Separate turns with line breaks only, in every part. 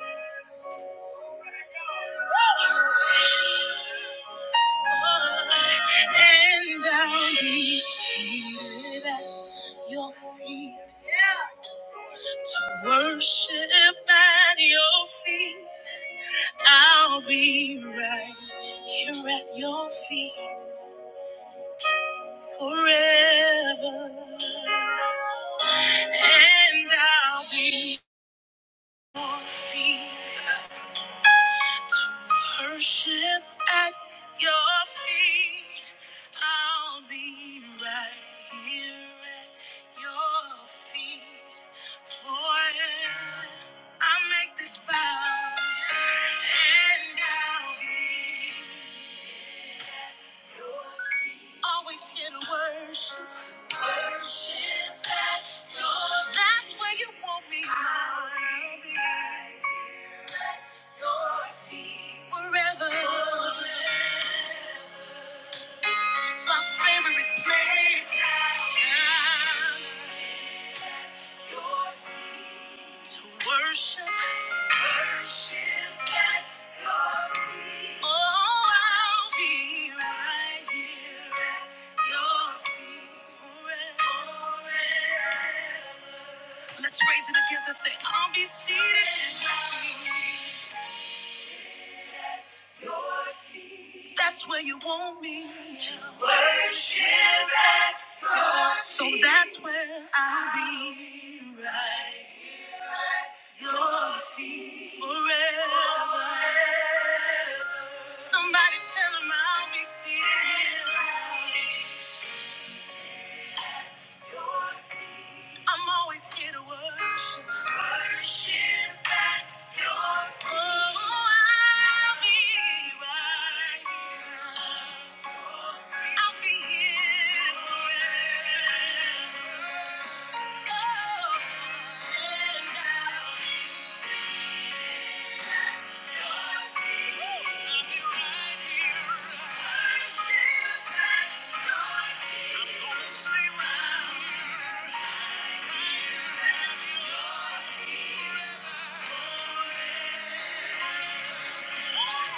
Oh! And I'll be seated at your feet to worship at your feet. I'll be right here at your feet forever. And I'll be at your feet. To worship at your feet, I'll be right here at your feet. Forever, I make this vow, and I'll be always here to worship. at your feet. That's where you want me. I'll be forever. It's my favorite place. Yeah. to worship. worship Your feet. Oh, I'll be right here at your feet forever. forever. Let's raise it together. Say, I'll be seated. That's where you want me to worship at your feet. So that's where I'll be. Your feet forever. Somebody tell him I'll be here. I'm always here to worship. Worship at your feet. Oh, I'll be right here. I'll be here forever. Oh, and I'll be I'll be right here. Worship at your feet. I'm gonna stay right here.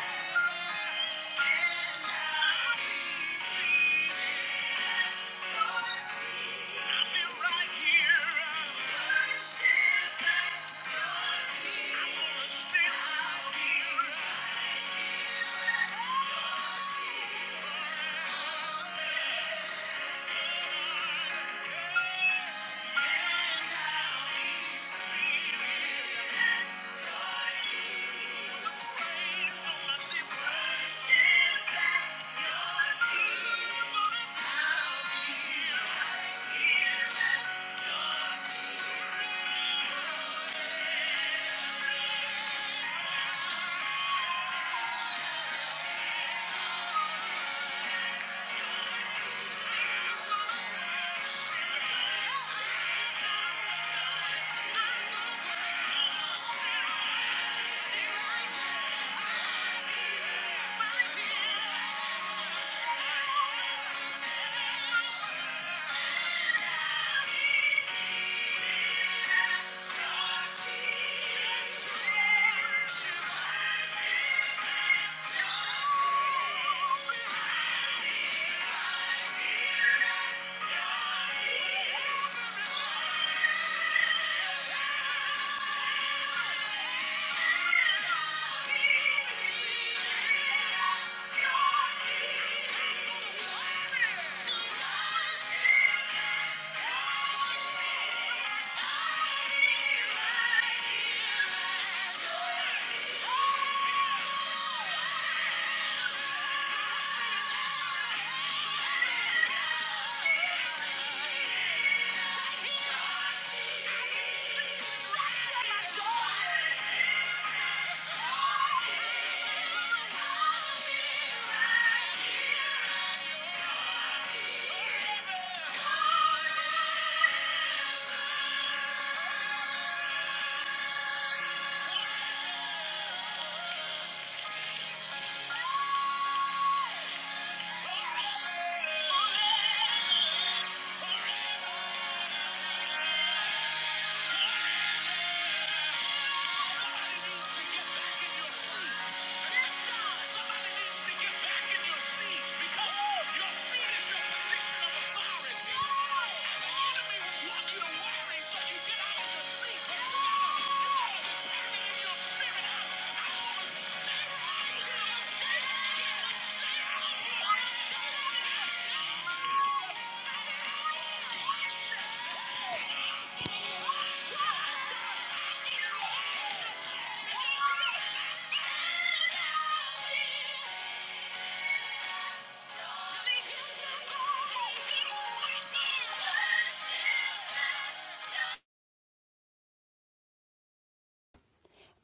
Thank you. Yeah.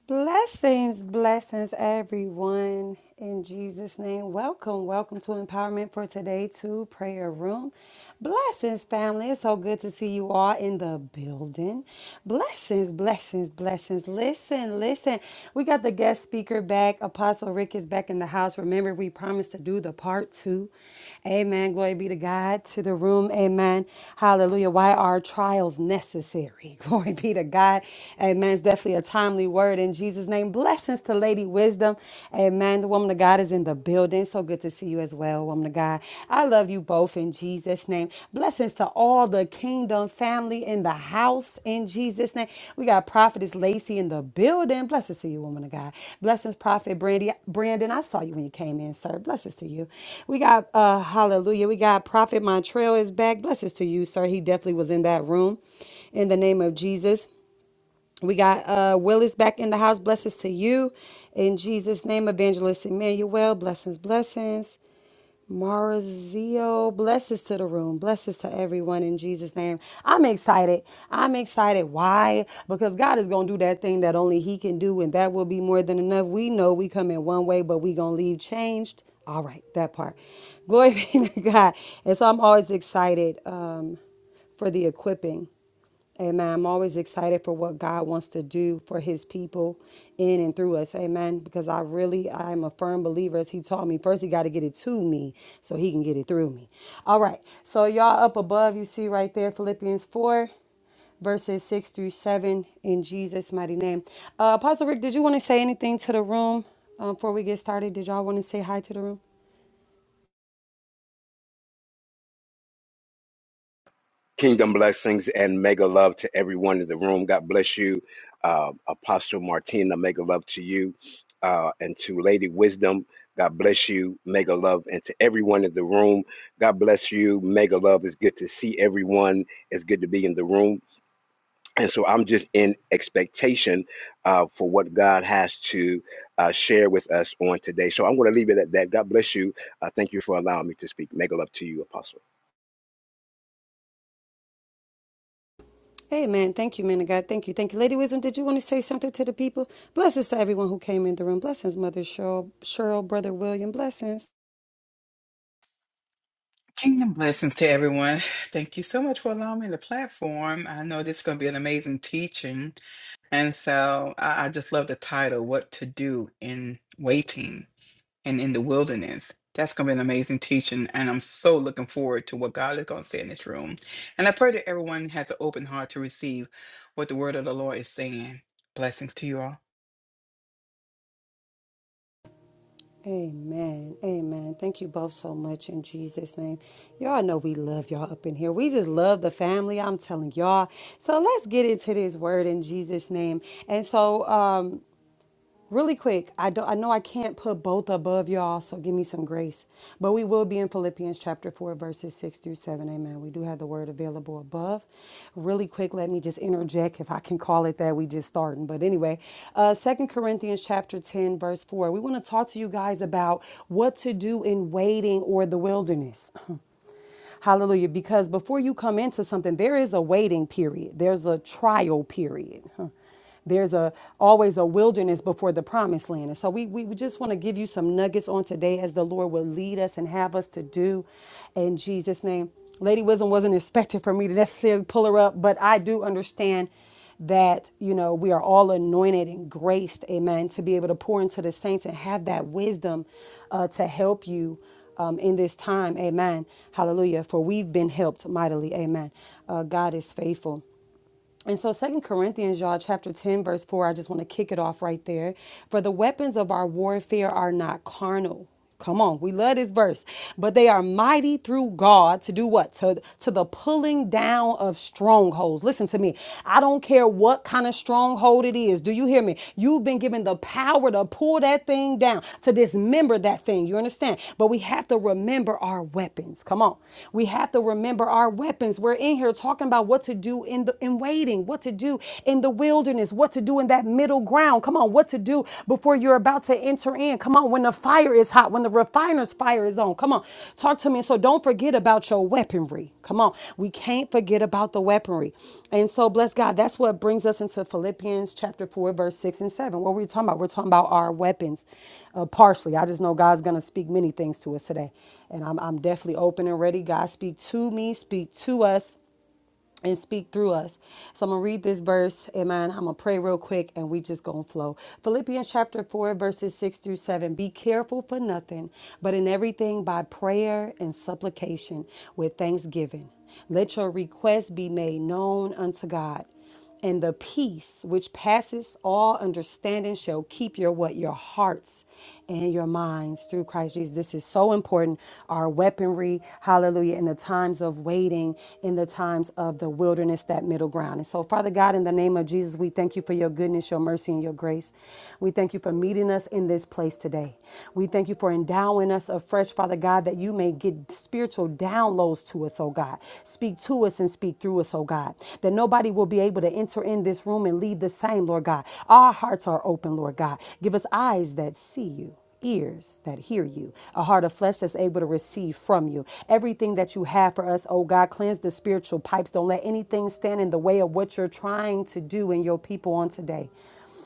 Blessings, blessings, everyone. In Jesus' name, welcome, welcome to Empowerment for Today to Prayer Room. Blessings, family. It's so good to see you all in the building. Blessings, blessings, blessings. Listen, listen. We got the guest speaker back. Apostle Rick is back in the house. Remember, we promised to do the part two. Amen. Glory be to God, to the room. Amen. Hallelujah. Why are trials necessary? Glory be to God. Amen is definitely a timely word in Jesus' name. Blessings to Lady Wisdom. Amen. The woman of God is in the building. So good to see you as well, woman of God. I love you both in Jesus' name. Blessings to all the kingdom family in the house in Jesus' name. We got Prophetess Lacey in the building. Blessings to you, woman of God. Blessings, Prophet Brandy. Brandon, I saw you when you came in, sir. Blessings to you. We got, uh, hallelujah. We got Prophet Montrell is back. Blessings to you, sir. He definitely was in that room in the name of Jesus. We got uh, Willis back in the house. Blessings to you. In Jesus' name, Evangelist Emmanuel. Blessings, blessings. Marzio, blessings to the room, blessings to everyone in Jesus' name. I'm excited. I'm excited. Why? Because God is gonna do that thing that only He can do, and that will be more than enough. We know we come in one way, but we gonna leave changed. All right, that part. Glory be to God. And so I'm always excited um, for the equipping. Amen. I'm always excited for what God wants to do for his people in and through us. Amen. Because I really, I am a firm believer, as he taught me. First, he got to get it to me so he can get it through me. All right. So, y'all up above, you see right there Philippians 4, verses 6 through 7, in Jesus' mighty name. Uh, Apostle Rick, did you want to say anything to the room um, before we get started? Did y'all want to say hi to the room?
Kingdom blessings and mega love to everyone in the room. God bless you, uh, Apostle Martina. Mega love to you uh, and to Lady Wisdom. God bless you, mega love, and to everyone in the room. God bless you, mega love. It's good to see everyone. It's good to be in the room. And so I'm just in expectation uh, for what God has to uh, share with us on today. So I'm going to leave it at that. God bless you. Uh, thank you for allowing me to speak. Mega love to you, Apostle.
Amen. Thank you, man of God. Thank you. Thank you. Lady Wisdom, did you want to say something to the people? Blessings to everyone who came in the room. Blessings, Mother Cheryl, Cheryl Brother William. Blessings.
Kingdom blessings to everyone. Thank you so much for allowing me the platform. I know this is going to be an amazing teaching. And so I, I just love the title, What to Do in Waiting and in the Wilderness. That's going to be an amazing teaching. And I'm so looking forward to what God is going to say in this room. And I pray that everyone has an open heart to receive what the word of the Lord is saying. Blessings to you all.
Amen. Amen. Thank you both so much in Jesus' name. Y'all know we love y'all up in here. We just love the family. I'm telling y'all. So let's get into this word in Jesus' name. And so, um, Really quick, I don't I know I can't put both above y'all, so give me some grace. But we will be in Philippians chapter 4 verses 6 through 7. Amen. We do have the word available above. Really quick, let me just interject if I can call it that. We just starting. But anyway, uh 2 Corinthians chapter 10 verse 4. We want to talk to you guys about what to do in waiting or the wilderness. Hallelujah. Because before you come into something, there is a waiting period, there's a trial period. Huh. There's a always a wilderness before the promised land. And so we, we we just want to give you some nuggets on today as the Lord will lead us and have us to do in Jesus' name. Lady Wisdom wasn't expected for me to necessarily pull her up, but I do understand that you know we are all anointed and graced amen to be able to pour into the saints and have that wisdom uh, to help you um, in this time amen hallelujah for we've been helped mightily amen Uh, god is faithful and so Second Corinthians, y'all, chapter 10, verse 4, I just want to kick it off right there. For the weapons of our warfare are not carnal. Come on, we love this verse. But they are mighty through God to do what? To, to the pulling down of strongholds. Listen to me. I don't care what kind of stronghold it is. Do you hear me? You've been given the power to pull that thing down, to dismember that thing. You understand? But we have to remember our weapons. Come on. We have to remember our weapons. We're in here talking about what to to do in the in waiting, what to do in the wilderness, what to do in that middle ground. Come on, what to do before you're about to enter in. Come on, when the fire is hot, when the refiner's fire is on. Come on, talk to me. so don't forget about your weaponry. Come on, we can't forget about the weaponry. And so bless God. That's what brings us into Philippians chapter four, verse six and seven. What were we talking about? We're talking about our weapons, uh, partially. I just know God's gonna speak many things to us today, and I'm I'm definitely open and ready. God, speak to me, speak to us and speak through us. So I'm gonna read this verse, amen. I'm gonna pray real quick and we just gonna flow. Philippians chapter 4, verses 6 through 7. Be careful for nothing, but in everything by prayer and supplication with thanksgiving. Let your requests be made known unto God and the peace which passes all understanding shall keep your what your hearts and your minds through Christ Jesus. This is so important. Our weaponry, hallelujah, in the times of waiting, in the times of the wilderness, that middle ground. And so, Father God, in the name of Jesus, we thank you for your goodness, your mercy, and your grace. We thank you for meeting us in this place today. We thank you for endowing us afresh, Father God, that you may get spiritual downloads to us, oh God. God. Speak to us and speak through us, oh God. That nobody will be able to enter in this room and leave the same, Lord God. Our hearts are open, Lord God. Give us eyes that see you ears that hear you, a heart of flesh that's able to receive from you. Everything that you have for us, oh God, cleanse the spiritual pipes. Don't let anything stand in the way of what you're trying to do in your people on today.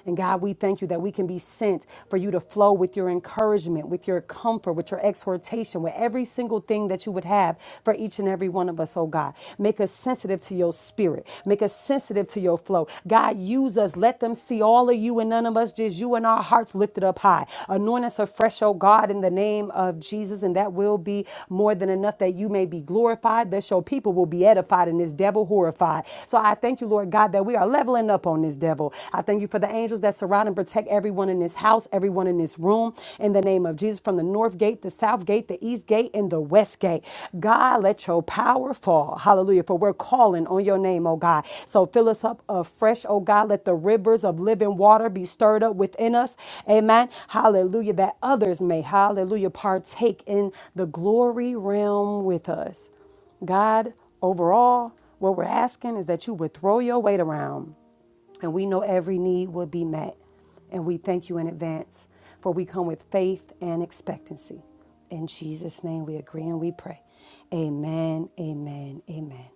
And God, we thank you that we can be sent for you to flow with your encouragement, with your comfort, with your exhortation, with every single thing that you would have for each and every one of us, oh God. Make us sensitive to your spirit. Make us sensitive to your flow. God, use us. Let them see all of you and none of us, just you and our hearts lifted up high. Anoint us afresh, oh God, in the name of Jesus. And that will be more than enough that you may be glorified, that your people will be edified and this devil horrified. So I thank you, Lord God, that we are leveling up on this devil level. I thank you for the angels that surround and protect everyone in this house, everyone in this room. In the name of Jesus, from the north gate, the south gate, the east gate, and the west gate. God, let your power fall. Hallelujah. For we're calling on your name, oh God. So fill us up afresh, oh God. Let the rivers of living water be stirred up within us. Amen. Hallelujah. That others may, hallelujah, partake in the glory realm with us. God, overall, what we're asking is that you would throw your weight around and we know every need will be met. And we thank you in advance, for we come with faith and expectancy. In Jesus' name we agree and we pray. Amen, amen, amen.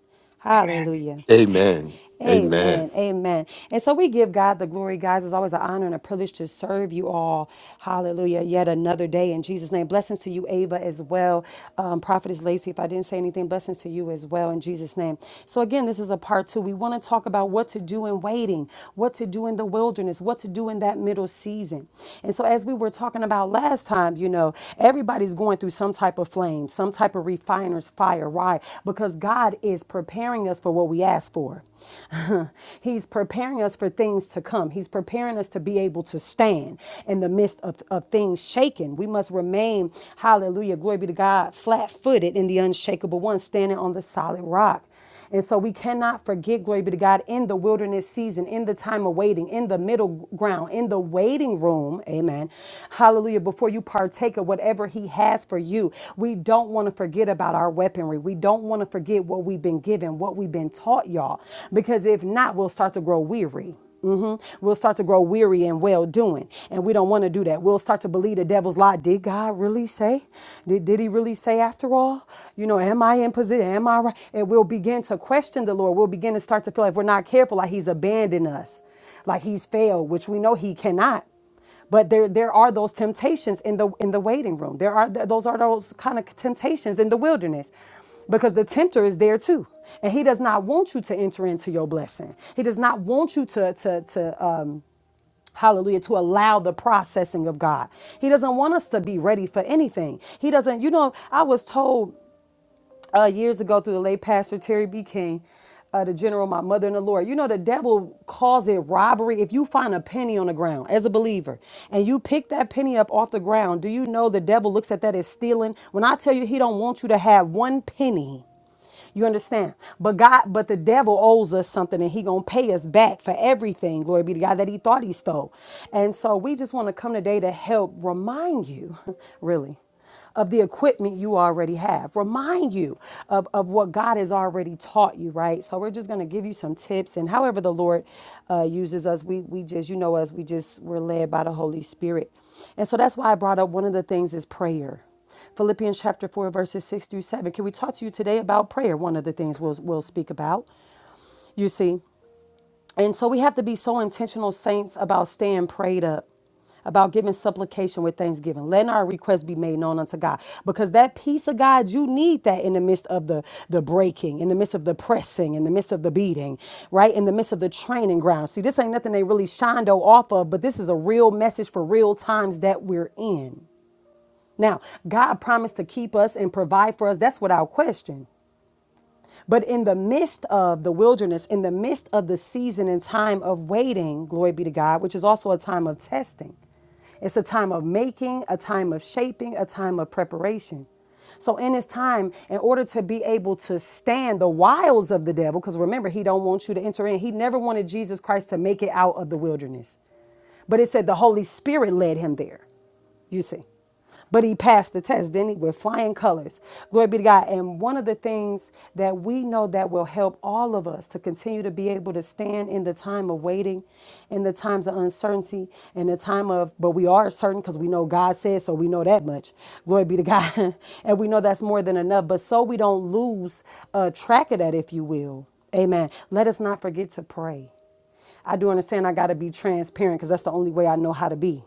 Amen.
Hallelujah.
Amen. Amen.
Amen. Amen. And so we give God the glory, guys. It's always an honor and a privilege to serve you all. Hallelujah. Yet another day in Jesus' name. Blessings to you, Ava, as well. Um, Prophetess Lacey, if I didn't say anything, blessings to you as well in Jesus' name. So, again, this is a part two. We want to talk about what to do in waiting, what to do in the wilderness, what to do in that middle season. And so, as we were talking about last time, you know, everybody's going through some type of flame, some type of refiner's fire. Why? Because God is preparing us for what we ask for. He's preparing us for things to come. He's preparing us to be able to stand in the midst of, of things shaken. We must remain, hallelujah, glory be to God, flat footed in the unshakable one, standing on the solid rock. And so we cannot forget, glory be to God, in the wilderness season, in the time of waiting, in the middle ground, in the waiting room, amen. Hallelujah. Before you partake of whatever He has for you, we don't want to forget about our weaponry. We don't want to forget what we've been given, what we've been taught, y'all, because if not, we'll start to grow weary hmm We'll start to grow weary and well doing. And we don't want to do that. We'll start to believe the devil's lie. Did God really say? Did, did he really say after all? You know, am I in position? Am I right? And we'll begin to question the Lord. We'll begin to start to feel like if we're not careful, like he's abandoned us, like he's failed, which we know he cannot but there there are those temptations in the in the waiting room there are those are those kind of temptations in the wilderness because the tempter is there too and he does not want you to enter into your blessing he does not want you to to to um hallelujah to allow the processing of god he doesn't want us to be ready for anything he doesn't you know i was told uh, years ago through the late pastor Terry B. King, uh, the general, my mother in the Lord. You know, the devil causes robbery. If you find a penny on the ground as a believer and you pick that penny up off the ground, do you know the devil looks at that as stealing? When I tell you he don't want you to have one penny, you understand? But God, but the devil owes us something and he gonna pay us back for everything. Glory be to God that he thought he stole. And so we just want to come today to help remind you, really, of the equipment you already have. Remind you of, of what God has already taught you, right? So we're just gonna give you some tips and however the Lord uh, uses us, we we just, you know us, we just we're led by the Holy Spirit. And so that's why I brought up one of the things is prayer Philippians chapter 4, verses 6 through 7. Can we talk to you today about prayer? One of the things we'll, we'll speak about, you see. And so we have to be so intentional, saints, about staying prayed up, about giving supplication with thanksgiving, letting our requests be made known unto God. Because that peace of God, you need that in the midst of the, the breaking, in the midst of the pressing, in the midst of the beating, right? In the midst of the training ground. See, this ain't nothing they really shondo off of, but this is a real message for real times that we're in. Now, God promised to keep us and provide for us. That's without question. But in the midst of the wilderness, in the midst of the season and time of waiting, glory be to God, which is also a time of testing, it's a time of making, a time of shaping, a time of preparation. So in this time, in order to be able to stand the wiles of the devil, because remember, he don't want you to enter in. He never wanted Jesus Christ to make it out of the wilderness. But it said the Holy Spirit led him there. You see. But he passed the test, didn't he? With flying colors. Glory be to God. And one of the things that we know that will help all of us to continue to be able to stand in the time of waiting, in the times of uncertainty, in the time of, but we are certain because we know God said so, we know that much. Glory be to God. and we know that's more than enough. But so we don't lose uh, track of that, if you will. Amen. Let us not forget to pray. I do understand I got to be transparent because that's the only way I know how to be.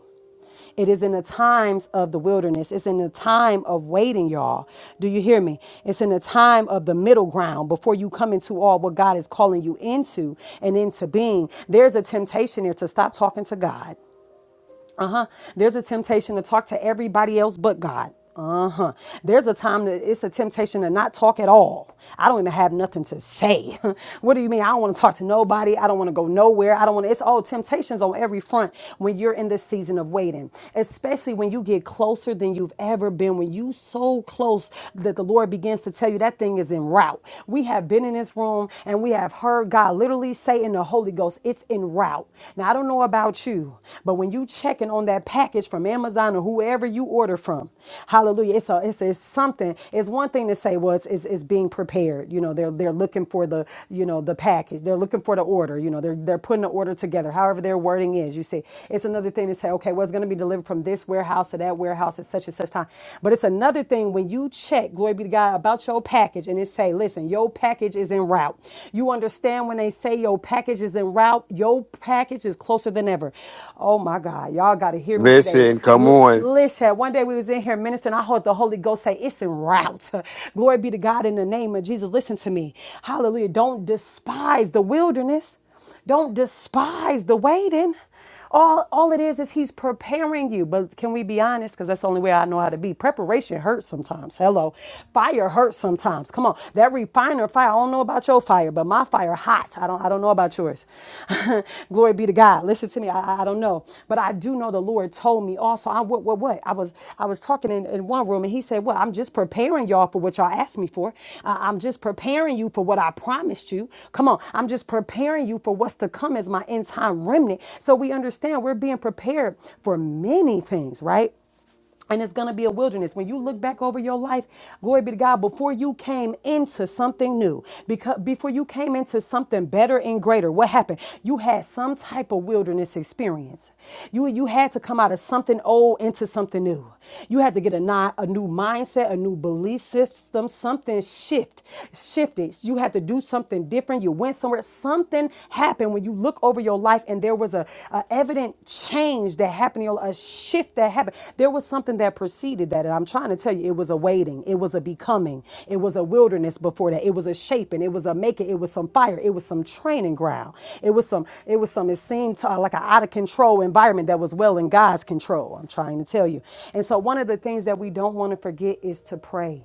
It is in the times of the wilderness. It's in the time of waiting, y'all. Do you hear me? It's in the time of the middle ground before you come into all what God is calling you into and into being. There's a temptation there to stop talking to God uh huh. There's a temptation to talk to everybody else but God. Uh huh. There's a time that it's a temptation to not talk at all. I don't even have nothing to say. what do you mean? I don't want to talk to nobody. I don't want to go nowhere. I don't want to. It's all temptations on every front when you're in this season of waiting, especially when you get closer than you've ever been. When you so close that the Lord begins to tell you that thing is en route. We have been in this room and we have heard God literally say in the Holy Ghost, "It's it's en route. Now, I don't know about you, but when you checking on that package from Amazon or whoever you order from, hallelujah, it's, a, it's, it's something. It's one thing to say, well, it's, it's, it's being prepared. You know, they're, they're looking for the, you know, the package. They're looking for the order. You know, they're, they're putting the order together, however their wording is. You see, it's another thing to say, okay, well, it's going to be delivered from this warehouse to that warehouse at such and such time. But it's another thing when you check, glory be to God, about your package and it say, listen, your package is in en route. You understand when they say your package is en route, your package is closer than ever. Oh my God, y'all got to hear me today.
Listen, come
L-
on.
listen, one day we was in here ministering, I heard the Holy Ghost say, it's en route. Glory be to God in the name of Jesus. Listen to me. Hallelujah. Don't despise the wilderness. Don't despise the waiting. All, all it is is he's preparing you. But can we be honest? Because that's the only way I know how to be. Preparation hurts sometimes. Hello. Fire hurts sometimes. Come on. That refiner fire. I don't know about your fire, but my fire hot. I don't I don't know about yours. Glory be to God. Listen to me. I, I I don't know. But I do know the Lord told me also. I what what what I was I was talking in, in one room and he said, Well, I'm just preparing y'all for what y'all asked me for. I- I'm just preparing you for what I promised you. Come on, I'm just preparing you for what's to come as my end time remnant. So we understand we're being prepared for many things, right? and it's going to be a wilderness when you look back over your life glory be to god before you came into something new because before you came into something better and greater what happened you had some type of wilderness experience you you had to come out of something old into something new you had to get a, not a new mindset a new belief system something shift shifted you had to do something different you went somewhere something happened and when you look over your life and there was a, a evident change that happened a shift that happened there was something that preceded that and i'm trying to tell you it was a waiting it was a becoming it was a wilderness before that it was a shaping it was a making it was some fire it was some training ground it was some it was some it seemed to, uh, like an out of control environment that was well in god's control i'm trying to tell you and so one of the things that we don't want to forget is to pray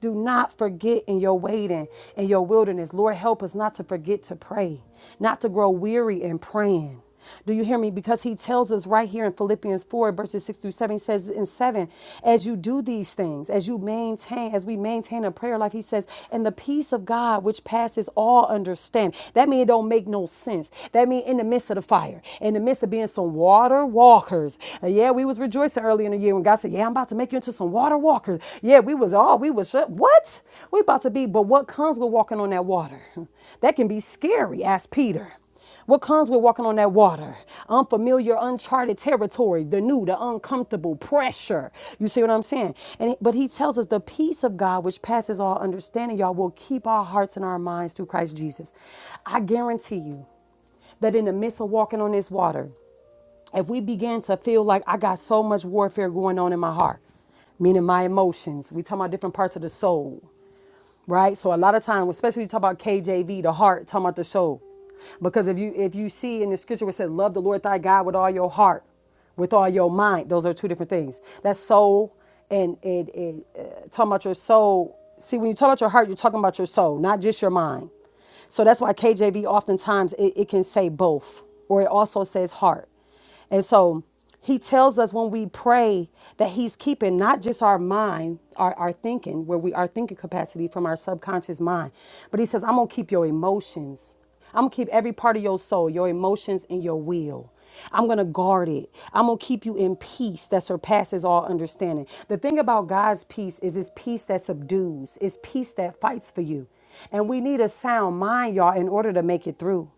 do not forget in your waiting and your wilderness. Lord, help us not to forget to pray, not to grow weary in praying. Do you hear me? Because he tells us right here in Philippians 4, verses 6 through 7, he says in 7, as you do these things, as you maintain, as we maintain a prayer life, he says, and the peace of God which passes all understanding. That means it don't make no sense. That means in the midst of the fire, in the midst of being some water walkers, Uh, yeah, we was rejoicing early in the year when God said, "Yeah, I'm about to make you into some water walkers." Yeah, we was all oh, we was What? We about to be, but what comes with walking on that water? That can be scary. Asked Peter. What comes with walking on that water? Unfamiliar, uncharted territory, the new, the uncomfortable, pressure. You see what I'm saying? And but he tells us the peace of God which passes all understanding, y'all, will keep our hearts and our minds through Christ Jesus. I guarantee you that in the midst of walking on this water, if we begin to feel like I got so much warfare going on in my heart, meaning my emotions, we talk about different parts of the soul, right? So a lot of times, especially you talk about KJV, the heart, talking about the soul. Because if you if you see in the scripture where it said, Love the Lord thy God with all your heart, with all your mind, those are two different things. That's soul and it, it uh, talking about your soul. See, when you talk about your heart, you're talking about your soul, not just your mind. So that's why KJV oftentimes it, it can say both, or it also says heart. And so he tells us when we pray that he's keeping not just our mind, our, our thinking, where we our thinking capacity from our subconscious mind, but he says, I'm gonna keep your emotions. I'm gonna keep every part of your soul, your emotions and your will. I'm gonna guard it. I'm gonna keep you in peace that surpasses all understanding. The thing about God's peace is it's peace that subdues, it's peace that fights for you. And we need a sound mind, y'all, in order to make it through.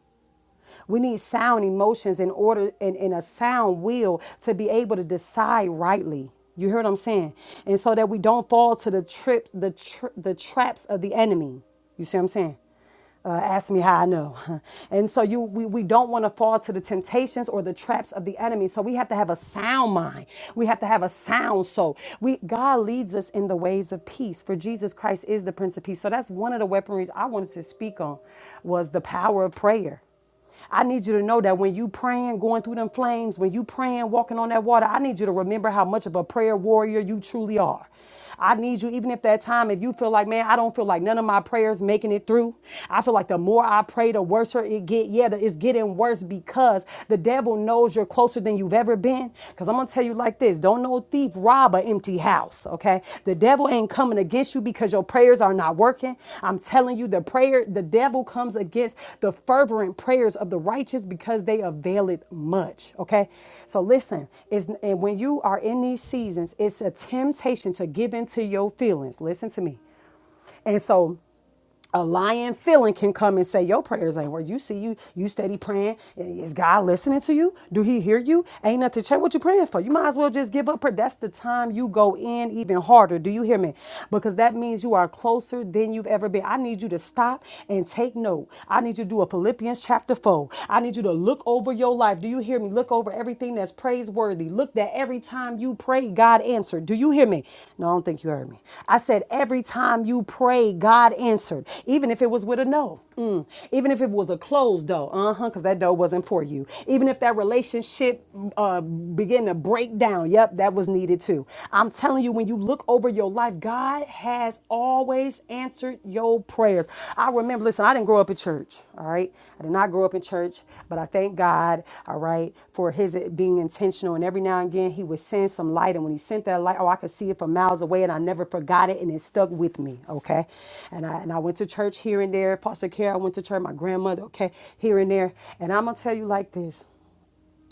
We need sound emotions in order and, and a sound will to be able to decide rightly. You hear what I'm saying? And so that we don't fall to the trip, the tr- the traps of the enemy. You see what I'm saying? Uh, ask me how I know. And so you we, we don't want to fall to the temptations or the traps of the enemy. So we have to have a sound mind. We have to have a sound soul. We God leads us in the ways of peace. For Jesus Christ is the Prince of Peace. So that's one of the weaponries I wanted to speak on was the power of prayer. I need you to know that when you praying, going through them flames, when you praying, walking on that water, I need you to remember how much of a prayer warrior you truly are. I need you, even if that time, if you feel like, man, I don't feel like none of my prayers making it through. I feel like the more I pray, the worse it get. Yeah, the- it's getting worse because the devil knows you're closer than you've ever been. Because I'm gonna tell you like this. Don't no thief rob an empty house, okay? The devil ain't coming against you because your prayers are not working. I'm telling you, the prayer, the devil comes against the fervent prayers of the righteous because they avail it much, okay? So listen, it's, and when you are in these seasons, it's a temptation to give in to your feelings. Listen to me. And so a lying feeling can come and say your prayers ain't work. You see, you you steady praying. Is God listening to you? Do He hear you? Ain't nothing. to Check what you praying for. You might as well just give up. Prayer. That's the time you go in even harder. Do you hear me? Because that means you are closer than you've ever been. I need you to stop and take note. I need you to do a Philippians chapter four. I need you to look over your life. Do you hear me? Look over everything everything that's praiseworthy. Look that every time you pray, God answered. Do you hear me? No, I don't think you heard me. I said, every time you pray, God answered, even if it was with a no, Mm. even if it was a closed door, uh huh, because that door wasn't for you. Even if that relationship uh, began to break down, yep, that was needed too. I'm telling you, when you look over your life, God has always always answered your prayers. I remember, listen, I didn't grow up in church, all right? I did not grow up in church, but I thank God, all right, for his uh, being intentional. And every now and again, he would send some light. And when he sent that light, oh, I could see it from miles away, and I never forgot it, and it stuck with me, okay? And I, and I went to church here and there. Foster care, I went to church, my grandmother, okay, here and there. And I'm gonna tell you like this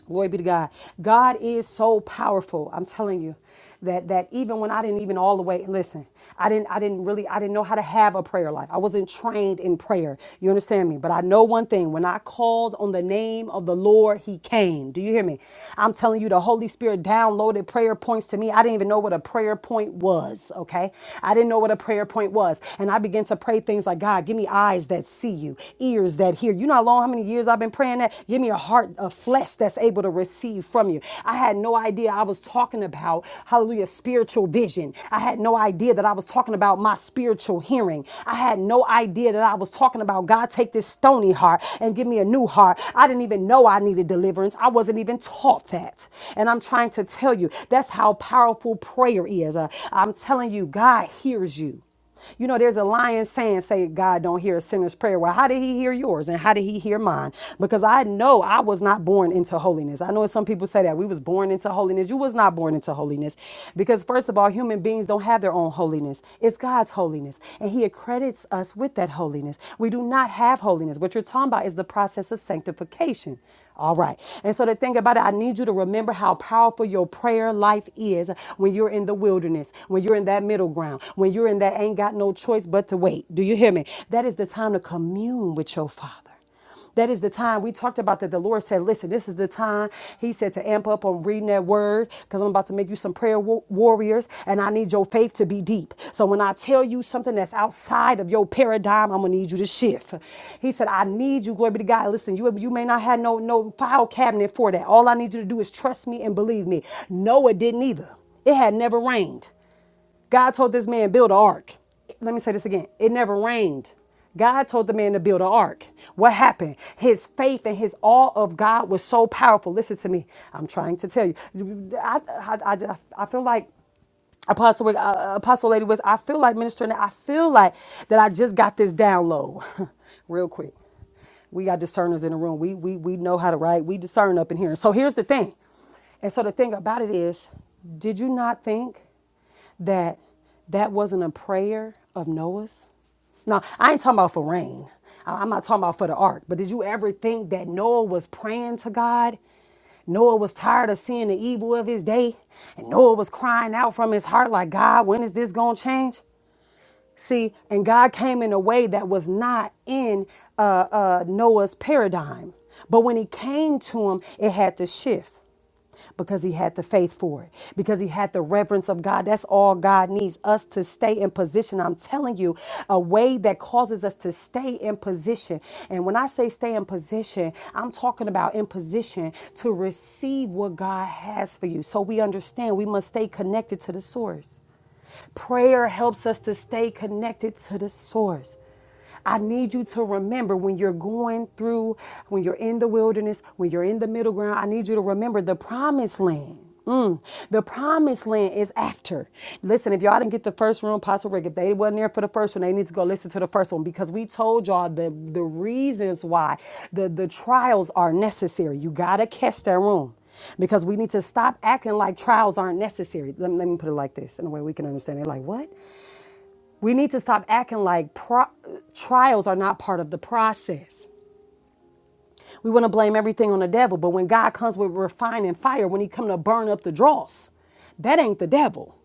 Glory be to God. God is so powerful. I'm telling you that that even when I didn't even all the way listen, I didn't I didn't really I didn't know how to have a prayer life. I wasn't trained in prayer. You understand me? But I know one thing. When I called on the name of the Lord, he came. Do you hear me? I'm telling you the Holy Spirit downloaded prayer points to me. I didn't even know what a prayer point was, okay? I didn't know what a prayer point was. And I began to pray things like, God, give me eyes that see you, ears that hear. You know how long how many years years I've been praying that. Give me a heart of flesh that's able to receive from you. I had no idea I was talking about, hallelujah, spiritual vision. I had no idea that I was talking about my spiritual hearing. I had no idea that I was talking about God, take this stony heart and give me a new heart. I didn't even know I needed deliverance. I wasn't even taught that. And I'm trying to tell you, that's how powerful prayer is. Uh, I'm telling you, God hears you. You know, there's a lying saying, say, God don't hear a sinner's prayer. Well, how did he hear yours and how did he hear mine? Because I know I was not born into holiness. I know some people say that we was born into holiness. You was not born into holiness. Because first of all, human beings don't have their own holiness. It's God's holiness. And he accredits us with that holiness. We do not have holiness. What you're talking about is the process of sanctification. All right. And so the thing about it, I need you to remember how powerful your prayer life is when you're in the wilderness, when you're in that middle ground, when you're in that ain't got no choice but to wait. Do you hear me? That is the time to commune with your Father. That is the time we talked about that the Lord said, listen, this is the time. He said to amp up on reading that word because I'm about to make you some prayer wa- warriors and I need your faith to be deep. So when I tell you something that's outside of your paradigm, I'm going to need you to shift. He said, I need you, glory be to God. Listen, you, you may not have no, no file cabinet for that. All I need you to do is trust me and believe me. Noah didn't either. It had never rained. God told this man build an ark. Let me say this again. It never rained. God told the man to build an ark. What happened? His faith and his awe of God was so powerful. Listen to me. I'm trying to tell you. I, I, I, I feel like Apostle, uh, Apostle Lady was, I feel like ministering. I feel like that I just got this down low real quick. We got discerners in the room. We, we, we know how to write. We discern up in here. So here's the thing. And so the thing about it is, did you not think? that that wasn't a prayer of Noah's? Now I ain't talking about for rain. I'm not talking about for the ark. But did you ever think that Noah was praying to God? Noah was tired of seeing the evil of his day. And Noah was crying out from his heart, like, God, when is this going to change? See, and God came in a way that was not in uh, uh, Noah's paradigm. But when he came to him, it had to shift because he had the faith for it, because he had the reverence of God. That's all God needs us to stay in position. I'm telling you, a way that causes us to stay in position. And when I say stay in position, I'm talking about in position to receive what God has for you. So we understand we must stay connected to the source. Prayer helps us to stay connected to the source. I need you to remember when you're going through, when you're in the wilderness, when you're in the middle ground, I need you to remember the promised land. Mm, the promised land is after. Listen, if y'all didn't get the first one, Apostle Rick, if they wasn't there for the first one, they need to go listen to the first one because we told y'all the, the reasons why the, the trials are necessary. You got to catch that room because we need to stop acting like trials aren't necessary. Let me, let me put it like this in a way we can understand it. Like, what? We need to stop acting like pro- trials are not part of the process. We want to blame everything on the devil, but when God comes with refining fire, when he come to burn up the dross, that ain't the devil.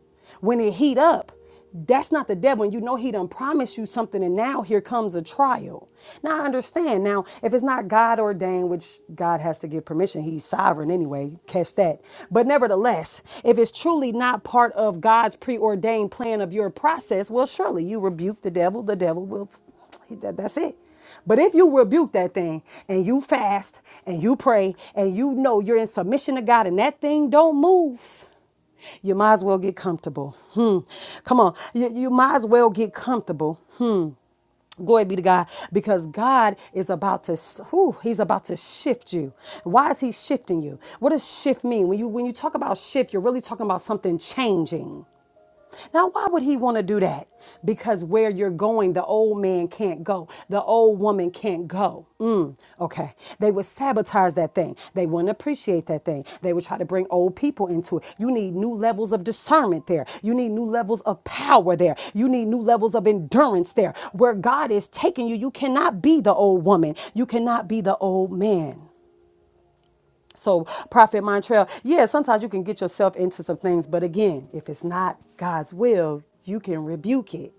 When it heat up, that's not the devil. And you know he done promised you something, and now here comes a trial. Now I understand. Now, if it's not God ordained, which God has to give permission, he's sovereign anyway. Catch that. But nevertheless, if it's truly not part of God's preordained plan of your process, well, surely you rebuke the devil. The devil will that's it. But if you rebuke that thing and you fast and you pray and you know you're in submission to God and that thing don't move, you might as well get comfortable. Hmm. Come on. You, you might as well get comfortable. Hmm. Glory be to God because God is about to whew, he's about to shift you. Why is he shifting you? What does shift mean? When you when you talk about shift, you're really talking about something changing. Now, why would he want to do that? Because where you're going, the old man can't go. The old woman can't go. Mm, okay. They would sabotage that thing. They wouldn't appreciate that thing. They would try to bring old people into it. You need new levels of discernment there. You need new levels of power there. You need new levels of endurance there. Where God is taking you, you cannot be the old woman. You cannot be the old man. So, Prophet Montreal, yeah, sometimes you can get yourself into some things, but again, if it's not God's will, you can rebuke it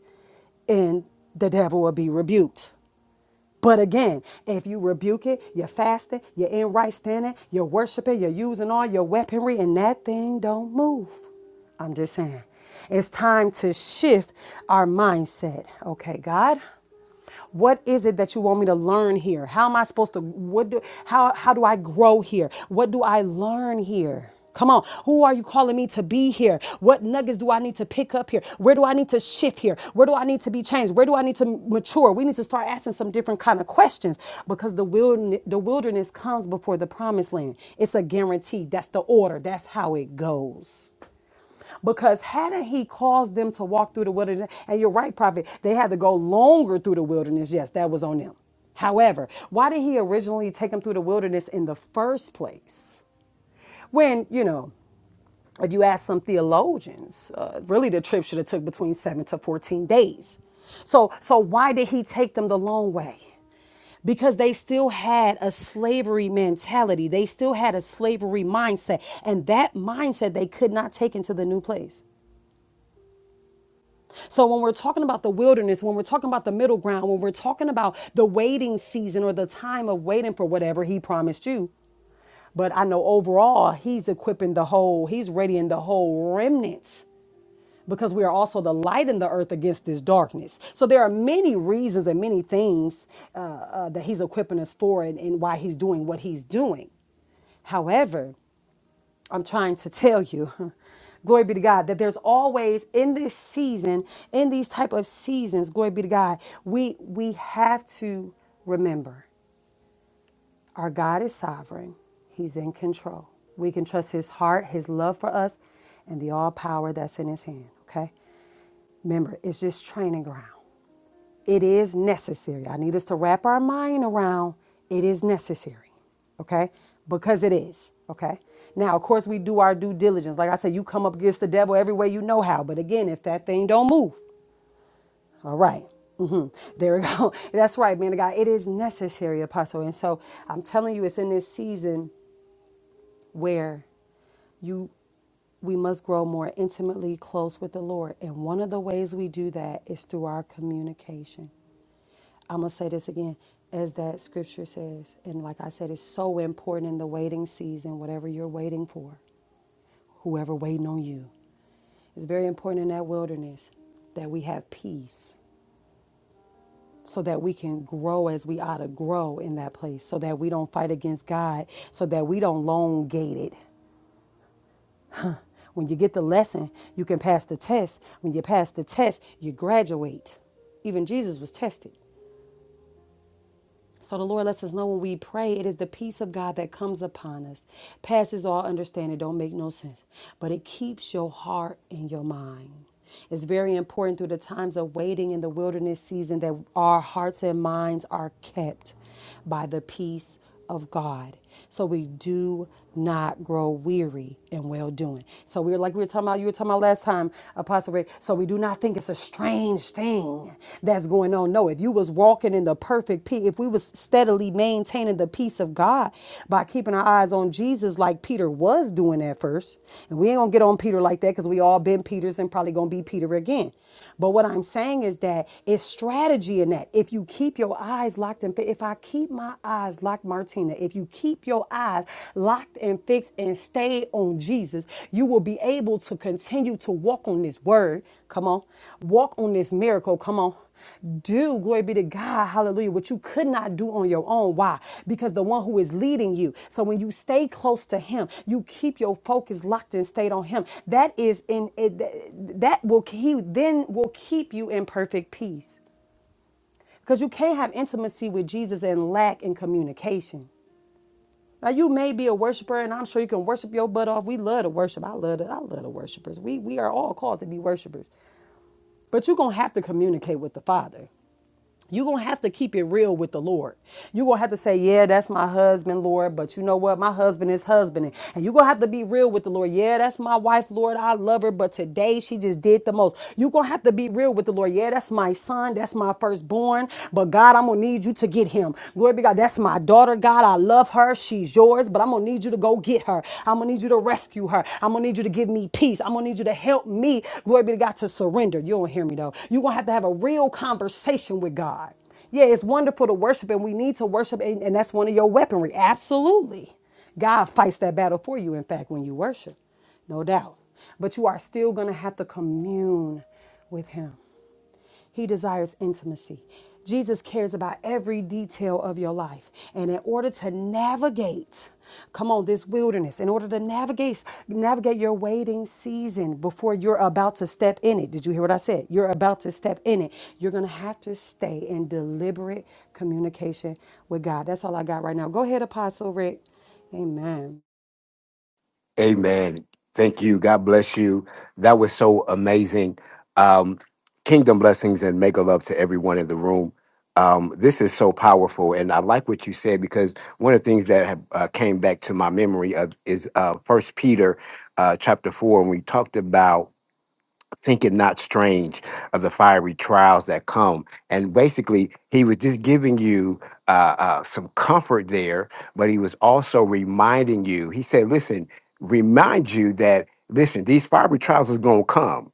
and the devil will be rebuked. But again, if you rebuke it, you're fasting, you're in right standing, you're worshiping, you're using all your weaponry, and that thing don't move. I'm just saying. It's time to shift our mindset. Okay, God, what is it that you want me to learn here? How am I supposed to what do how how do I grow here? What do I learn here? Come on. Who are you calling me to be here? What nuggets do I need to pick up here? Where do I need to shift here? Where do I need to be changed? Where do I need to mature? We need to start asking some different kind of questions because the wilderness, the wilderness comes before the promised land. It's a guarantee. That's the order. That's how it goes. Because hadn't he caused them to walk through the wilderness? And you're right, prophet. They had to go longer through the wilderness. Yes, that was on them. However, why did he originally take them through the wilderness in the first place? When, you know, if you ask some theologians, uh, really the trip should have took between seven to fourteen days. So, so why did he take them the long way? Because they still had a slavery mentality. They still had a slavery mindset, and that mindset they could not take into the new place. So when we're talking about the wilderness, when we're talking about the middle ground, when we're talking about the waiting season or the time of waiting for whatever he promised you, but I know overall he's equipping the whole, he's readying the whole remnant because we are also the light in the earth against this darkness. So there are many reasons and many things uh, uh, that he's equipping us for and, and why he's doing what he's doing. However, I'm trying to tell you, glory be to God, that there's always in this season, in these type of seasons, glory be to God, we we have to remember our God is sovereign. He's in control. We can trust his heart, his love for us, and the all power that's in his hand. Okay. Remember, it's just training ground. It is necessary. I need us to wrap our mind around it is necessary, okay? Because it is, okay? Now, of course, we do our due diligence. Like I said, you come up against the devil every way you know how. But again, if that thing don't move, all right. Mhm. There we go. That's right, man of God. It is necessary, apostle. And so I'm telling you, it's in this season where you we must grow more intimately close with the Lord. And one of the ways we do that is through our communication. I'm going to say this again, as that scripture says. And like I said, it's so important in the waiting season, whatever you're waiting for, whoever waiting on you. It's very important in that wilderness that we have peace so that we can grow as we ought to grow in that place, so that we don't fight against God, so that we don't long gate it. When you get the lesson, you can pass the test. When you pass the test, you graduate. Even Jesus was tested. So the Lord lets us know when we pray, it is the peace of God that comes upon us, passes all understanding, don't make no sense, but it keeps your heart and your mind. It's very important through the times of waiting in the wilderness season that our hearts and minds are kept by the peace of God. So we do not grow weary in well doing. So we're like we were talking about, you were talking about last time, Apostle Rick. So we do not think it's a strange thing that's going on. No, if you was walking in the perfect peace, if we was steadily maintaining the peace of God by keeping our eyes on Jesus like Peter was doing at first, and we ain't gonna get on Peter like that because we all been Peters and probably gonna be Peter again. But what I'm saying is that it's strategy in that. If you keep your eyes locked and fi- if I keep my eyes locked, Martina, if you keep your eyes locked and fixed and stay on Jesus, you will be able to continue to walk on this word. Come on. Walk on this miracle. Come on do, glory be to God, hallelujah, what you could not do on your own. Why? Because the one who is leading you. So when you stay close to him, you keep your focus locked and stayed on him. That is in it, that will he then will keep you in perfect peace. Because you can't have intimacy with Jesus and lack in communication. Now you may be a worshiper, and I'm sure you can worship your butt off. We love to worship. I love the, I love the worshipers. We we are all called to be worshipers. But you're gonna have to communicate with the Father. you're gonna have to keep it real with the Lord. You're gonna have to say, Yeah, that's my husband, Lord, but you know what? My husband is husbanding. And you're gonna have to be real with the Lord. Yeah, that's my wife, Lord. I love her, but today she just did the most. You're gonna have to be real with the Lord. Yeah, that's my son, that's my firstborn, but God, I'm gonna need you to get him. Glory be God, that's my daughter, God. I love her, she's yours, but I'm gonna need you to go get her her. I'm gonna need you to rescue her. I'm gonna need you to give me peace. I'm gonna need you to help me, glory be to God, to surrender. You don't hear me though. You're gonna have to have a real conversation with God. Yeah, it's wonderful to worship, and we need to worship, and, and that's one of your weaponry. Absolutely. God fights that battle for you, in fact, when you worship, no doubt. But you are still gonna have to commune with Him. He desires intimacy. Jesus cares about every detail of your life. And in order to navigate, come on, this wilderness, in order to navigate, navigate your waiting season before you're about to step in it. Did you hear what I said? You're about to step in it. You're gonna have to stay in deliberate communication with God. That's all I got right now. Go ahead, Apostle Rick. Amen.
Amen. Thank you. God bless you. That was so amazing. Um, kingdom blessings and mega love to everyone in the room. Um, this is so powerful, and I like what you said because one of the things that have, uh, came back to my memory of is uh, First Peter, uh, chapter four, and we talked about think it not strange of the fiery trials that come. And basically, he was just giving you uh, uh, some comfort there, but he was also reminding you. He said, "Listen, remind you that listen, these fiery trials is gonna come."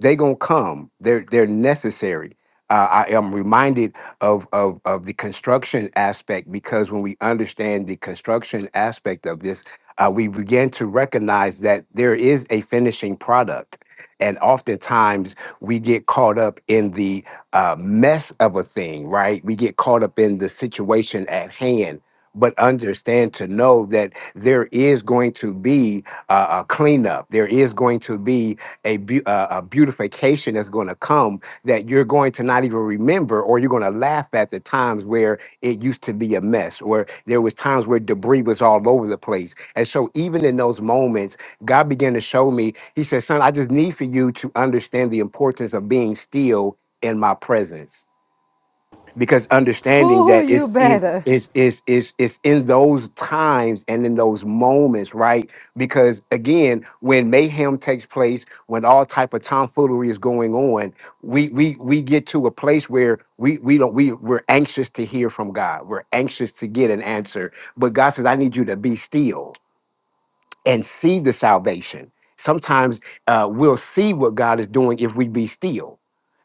they gonna come. They're they're necessary. Uh, I am reminded of, of of the construction aspect because when we understand the construction aspect of this, uh, we begin to recognize that there is a finishing product, and oftentimes we get caught up in the uh, mess of a thing. Right? We get caught up in the situation at hand. But understand to know that there is going to be uh, a cleanup. There is going to be a, beau- uh, a beautification that's going to come that you're going to not even remember or you're going to laugh at the times where it used to be a mess or there was times where debris was all over the place and so even in those moments god began to show me he said son i just need for you to understand the importance of being still in my presence because understanding
Who
that
you
it's in
better?
it's it's it's it's in those times and in those moments, right? Because again, when mayhem takes place, when all type of tomfoolery is going on, we we we get to a place where we we don't we we're anxious to hear from God. We're anxious to get an answer. But God says, I need you to be still and see the salvation. Sometimes uh, we'll see what God is doing if we be still.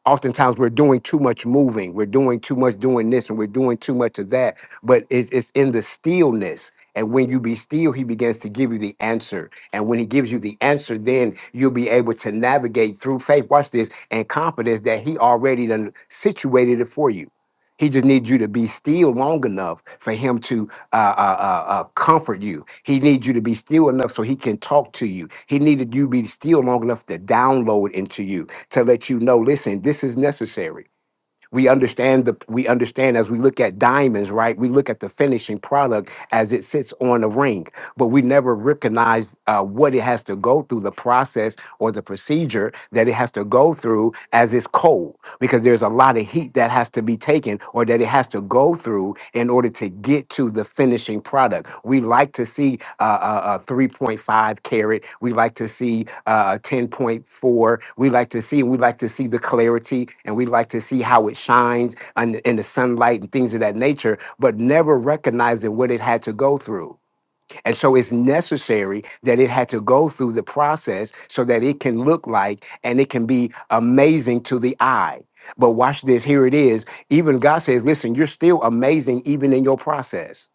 Oftentimes we're doing too much moving, we're doing too much doing this, and we're doing too much of that. But it's, it's in the stillness. And when you be still, he begins to give you the answer. And when he gives you the answer, then you'll be able to navigate through faith. Watch this and confidence that he already done situated it for you. He just needs you to be still long enough for him to uh, uh, uh, uh, comfort you. He needs you to be still enough so he can talk to you. He needed you to be still long enough to download into you to let you know, listen, this is necessary. We understand the we understand as we look at diamonds, right? We look at the finishing product as it sits on a ring, but we never recognize uh, what it has to go through, the process or the procedure that it has to go through as it's cold because there's a lot of heat that has to be taken or that it has to go through in order to get to the finishing product. We like to see uh, a, a 3.5 carat. We like to see uh, a 10.4. We like to see, we like to see the clarity and we like to see how it shines in, in the sunlight and things of that nature, but never recognizing what it had to go through. And so it's necessary that it had to go through the process so that it can look like and it can be amazing to the eye. But watch this, here it is. Even God says, listen, you're still amazing even in your process.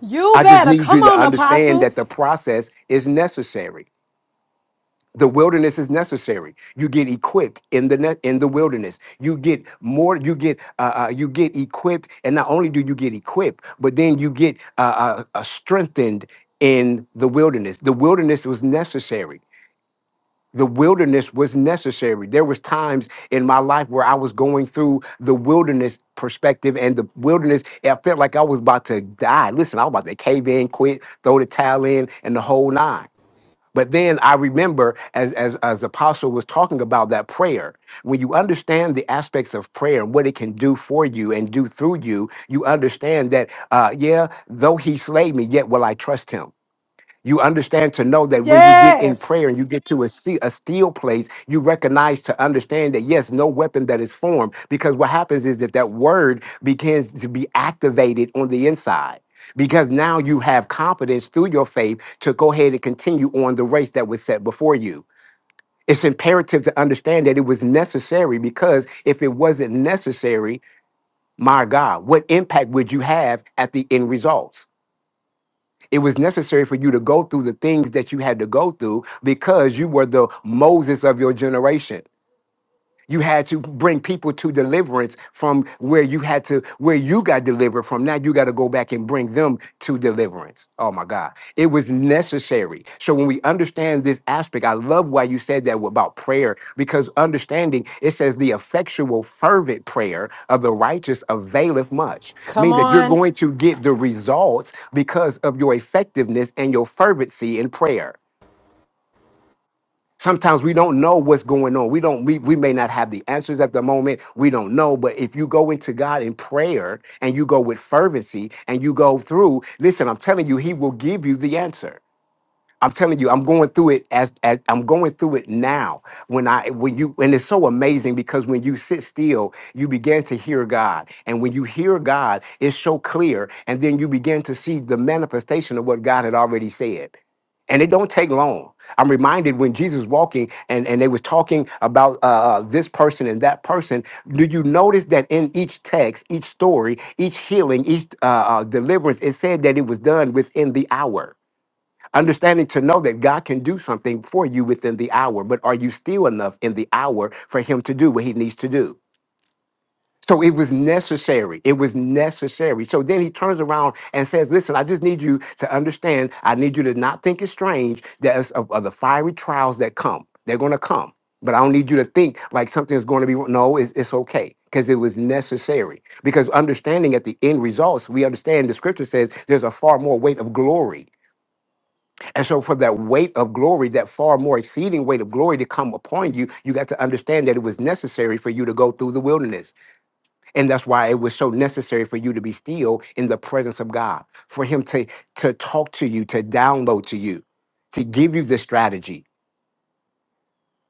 You
I just
better
need
come
you to
on,
understand
Apostle.
that the process is necessary the wilderness is necessary you get equipped in the net in the wilderness you get more you get uh, uh, you get equipped and not only do you get equipped but then you get uh, uh, uh, strengthened in the wilderness the wilderness was necessary the wilderness was necessary there was times in my life where i was going through the wilderness perspective and the wilderness i felt like i was about to die listen i was about to cave in quit throw the towel in and the whole nine but then I remember as as as Apostle was talking about that prayer, when you understand the aspects of prayer and what it can do for you and do through you, you understand that uh yeah, though he slay me, yet will I trust him you understand to know that when you get in
Yes.
prayer and you get to a, see, a still place, you recognize to understand that yes, no weapon that is formed. Because what happens is that that word begins to be activated on the inside. Because now you have confidence through your faith to go ahead and continue on the race that was set before you. It's imperative to understand that it was necessary because if it wasn't necessary, my God, what impact would you have at the end results? It was necessary for you to go through the things that you had to go through because you were the Moses of your generation. You had to bring people to deliverance from where you had to, where you got delivered from. Now you got to go back and bring them to deliverance. Oh my God. It was necessary. So when we understand this aspect, I love why you said that about prayer, because understanding it says the effectual, fervent prayer of the righteous availeth much.
Come
Means that you're
on.
going to get the results because of your effectiveness and your fervency in prayer. Sometimes we don't know what's going on. We don't we, we may not have the answers at the moment. We don't know, but if you go into God in prayer and you go with fervency and you go through, listen, I'm telling you, he will give you the answer. I'm telling you, I'm going through it as, as I'm going through it now. When I when you and it's so amazing because when you sit still, you begin to hear God. And when you hear God, it's so clear. And then you begin to see the manifestation of what God had already said. And it don't take long. I'm reminded when Jesus walking and, and they was talking about uh, uh, this person and that person. Do you notice that in each text, each story, each healing, each uh, uh, deliverance, it said that it was done within the hour. Understanding to know that God can do something for you within the hour, but are you still enough in the hour for Him to do what He needs to do? So it was necessary. It was necessary. So then he turns around and says, Listen, I just need you to understand. I need you to not think it's strange that it's of, of the fiery trials that come. They're going to come. But I don't need you to think like something's going to be. No, it's, it's okay because it was necessary. Because understanding at the end results, we understand the scripture says there's a far more weight of glory and so, for that weight of glory, that far more exceeding weight of glory to come upon you, you got to understand that it was necessary for you to go through the wilderness. And that's why it was so necessary for you to be still in the presence of God, for Him to, to talk to you, to download to you, to give you the strategy,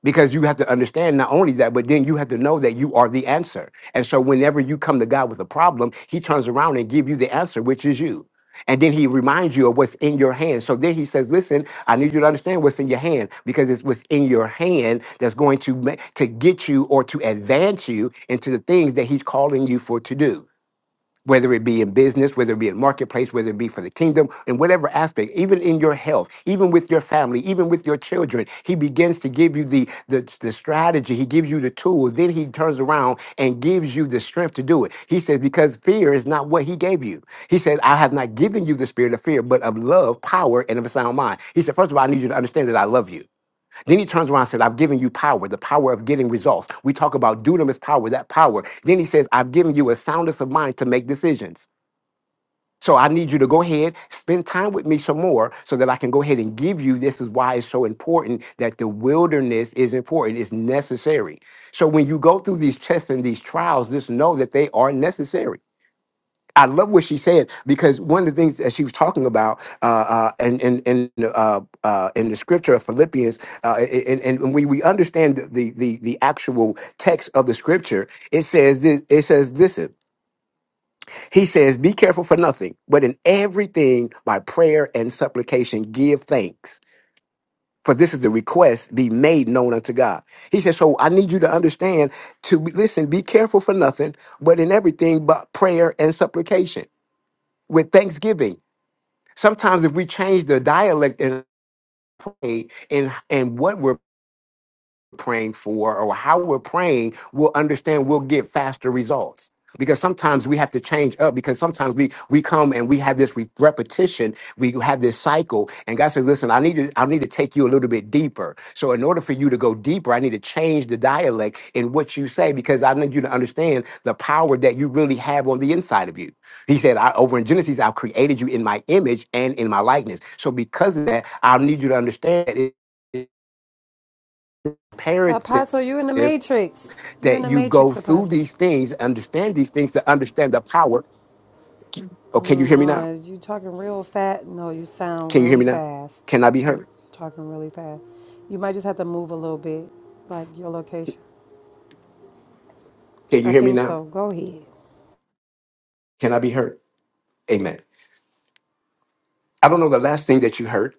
because you have to understand not only that but then you have to know that you are the answer and so whenever you come to god with a problem he turns around and give you the answer which is you and then he reminds you of what's in your hand so then he says listen i need you to understand what's in your hand because it's what's in your hand that's going to ma- to get you or to advance you into the things that he's calling you for to do whether it be in business, whether it be in marketplace, whether it be for the kingdom, in whatever aspect, even in your health, even with your family, even with your children, he begins to give you the, the, the strategy, he gives you the tools, then he turns around and gives you the strength to do it. He says, because fear is not what he gave you. He said, I have not given you the spirit of fear, but of love, power, and of a sound mind. He said, first of all, I need you to understand that I love you. Then he turns around and says, I've given you power, the power of getting results. We talk about dunamis power, that power. Then he says, I've given you a soundness of mind to make decisions. So I need you to go ahead, spend time with me some more so that I can go ahead and give you this is why it's so important that the wilderness is important, it's necessary. So when you go through these tests and these trials, just know that they are necessary. I love what she said because one of the things that she was talking about, uh, uh, and in in uh, uh, in the scripture of Philippians, uh, and, and and we we understand the, the the the actual text of the scripture. It says this. It says this. He says, "Be careful for nothing, but in everything by prayer and supplication give thanks." For this is the request be made known unto God. He says, so I need you to understand to be, listen, be careful for nothing, but in everything but prayer and supplication with thanksgiving Sometimes if we change the dialect and and and what we're praying for or how we're praying, we'll understand we'll get faster results. Because sometimes we have to change up because sometimes we we come and we have this re- repetition, we have this cycle, and God says, Listen, I need to I need to take you a little bit deeper. So in order for you to go deeper, I need to change the dialect in what you say because I need you to understand the power that you really have on the inside of you. He said, I, over in Genesis, I've created you in my image and in my likeness. So because of that, I need you to understand that it's
Apostle, you in the
imperative
matrix. You're in
that
the
you go
matrix,
through
Apostle.
these things, understand these things to understand the power. Oh, can
Oh
you hear me
no,
now?
is you talking real fast? No, you sound
Can you hear
really
me now?
fast.
Can I be
You're
heard?
talking really fast. You might just have to move a little bit, like your location.
Can
I
you hear me
think
now?
so. Go ahead.
Can I be heard? Amen. I don't know the last thing that you heard.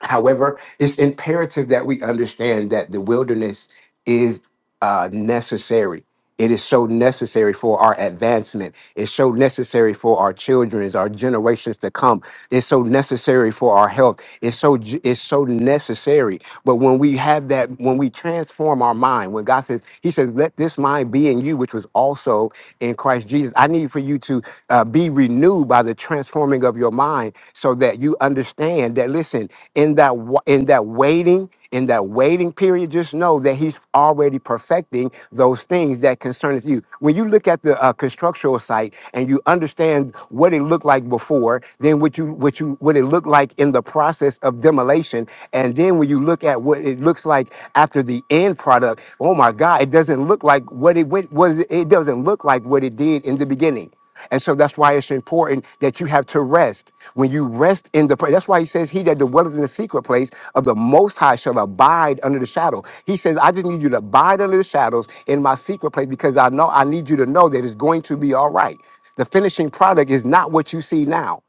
However, it's imperative that we understand that the wilderness is uh, necessary. It is so necessary for our advancement. It's so necessary for our children, our generations to come. It's so necessary for our health. It's so ju- it's so necessary. But when we have that, when we transform our mind, when God says He says, "Let this mind be in you, which was also in Christ Jesus." I need for you to uh, be renewed by the transforming of your mind, so that you understand that. Listen, in that wa- in that waiting. In that waiting period, just know that He's already perfecting those things that concerneth you. When you look at the uh, constructural site and you understand what it looked like before, then what you what you what it looked like in the process of demolition, and then when you look at what it looks like after the end product, oh my God, it doesn't look like what it went was. It doesn't look like what it did in the beginning. And so that's why it's important that you have to rest. When you rest in the place, that's why he says, He that dwelleth in the secret place of the Most High shall abide under the shadow. He says, I just need you to abide under the shadows in my secret place because I know I need you to know that it's going to be all right. The finishing product is not what you see now.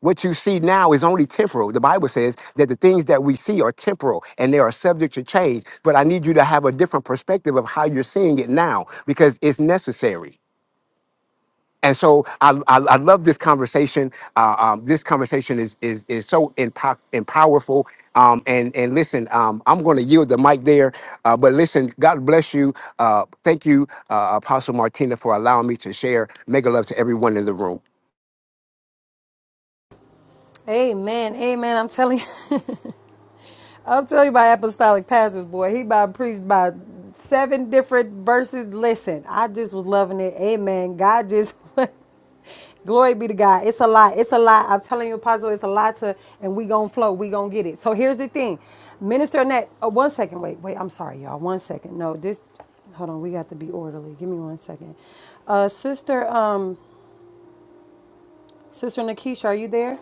What you see now is only temporal. The Bible says that the things that we see are temporal and they are subject to change. But I need you to have a different perspective of how you're seeing it now because it's necessary and so I, I, I love this conversation. Uh, um, this conversation is is is so impo- and powerful. Um, and and listen, um, I'm going to yield the mic there. Uh, but listen, God bless you. Uh, thank you, uh, Apostle Martina, for allowing me to share. Mega love to everyone in the room.
Amen. Amen. I'm telling you. i am telling you my apostolic pastor's boy. He about preached by seven different verses. Listen, I just was loving it. Amen. God just glory be to God. It's a lot. It's a lot. I'm telling you, Apostle, it's a lot to and we gonna flow. We gonna get it. So here's the thing. Minister Annette, oh, one second. Wait, wait, I'm sorry, y'all. One second. No, this hold on, we got to be orderly. Give me one second. Uh sister, um, Sister Nakisha, are you there?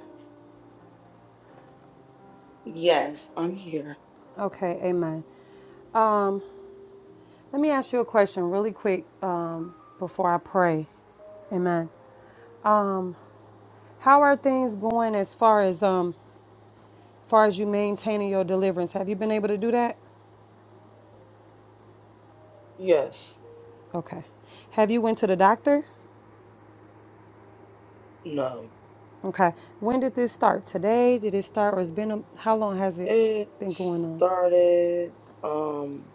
Yes, I'm here.
Okay, amen. Let me ask you a question really quick um, before I pray. Amen. How are things going as far as um far as you maintaining your deliverance? Have you been able to do that?
Yes.
Okay. Have you went to the doctor?
No.
Okay. When did this start? Today? Did it start or it's been a, how long has it
It
been going on?
started um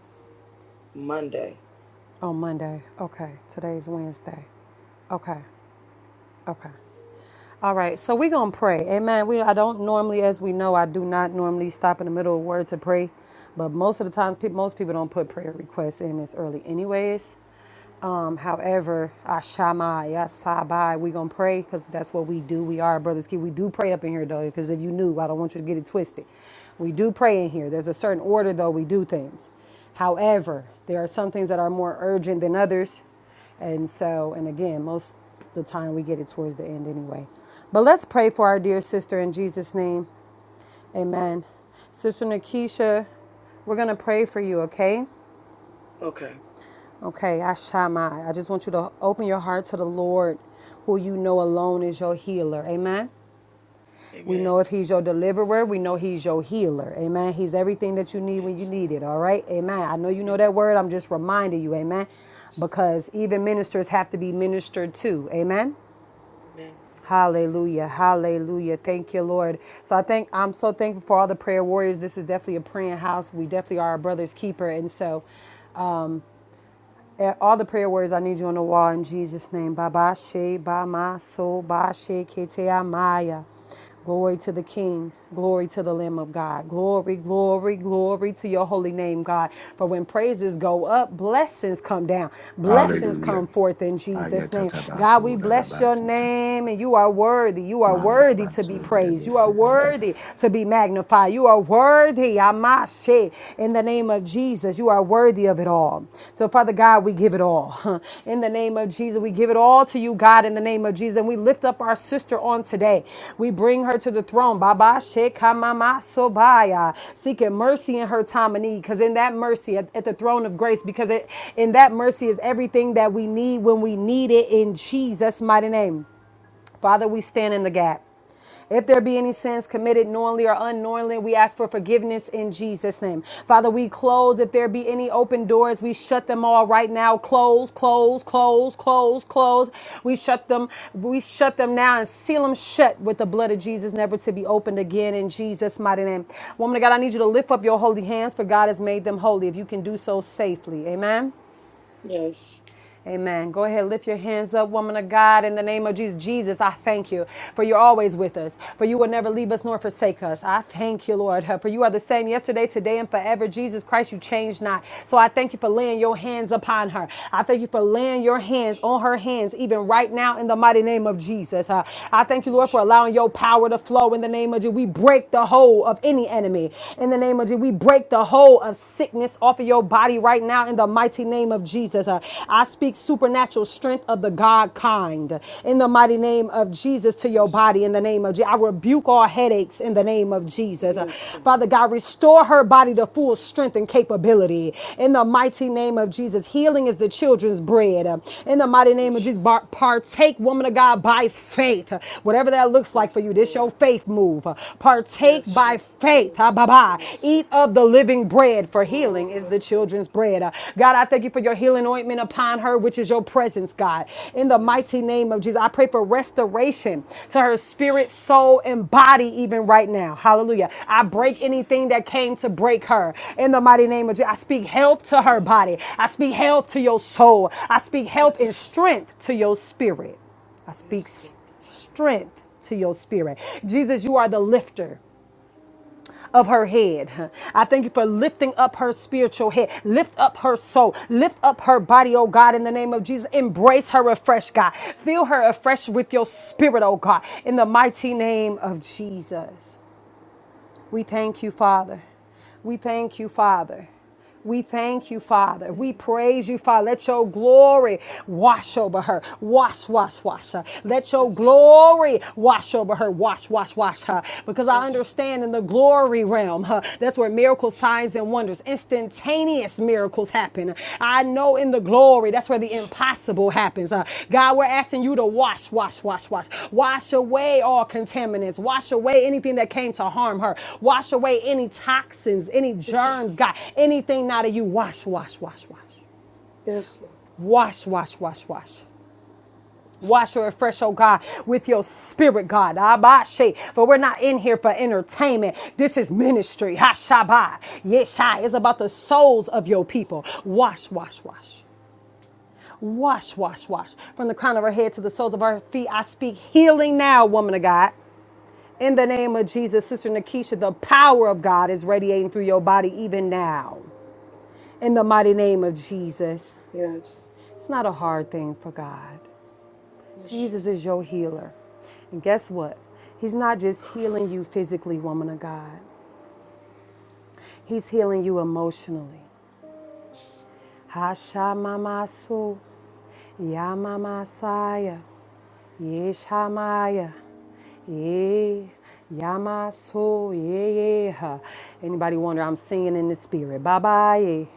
Monday.
On Monday. Okay. Today's Wednesday. Okay. Okay. All right, so we're gonna pray. Amen. We I don't normally, as we know, I do not normally stop in the middle of a word to pray, but most of the times, peop most people don't put prayer requests in this early, anyways. Um, however, Ashama, Yasabai, we're gonna pray because that's what we do. We are brothers keep. We do pray up in here though, because if you knew, I don't want you to get it twisted. We do pray in here. There's a certain order though we do things. However, there are some things that are more urgent than others. And so, and again, most of the time we get it towards the end anyway. But let's pray for our dear sister in Jesus' name. Amen. Sister Nakisha, we're going to pray for you, okay?
Okay.
Okay, Ashamai. I just want you to open your heart to the Lord, who you know alone is your healer. Amen. We
Amen.
know if he's your deliverer, we know he's your healer. Amen. He's everything that you need
Yes.
when you need it. All right. Amen. I know you know
Yes.
that word. I'm just reminding you. Amen. Because
Amen.
even ministers have to be ministered to. Amen.
Amen.
Hallelujah. Hallelujah. Thank you, Lord. So I think I'm so thankful for all the prayer warriors. This is definitely a praying house. We definitely are a brother's keeper. And so um, uh, all the prayer words I need you on the wall in Jesus' name. Baba She, Bama So, Ba She, Ketea Maya. Glory to the King. Glory to the Lamb of God. Glory, glory, glory to your holy name, God. For when praises go up, blessings come down. Blessings
Hallelujah.
come forth in Jesus' name. God, we bless your
Ayatatabasodadabasita.
name, and you are worthy. You are worthy to be
Mandabaso.
praised. You are worthy to be magnified. You are Worthy, Amashe, in the name of Jesus, you are worthy of it all. So, Father God, we give it all. In the name of Jesus, we give it all to you, God, in the name of Jesus. And we lift up our sister on today. We bring her to the throne, Baba Shekamama Sobaya, seeking mercy in her time of need. Because in that mercy, at, at the throne of grace, because it, in that mercy is everything that we need when we need it in Jesus' mighty name. Father, we stand in the gap. If there be any sins committed knowingly or unknowingly, we ask for forgiveness in Jesus' name. Father, we close. If there be any open doors, we shut them all right now. Close, close, close, close, close. We shut them, we shut them now and seal them shut with the blood of Jesus, never to be opened again in Jesus' mighty name. Woman of God, I need you to lift up your holy hands, for God has made them holy. If you can do so safely. Amen.
Yes.
Amen. Go ahead, lift your hands up, woman of God, in the name of Jesus. Jesus, I thank you for you're always with us, for you will never leave us nor forsake us. I thank you, Lord, for you are the same yesterday, today, and forever. Jesus Christ, you change not. So I thank you for laying your hands upon her. I thank you for laying your hands on her hands, even right now, in the mighty name of Jesus. Uh, I thank you,
Yes.
Lord, for allowing your power to flow in the name of Jesus. We break the hold of any enemy. In the name of Jesus, we break the hold of of sickness off of your body right now in the mighty name of Jesus. Uh, I speak supernatural strength of the God kind in the mighty name of Jesus to your
Yes,
body
Lord.
in the name of Jesus. I rebuke all headaches in the name of Jesus. Uh,
Yes, Lord.
Father God, restore her body to full strength and capability in the mighty name of Jesus. Healing is the children's bread Uh, in the mighty
Yes,
name of Jesus.
Jesus.
bar- Partake, woman of God, by faith. Uh, Whatever that looks like
Yes,
for you, this your
Lord.
faith move. Uh, Partake
Yes,
by
Jesus.
faith.
Yes.
Ha, ba, ba.
Yes, Lord.
Eat of the living bread, for healing
Oh,
is the
yes, Lord.
children's bread. Uh, God, I thank you for your healing ointment upon her, which is your presence, God. In the
Yes.
mighty name of Jesus, I pray for restoration to her spirit, soul, and body, even right now. Hallelujah. I
Yes,
break
Jesus.
anything that came to break her. In the mighty name of Jesus, I speak health to
Yes.
her body. I speak health to your soul. I speak health
Yes.
and strength to your spirit. I speak
Yes,
s-
Lord.
strength to your spirit. Jesus, you are the lifter of her head. I thank you for lifting up her spiritual head. Lift up her soul. Lift up her body, oh God, in the name of Jesus. Embrace her afresh, God. Fill her afresh with your spirit, oh God, in the mighty name of Jesus. We thank you, Father. We thank you, Father. We thank you, Father.
Thank
We
you,
praise you, Father. Let your glory wash
Lord.
over her. Wash, wash, wash her. Let your
Yes.
glory wash over her. Wash, wash, wash her. Because I
Yes,
understand
Jesus.
in the glory realm, huh, that's where miracles, signs, and wonders instantaneous miracles happen. I know in the glory, that's where
Yes,
the
Jesus.
impossible happens. Uh, God, we're asking you to wash, wash, wash, wash. Wash away all contaminants. Wash away anything that came to harm her. Wash away any toxins, any
Yes, Je-
germs, God, anything not of you. Wash, wash, wash, wash.
yes, Lord.
Wash, wash, wash, wash. Wash or refresh, oh God, with your spirit, God. Abashe. For we're not in here for entertainment. This is ministry. Hashabah. Yeshai. It's about the souls of your people. Wash, wash, wash. Wash, wash, wash. From the crown of our head to the soles of our feet, I speak healing now, woman of God. In the name of Jesus, Sister Nakisha, the power of God is radiating through your body even now. In the mighty name of Jesus.
Yes, yes,
It's not a hard thing for God.
yes,
Jesus
Jesus.
is your healer. And guess what? He's not just healing you physically, woman of God. He's healing you emotionally. Hashamamasu, Yamamasaya. Yeshamaya. Yeah. Yamaso. Yeah. yeah. Anybody wonder I'm singing in the spirit? Bye bye.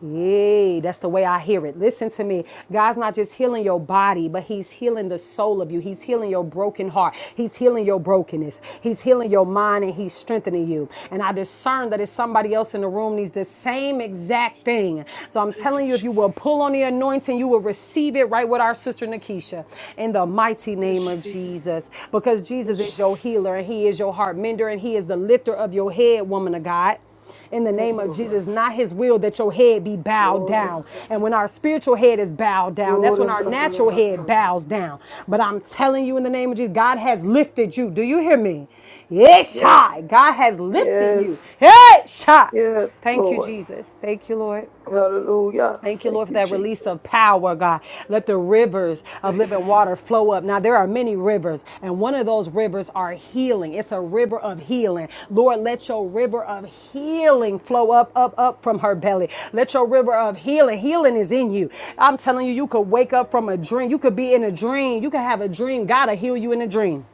Yeah, that's the way I hear it. Listen to me. God's not just healing your body, but He's healing the soul of you. He's healing your broken heart. He's healing your brokenness. He's healing your mind and He's strengthening you. And I discern that if somebody else in the room needs the same exact thing. So I'm
Thank you,
telling you, if
Jesus.
you will pull on the anointing, you will receive receive it right with our sister Nakisha in the mighty
Yes,
name of
Jesus.
Jesus. Because Jesus
Yes,
is your
Jesus.
healer and he is your heart mender and he is the lifter of your head, woman of God in the name
Yes,
of
Lord.
Jesus. Not his will that your head be bowed
Oh,
down.
yes,
And
Lord.
when our spiritual head is bowed down, that's
Glory
when
and
our
da- da- da-
natural
da-
head
Santa.
bows down. But I'm telling you in the name of Jesus, God has lifted you. Do you hear me? Yes,
Yes,
God has lifted
yes,
you. Yes, God.
yes,
Thank you,
Lord.
Jesus. Thank you, Lord.
Hallelujah.
Thank you,
Thank
Lord, for
you,
that release
Jesus.
of power, God. Let the rivers of
Thank you.
living water flow up. Now, there are many rivers, and one of those rivers are healing. It's a river of healing. Lord, let your river of healing flow up, up, up from her belly. Let your river of healing, healing is in you. I'm telling you, you could wake up from a dream. You could be in a dream. You could have a dream. God will heal you in a dream.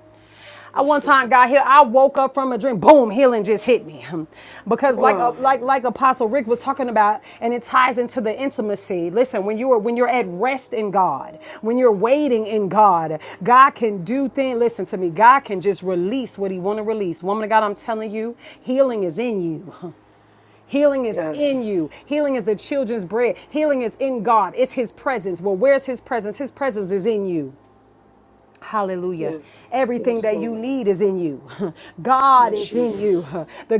I
Yes,
one
Lord.
time got here. I woke up from a dream. Boom, healing just hit me. Because like
Wow,
uh,
yes,
like like Apostle Rick was talking about, and it ties into the intimacy. Listen, when you are when you're at rest in God, when you're waiting in God, God can do things. Listen to me. God can just release what He want to release. Woman of God, I'm telling you, healing is in you. Healing is
yes,
in you. Healing is the children's bread. Healing is in God. It's His presence. Well, where's His presence? His presence is in you. Hallelujah.
yes,
Everything
yes,
that you
Lord.
need is in you. God
Yes,
is in you.
Jesus.
The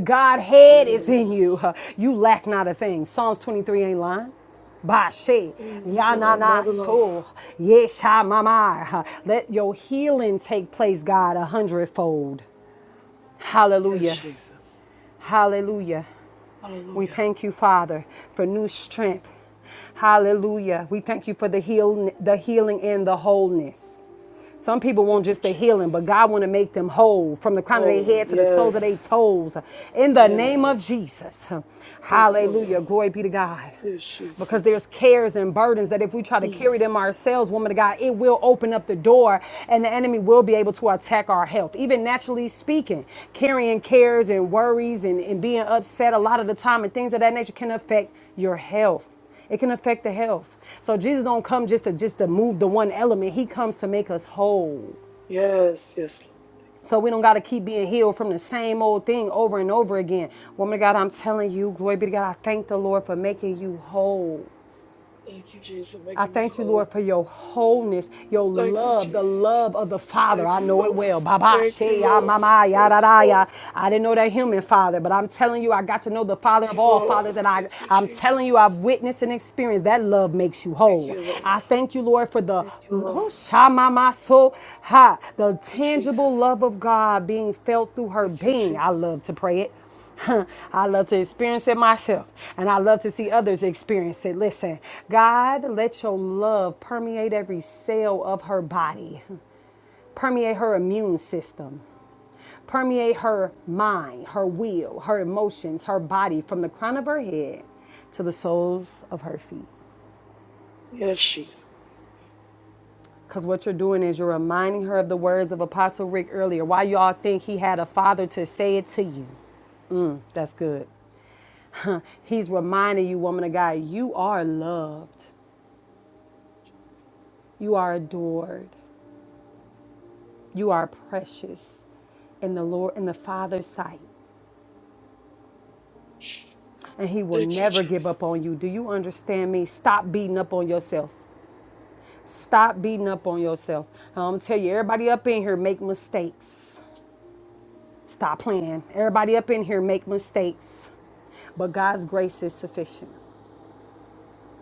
Yes,
Godhead is in you. You lack not a thing. Psalms 23 ain't lying. Bashe,
yes, Lord. I'm not
yanana
alone.
so, yesha mamar. Let your healing take place, God, a hundredfold.
Yes,
Hallelujah.
Jesus.
Hallelujah. We
Hallelujah.
thank you, Father, for new strength. Hallelujah. We thank you for the heal, the healing and the wholeness. Some people want
Thank you,
just the
Jesus.
healing, but God want to make them whole from the crown of their
Oh,
head to the soles
yes,
of their toes. In the
yes,
name of Jesus.
yes, Lord.
Hallelujah. Glory be to God.
Yes,
Because
Jesus.
there's cares and burdens that if we try to
Mm.
carry them ourselves, woman of God, it will open up the door and the enemy will be able to attack our health. Even naturally speaking, carrying cares and worries and, and being upset a lot of the time and things of that nature can affect your health. It can affect the health. So Jesus don't come just to just to move the one element. He comes to make us whole.
Yes, yes, Lord.
So we don't gotta keep being healed from the same old thing over and over again. Woman of God, I'm telling you, glory be to God, I thank the Lord for making you whole.
Thank you, Jesus, for
I
making me
thank you, Lord,
whole.
for your wholeness, your
Thank you,
love, the
Jesus.
love of the Father.
Thank
I
you,
know it
Lord.
well. Baba,
Thank you,
she, ya,
Lord.
mama, ya, da,
Yes,
da, ya.
Lord.
I
Thank
didn't know that
you,
human
Jesus.
Father, but I'm telling you, I got to know the Father
Thank
of
you,
all
Lord.
fathers, and I,
Thank you,
I'm telling you, I've
Jesus.
witnessed and experienced that love makes you
Thank
whole.
you, Lord.
I thank you, Lord, for the
Thank you, Lord.
who, sha, mama, so, ha, the
Thank you,
tangible
Jesus.
love of God being felt through her
Thank you,
being.
Jesus.
I love to pray it. I love to experience it myself, and I love to see
Thank
others experience it. Listen, God, let your love permeate every cell of her body, permeate her immune system permeate her mind, her will, her emotions, her body from the crown of her head to the soles of her feet.
you. Yes, Jesus.
Because what you're doing is you're reminding her of the words of Apostle Rick earlier. Why y'all think he had a father to say it to you? That's good. He's reminding you, woman of God, you are loved, you are adored, you are precious in the Lord, in the Father's sight, and He will
Thank you,
never give up
Jesus.
on you. Do you understand me? Stop beating up on yourself. Stop beating up on yourself. I'm gonna tell you, everybody up in here make mistakes. Stop playing. Everybody up in here make mistakes, but God's grace is sufficient.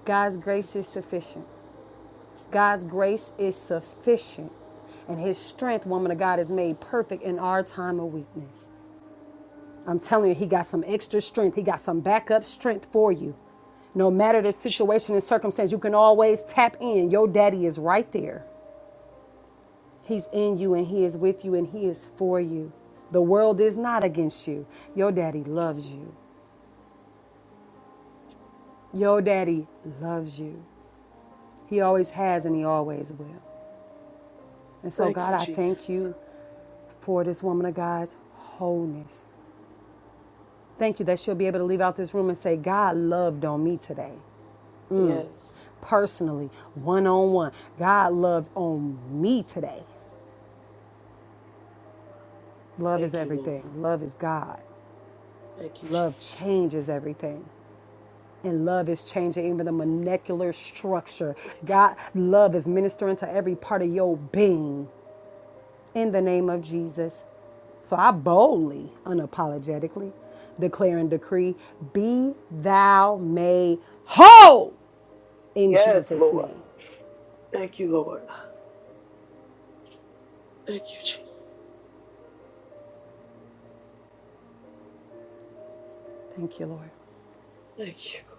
God's grace is
Yes.
sufficient. God's grace is sufficient, and His strength, woman of God, is made perfect in our time of weakness. I'm telling you, He got some extra strength, He got some backup strength for you. No
Thank you,
matter the
Jesus.
situation and circumstance, you can always tap in. Your daddy is right there. He's in you, and He is with you, and He is for you. The world is not against you. Your daddy loves you. Your daddy loves you. He always has, and He always will. And so,
Thank
God,
you,
I thank
Jesus.
you for this woman of God's wholeness. Thank you that she'll be able to leave out this room and say, God loved on me today,
Yes.
personally, one on one. God loved on me today. Love is
Thank you, Lord.
everything. Love is God.
Thank you,
Love changes everything. And love is changing even the molecular structure.
Jesus.
God, love is ministering to every part of your being in the name of Jesus. So I boldly, unapologetically declare and decree, be thou made whole in
Yes,
Jesus'
Lord.
name.
Thank you, Lord. Thank you, Jesus.
Thank you, Lord.
Thank you.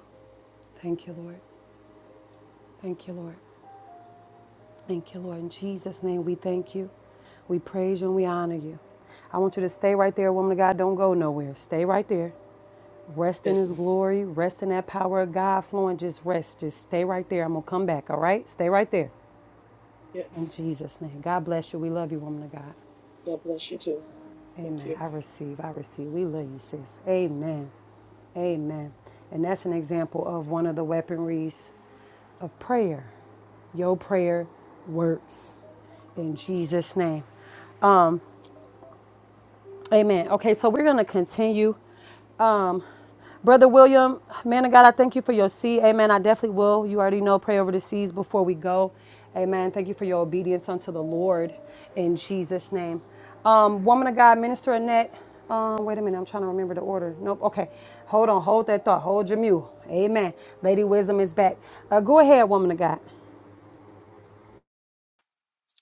Thank you, Lord. Thank you, Lord. Thank you, Lord. In Jesus' name, we thank you. We praise you and we honor you. I want you to stay right there, woman of God. Don't go nowhere. Stay right there. Rest in
Yes,
his glory. Rest in that power of God flowing. Just rest. Just stay right there. I'm going to come back, all right? Stay right there.
yes.
In Jesus' name. God bless you. We love you, woman of God.
God bless you too. Thank
Amen.
you.
I receive. I receive. We love you, sis. Amen. Amen. And that's an example of one of the weaponries of prayer. Your prayer works in Jesus' name. Um, amen. Okay, so we're gonna continue. Um, Brother William, man of God, I thank you for your seed. Amen. I definitely will. You already know, pray over the seeds before we go. Amen. Thank you for your obedience unto the Lord in Jesus' name. Um, woman of God, Minister Annette. Um, wait a minute, I'm trying to remember the order. Nope. Okay. Hold on. Hold that thought. Hold your mule. Amen. Lady Wisdom is back. Uh, go ahead, woman of God.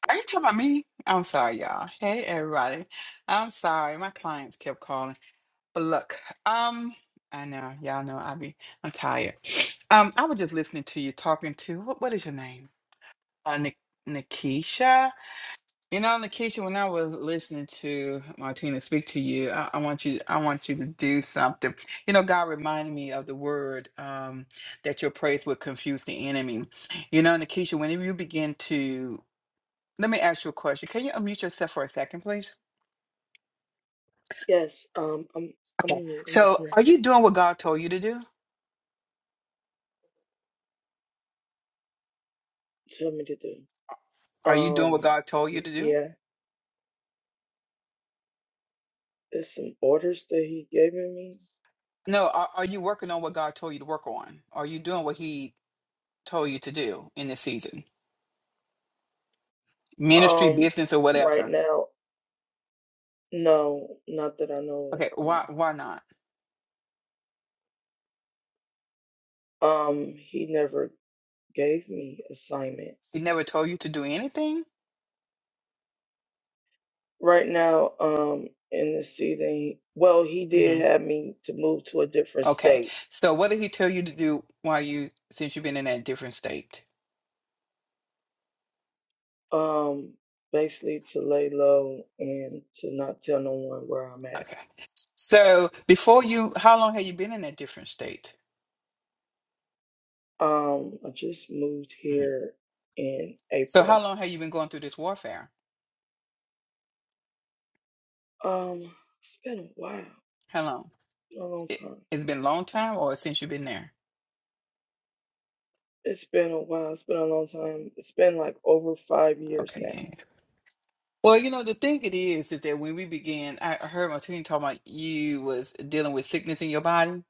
Are you talking about me? I'm sorry, y'all. Hey, everybody. I'm sorry. My clients kept calling. But look, um, I know y'all know I be I'm tired. Um, I was just listening to you talking to what what is your name? Uh, Nik- Nikisha. You know, Nikisha, when I was listening to Martina speak to you, I, I want you I want you to do something. You know, God reminded me of the word um that your praise would confuse the enemy. You know, Nikisha, whenever you begin to let me ask you a question. Can you unmute yourself for a second, please?
Yes. Um, I'm, I'm,
Okay.
mute. I'm
So
listening.
are you doing what God told you to do?
Tell me to do.
Are you doing what
Um,
God told you
y-
to do?
yeah. There's some orders that he gave me.
No, are, are you working on what God told you to work on? Are you doing what He told you to do in this season? Ministry,
Um,
business, or
right
whatever.
now, no, not that I know
Okay,
of.
why why not?
No. Um, he never gave me assignment.
He never told you to do anything.
Right now, um, in the season, he- well, he
hmm
did have me to move to a different
Okay,
state
so what did He tell you to do while you since you've been in that different state?
Um, basically to lay low and to not tell no one where I'm at.
Okay, so before you, how long have you been in that different state?
Um, I just moved
Mhm.
here in
So how
April.
long have you been going through this warfare?
Um, it's been a while,
How long?
a long
It,
time.
it's been a long time, or since you've been there?
It's been a while. It's been a long time. It's been like over five years
Okay,
now.
yeah. Well, you know, the thing it is is that when we began, I I heard Martine talking about you was dealing with sickness in your body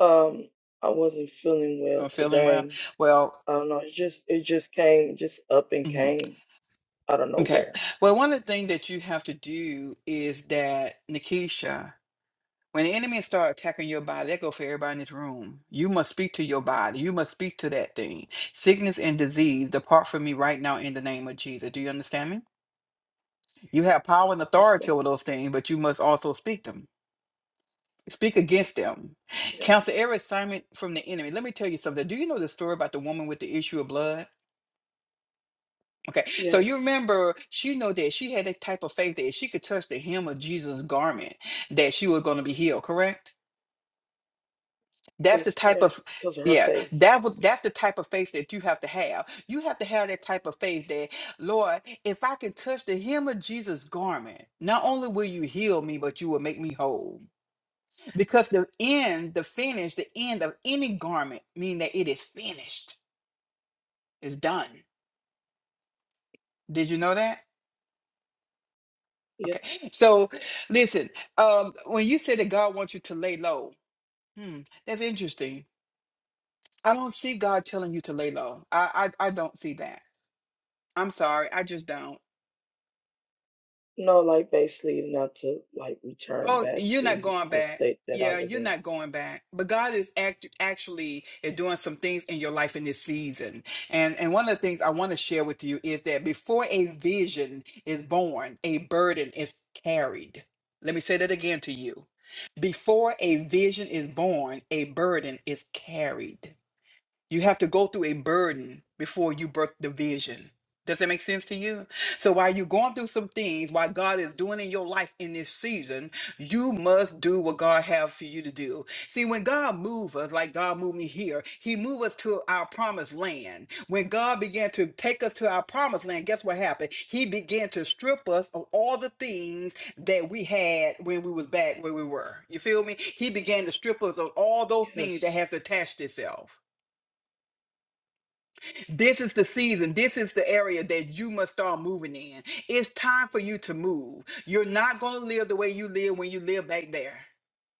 Um, I wasn't feeling well
or feeling well.
today.
Well,
I don't know. It just it just came, it just up and
mhm,
came out of
okay.
nowhere.
Well, one of the things that you have to do is that, Nikisha, when the enemy start attacking your body, that go for everybody in this room. You must speak to your body. You must speak to that thing. Sickness and disease, depart from me right now in the name of Jesus. Do you understand me? You have power and
Yes, ma'am.
authority over those things, but you must also speak them. Speak against them. Counsel
Yes.
every assignment from the enemy. Let me tell you something. Do you know the story about the woman with the issue of blood? Okay, so you
Yes.
remember she know that she had that type of faith that if she could touch the hem of Jesus' garment, that she was going to be healed. Correct? That's the
That's
type
correct.
of
Because of her
yeah.
faith.
That was that's the type of faith that you have to have. You have to have that type of faith that Lord, if I can touch the hem of Jesus' garment, not only will you heal me, but you will make me whole. Because the end, the finish, the end of any garment, meaning that it is finished, is done. Did you know that? Okay.
Yes.
So listen, um, when you say that God wants you to lay low, hmm, that's interesting. I don't see God telling you to lay low. I I, I don't see that. I'm sorry, I just don't.
No, like basically not to like return
Oh,
back
you're
to
not going
the
back.
state that I
Yeah,
was
you're
in.
not going back. But God is act- actually eh, doing some things in your life in this season. And and one of the things I want to share with you is that before a vision is born, a burden is carried. Let me say that again to you. Before a vision is born, a burden is carried. You have to go through a burden before you birth the vision. Does that make sense to you? So while you're going through some things, while God is doing in your life in this season, you must do what God has for you to do. See, when God moves us, like God moved me here, He moved us to our promised land. When God began to take us to our promised land, guess what happened? He began to strip us of all the things that we had when we was back where we were. You feel me? He began to strip us of all those things that
Yes.
has attached itself. This is the season. This is the area that you must start moving in. It's time for you to move. You're not going to live the way you live when you live back there.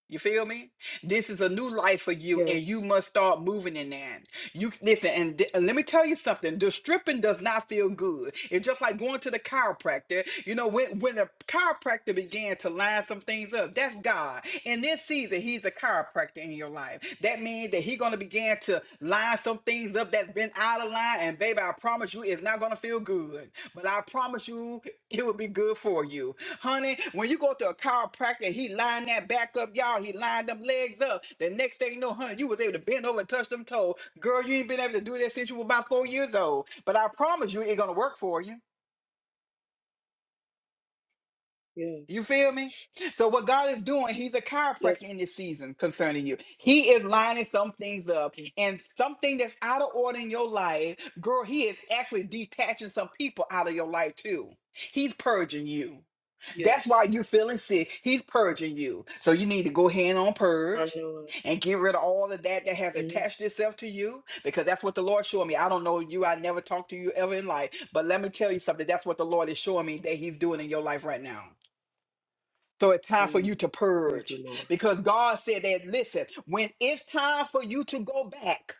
You feel me? This is a new life for you, and you
Yes.
must start moving in that. You listen, and th- and let me tell you something. The stripping does not feel good. It's just like going to the chiropractor. You know, when when the chiropractor began to line some things up, that's God. In this season, He's a chiropractor in your life. That means that He's gonna begin to line some things up that's been out of line, and baby baby, I promise you it's not going to feel good, but I promise you it will be good for you. Honey, when you go to a chiropractor, he lined that back up, y'all. He lined them legs up. The next thing you know, honey, you was able to bend over and touch them toe. Girl, you ain't been able to do that since you were about four years old. But I promise you it's going to work for you. You
Yes.
feel me? So what God is doing, He's a chiropractor
Yes.
in this season concerning you. He is lining some things up,
ma'am.
and something that's out of order in your life, girl. He is actually detaching some people out of your life too. He's purging you. That's why
Yes.
you're feeling sick. He's purging you. So you need to go ahead on
I
purge
know
and get rid of all of that that has
it. mm
attached itself to you because that's what the Lord showed me. I don't know you. I never talked to you ever in life. But let me tell you something. That's what the Lord is showing me that He's doing in your life right now. So it's time for
Mm.
you to
Thank you,
purge
Lord.
because God said that, listen, when it's time for you to go back,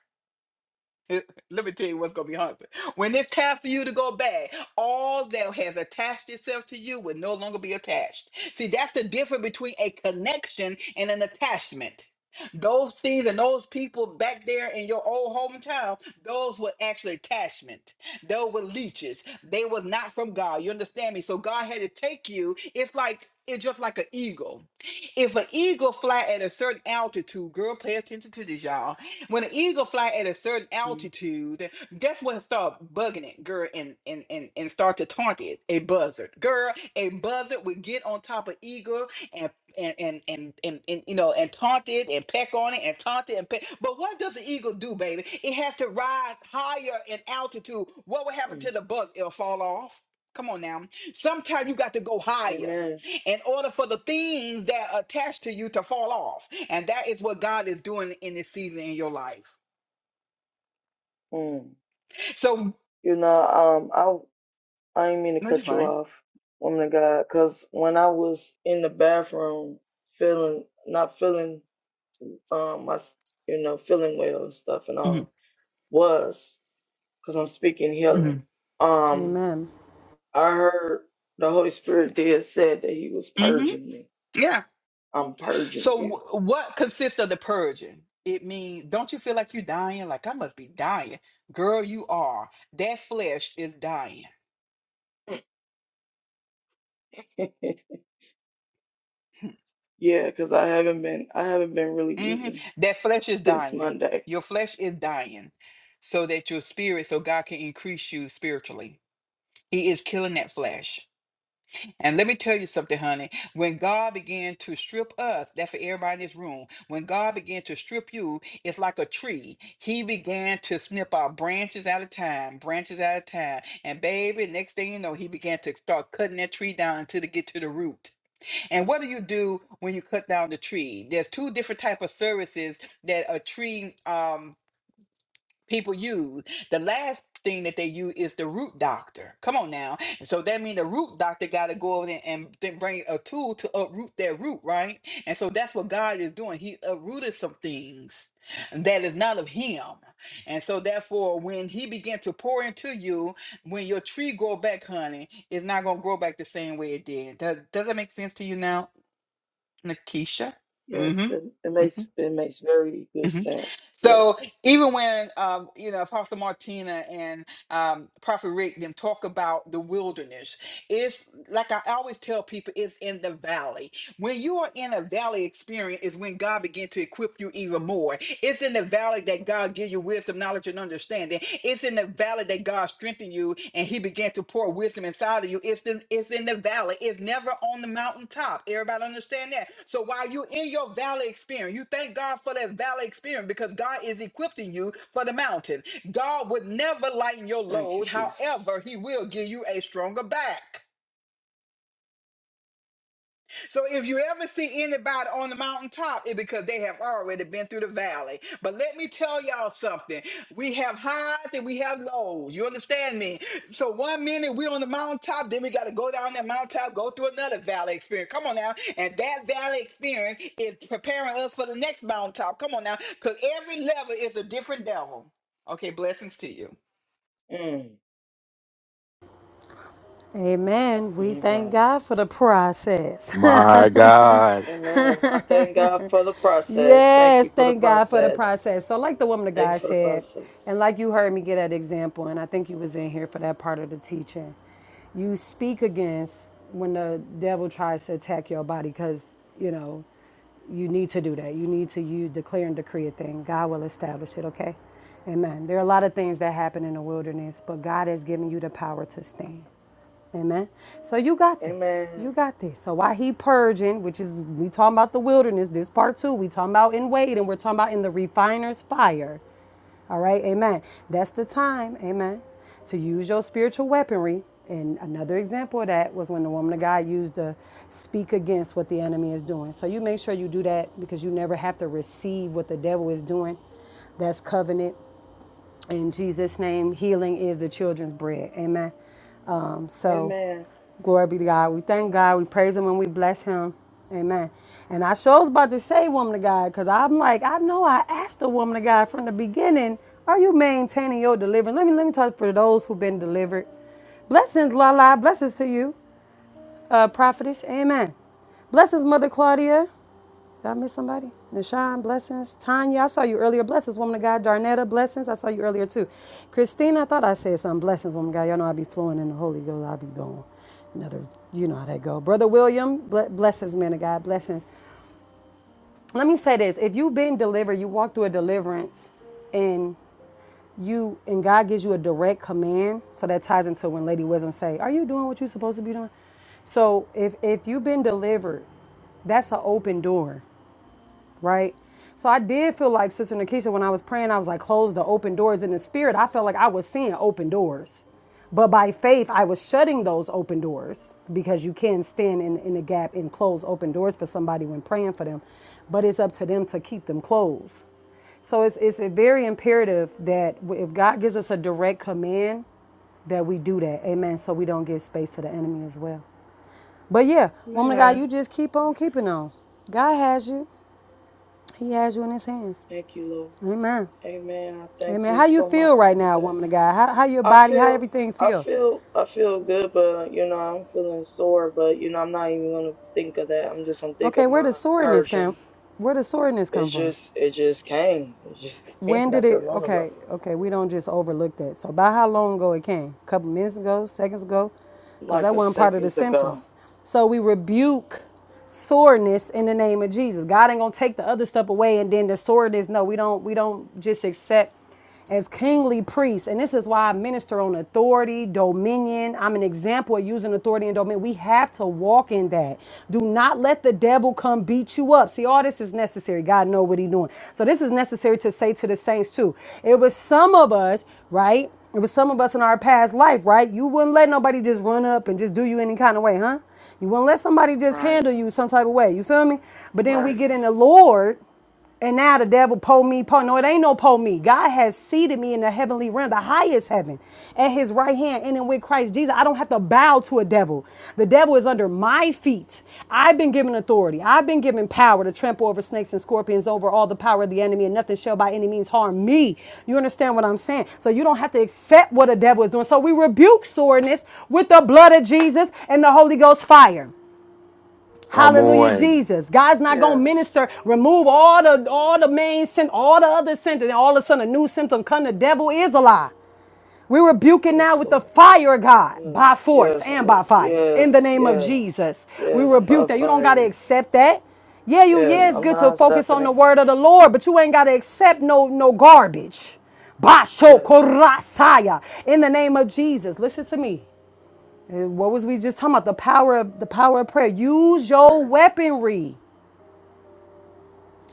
let me tell you what's going to be happening. When it's time for you to go back, all that has attached itself to you will no longer be attached. See, that's the difference between a connection and an attachment. Those things and those people back there in your old hometown, those were actually attachment. Those were leeches. They were not from God. You understand me? So God had to take you. It's like it's just like an eagle. If an eagle fly at a certain altitude, girl, pay attention to this, y'all. When an eagle fly at a certain
mm
altitude, guess what? Start bugging it, girl, and and and, and start to taunt it. A buzzard, girl, a buzzard would get on top of eagle and and and and and, and you know and taunt it and peck on it and taunt it and peck. But what does the eagle do, baby? It has to rise higher in altitude. What will happen
Mm.
to the buzzard? It'll fall off. Come on now. Sometimes you got to go higher
Amen.
in order for the things that are attached to you to fall off. And that is what God is doing in this season in your life.
Mm.
So,
You know, um, I I didn't mean to
no, you're
cut you
fine.
off, woman of God, because when I was in the bathroom, feeling not feeling um my s- you know feeling well and stuff and
hmm
all was because I'm speaking
hmm
healing. Um,
Amen.
I heard the Holy Spirit did said that He was
hmm
purging me.
Yeah.
I'm purging
So,
you.
wh- what consists of the purging? It means, don't you feel like you're dying? Like, I must be dying. Girl, you are. That flesh is dying.
yeah, because I haven't been I haven't been really
hmm
eating
That flesh is
since
dying.
Monday.
Your flesh is dying so that your spirit, so God can increase you spiritually. He is killing that flesh. And let me tell you something, honey. When God began to strip us, that for everybody in this room, when God began to strip you, it's like a tree. He began to snip out branches at a time, branches at a time. And baby, next thing you know, he began to start cutting that tree down until to get to the root. And what do you do when you cut down the tree? There's two different type of services that a tree um people use. The last thing that they use is the root doctor. Come on now. and So that means the root doctor got to go over there and th- bring a tool to uproot their root, right? And so that's what God is doing. He uprooted some things that is not of him. And so therefore, when he began to pour into you, when your tree grow back, honey, it's not going to grow back the same way it did. Does, does that make sense to you now, Nakisha?
Yes, it, it
Mm-hmm. Mm-hmm.
makes
Mm-hmm.
it makes very good sense.
So
Yes.
even when um, you know Apostle Martina and um, Prophet Rick them talk about the wilderness, it's like I always tell people, it's in the valley. When you are in a valley experience is when God begin to equip you even more. It's in the valley that God give you wisdom, knowledge, and understanding. It's in the valley that God strengthen you and he began to pour wisdom inside of you. It's in, it's in the valley. It's never on the mountaintop. Everybody understand that? So while you're in your valley experience, you thank God for that valley experience because God is equipping you for the mountain. God would never lighten your
Thank you,
load.
Jesus.
However, he will give you a stronger back. So if you ever see anybody on the mountaintop, it's because they have already been through the valley. But let me tell y'all something. We have highs and we have lows. You understand me? So one minute we're on the mountaintop, then we got to go down that mountaintop, go through another valley experience. Come on now. And that valley experience is preparing us for the next mountaintop. Come on now. Because every level is a different devil. Okay, blessings to you.
Mm,
Amen. We
my
thank
God.
God for the process.
My God.
Amen. I thank God for the process. Thank
yes,
you for the
thank God for the
process.
process. So, like the woman of
Thank you
God
for the
said,
process.
and like you heard me get that example, and I think you was in here for that part of the teaching. You speak against when the devil tries to attack your body, because you know you need to do that. You need to you declare and decree a thing. God will establish it. Okay, Amen. There are a lot of things that happen in the wilderness, but God has given you the power to stand. Amen. So you got this.
Amen.
You got this. So while he purging, which is we talking about the wilderness, this part two, we talking about in Wade, and we're talking about in the refiner's fire. All right, amen. That's the time, amen, to use your spiritual weaponry. And another example of that was when the woman of God used to speak against what the enemy is doing. So you make sure you do that because you never have to receive what the devil is doing. That's covenant. In Jesus' name, healing is the children's bread. Amen. Um, so,
Amen.
glory be to God. We thank God. We praise Him and we bless Him. Amen. And I sure was about to say, woman of God, because I'm like, I know I asked the woman of God from the beginning, are you maintaining your deliverance? Let me let me talk for those who've been delivered. Blessings, Lala. Blessings to you, uh, prophetess. Amen. Blessings, Mother Claudia. Did I miss somebody? Nashawn, blessings. Tanya, I saw you earlier. Blessings, woman of God. Darnetta, blessings. I saw you earlier too. Christina, I thought I said something. Blessings, woman of God. Y'all know I be flowing in the Holy Ghost. I be going. Another, you know how that go. Brother William, blessings, man of God. Blessings. Let me say this. If you've been delivered, you walk through a deliverance and you and God gives you a direct command. So that ties into when Lady Wisdom say, Are you doing what you're supposed to be doing? So if if you've been delivered, that's an open door right? So I did feel like Sister Nikisha when I was praying, I was like, close the open doors in the spirit. I felt like I was seeing open doors. But by faith, I was shutting those open doors because you can stand in, in the gap and close open doors for somebody when praying for them. But it's up to them to keep them closed. So it's, it's a very imperative that if God gives us a direct command, that we do that. Amen. So we don't give space to the enemy as well. But yeah, woman of God,
Amen.
you just keep on keeping on. God has you. He has you in his hands.
Thank you, Lord.
Amen.
Amen. I thank
Amen.
you
How you
for my
feel right now, woman of
process.
God? How, how your
I
body, how
feel
everything
I
feel?
feel I feel good, but you know, I'm feeling sore, but you know, I'm not even gonna think of that. I'm just gonna think
Okay,
of
where
my
does soreness come?
Persian.
Where does soreness
It
come from?
just it just came. It just came
When did
not that
it?
long ago.
Okay, okay, we don't just overlook that. So by how long ago it came? A couple minutes ago, seconds ago, because
Like
that
a
wasn't part of the
seconds ago.
symptoms. So we rebuke soreness in the name of Jesus. God ain't gonna take the other stuff away and then the soreness. No, we don't. We don't just accept as kingly priests. And this is why I minister on authority, dominion. I'm an example of using authority and dominion. We have to walk in that. Do not let the devil come beat you up. See, all this is necessary. God know what He's doing. So this is necessary to say to the saints too. It was some of us, right? It was some of us in our past life, right? You wouldn't let nobody just run up and just do you any kind of way, huh? You wouldn't let somebody just
Right.
handle you some type of way. You feel me? But then we
Right.
get in the Lord and now the devil pull me, pull. No, it ain't no pull me. God has seated me in the heavenly realm, the highest heaven, at his right hand, and then with Christ Jesus. I don't have to bow to a devil. The devil is under my feet. I've been given authority. I've been given power to trample over snakes and scorpions, over all the power of the enemy, and nothing shall by any means harm me. You understand what I'm saying? So you don't have to accept what a devil is doing. So we rebuke soreness with the blood of Jesus and the Holy Ghost fire.
Come
Hallelujah,
on.
Jesus. God's not gonna
Yes.
minister, remove all the all the main sin, all the other sin, and all of a sudden a new symptom come. The devil is a lie. We rebuke it
Yes,
now with the
Lord.
fire of God by
Yes.
force
Yes,
and
Lord.
by fire in the
Yes.
name of
Yes.
Jesus. We
Yes. By
rebuke that. You don't gotta
fire.
accept that. Yeah, you
Yes.
yeah, it's
I'm
good to
not
focus
accepting
on the
it.
word of the Lord, but you ain't gotta accept no no garbage. Basho
Yes.
korasaya in the name of Jesus. Listen to me what was we just talking about? The power of the power of prayer. Use your
Prayer.
weaponry.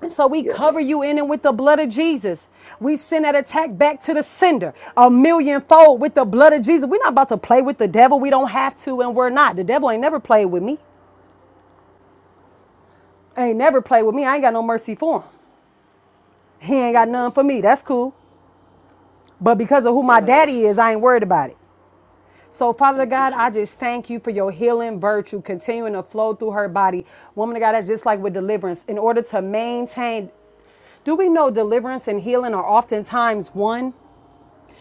And so we
Yes.
cover you in and with the blood of Jesus. We send that attack back to the sender a million fold with the blood of Jesus. We're not about to play with the devil. We don't have to, and we're not. The devil ain't never played with me. Ain't never played with me. I ain't got no mercy for him. He ain't got none
Yes.
for me. That's cool. But because of who my
Yes.
daddy is, I ain't worried about it. So, Father
Thank you,
God, I just
Jesus.
thank you for your healing virtue continuing to flow through her body. Woman of God, that's just like with deliverance. In order to maintain, do we know deliverance and healing are oftentimes one?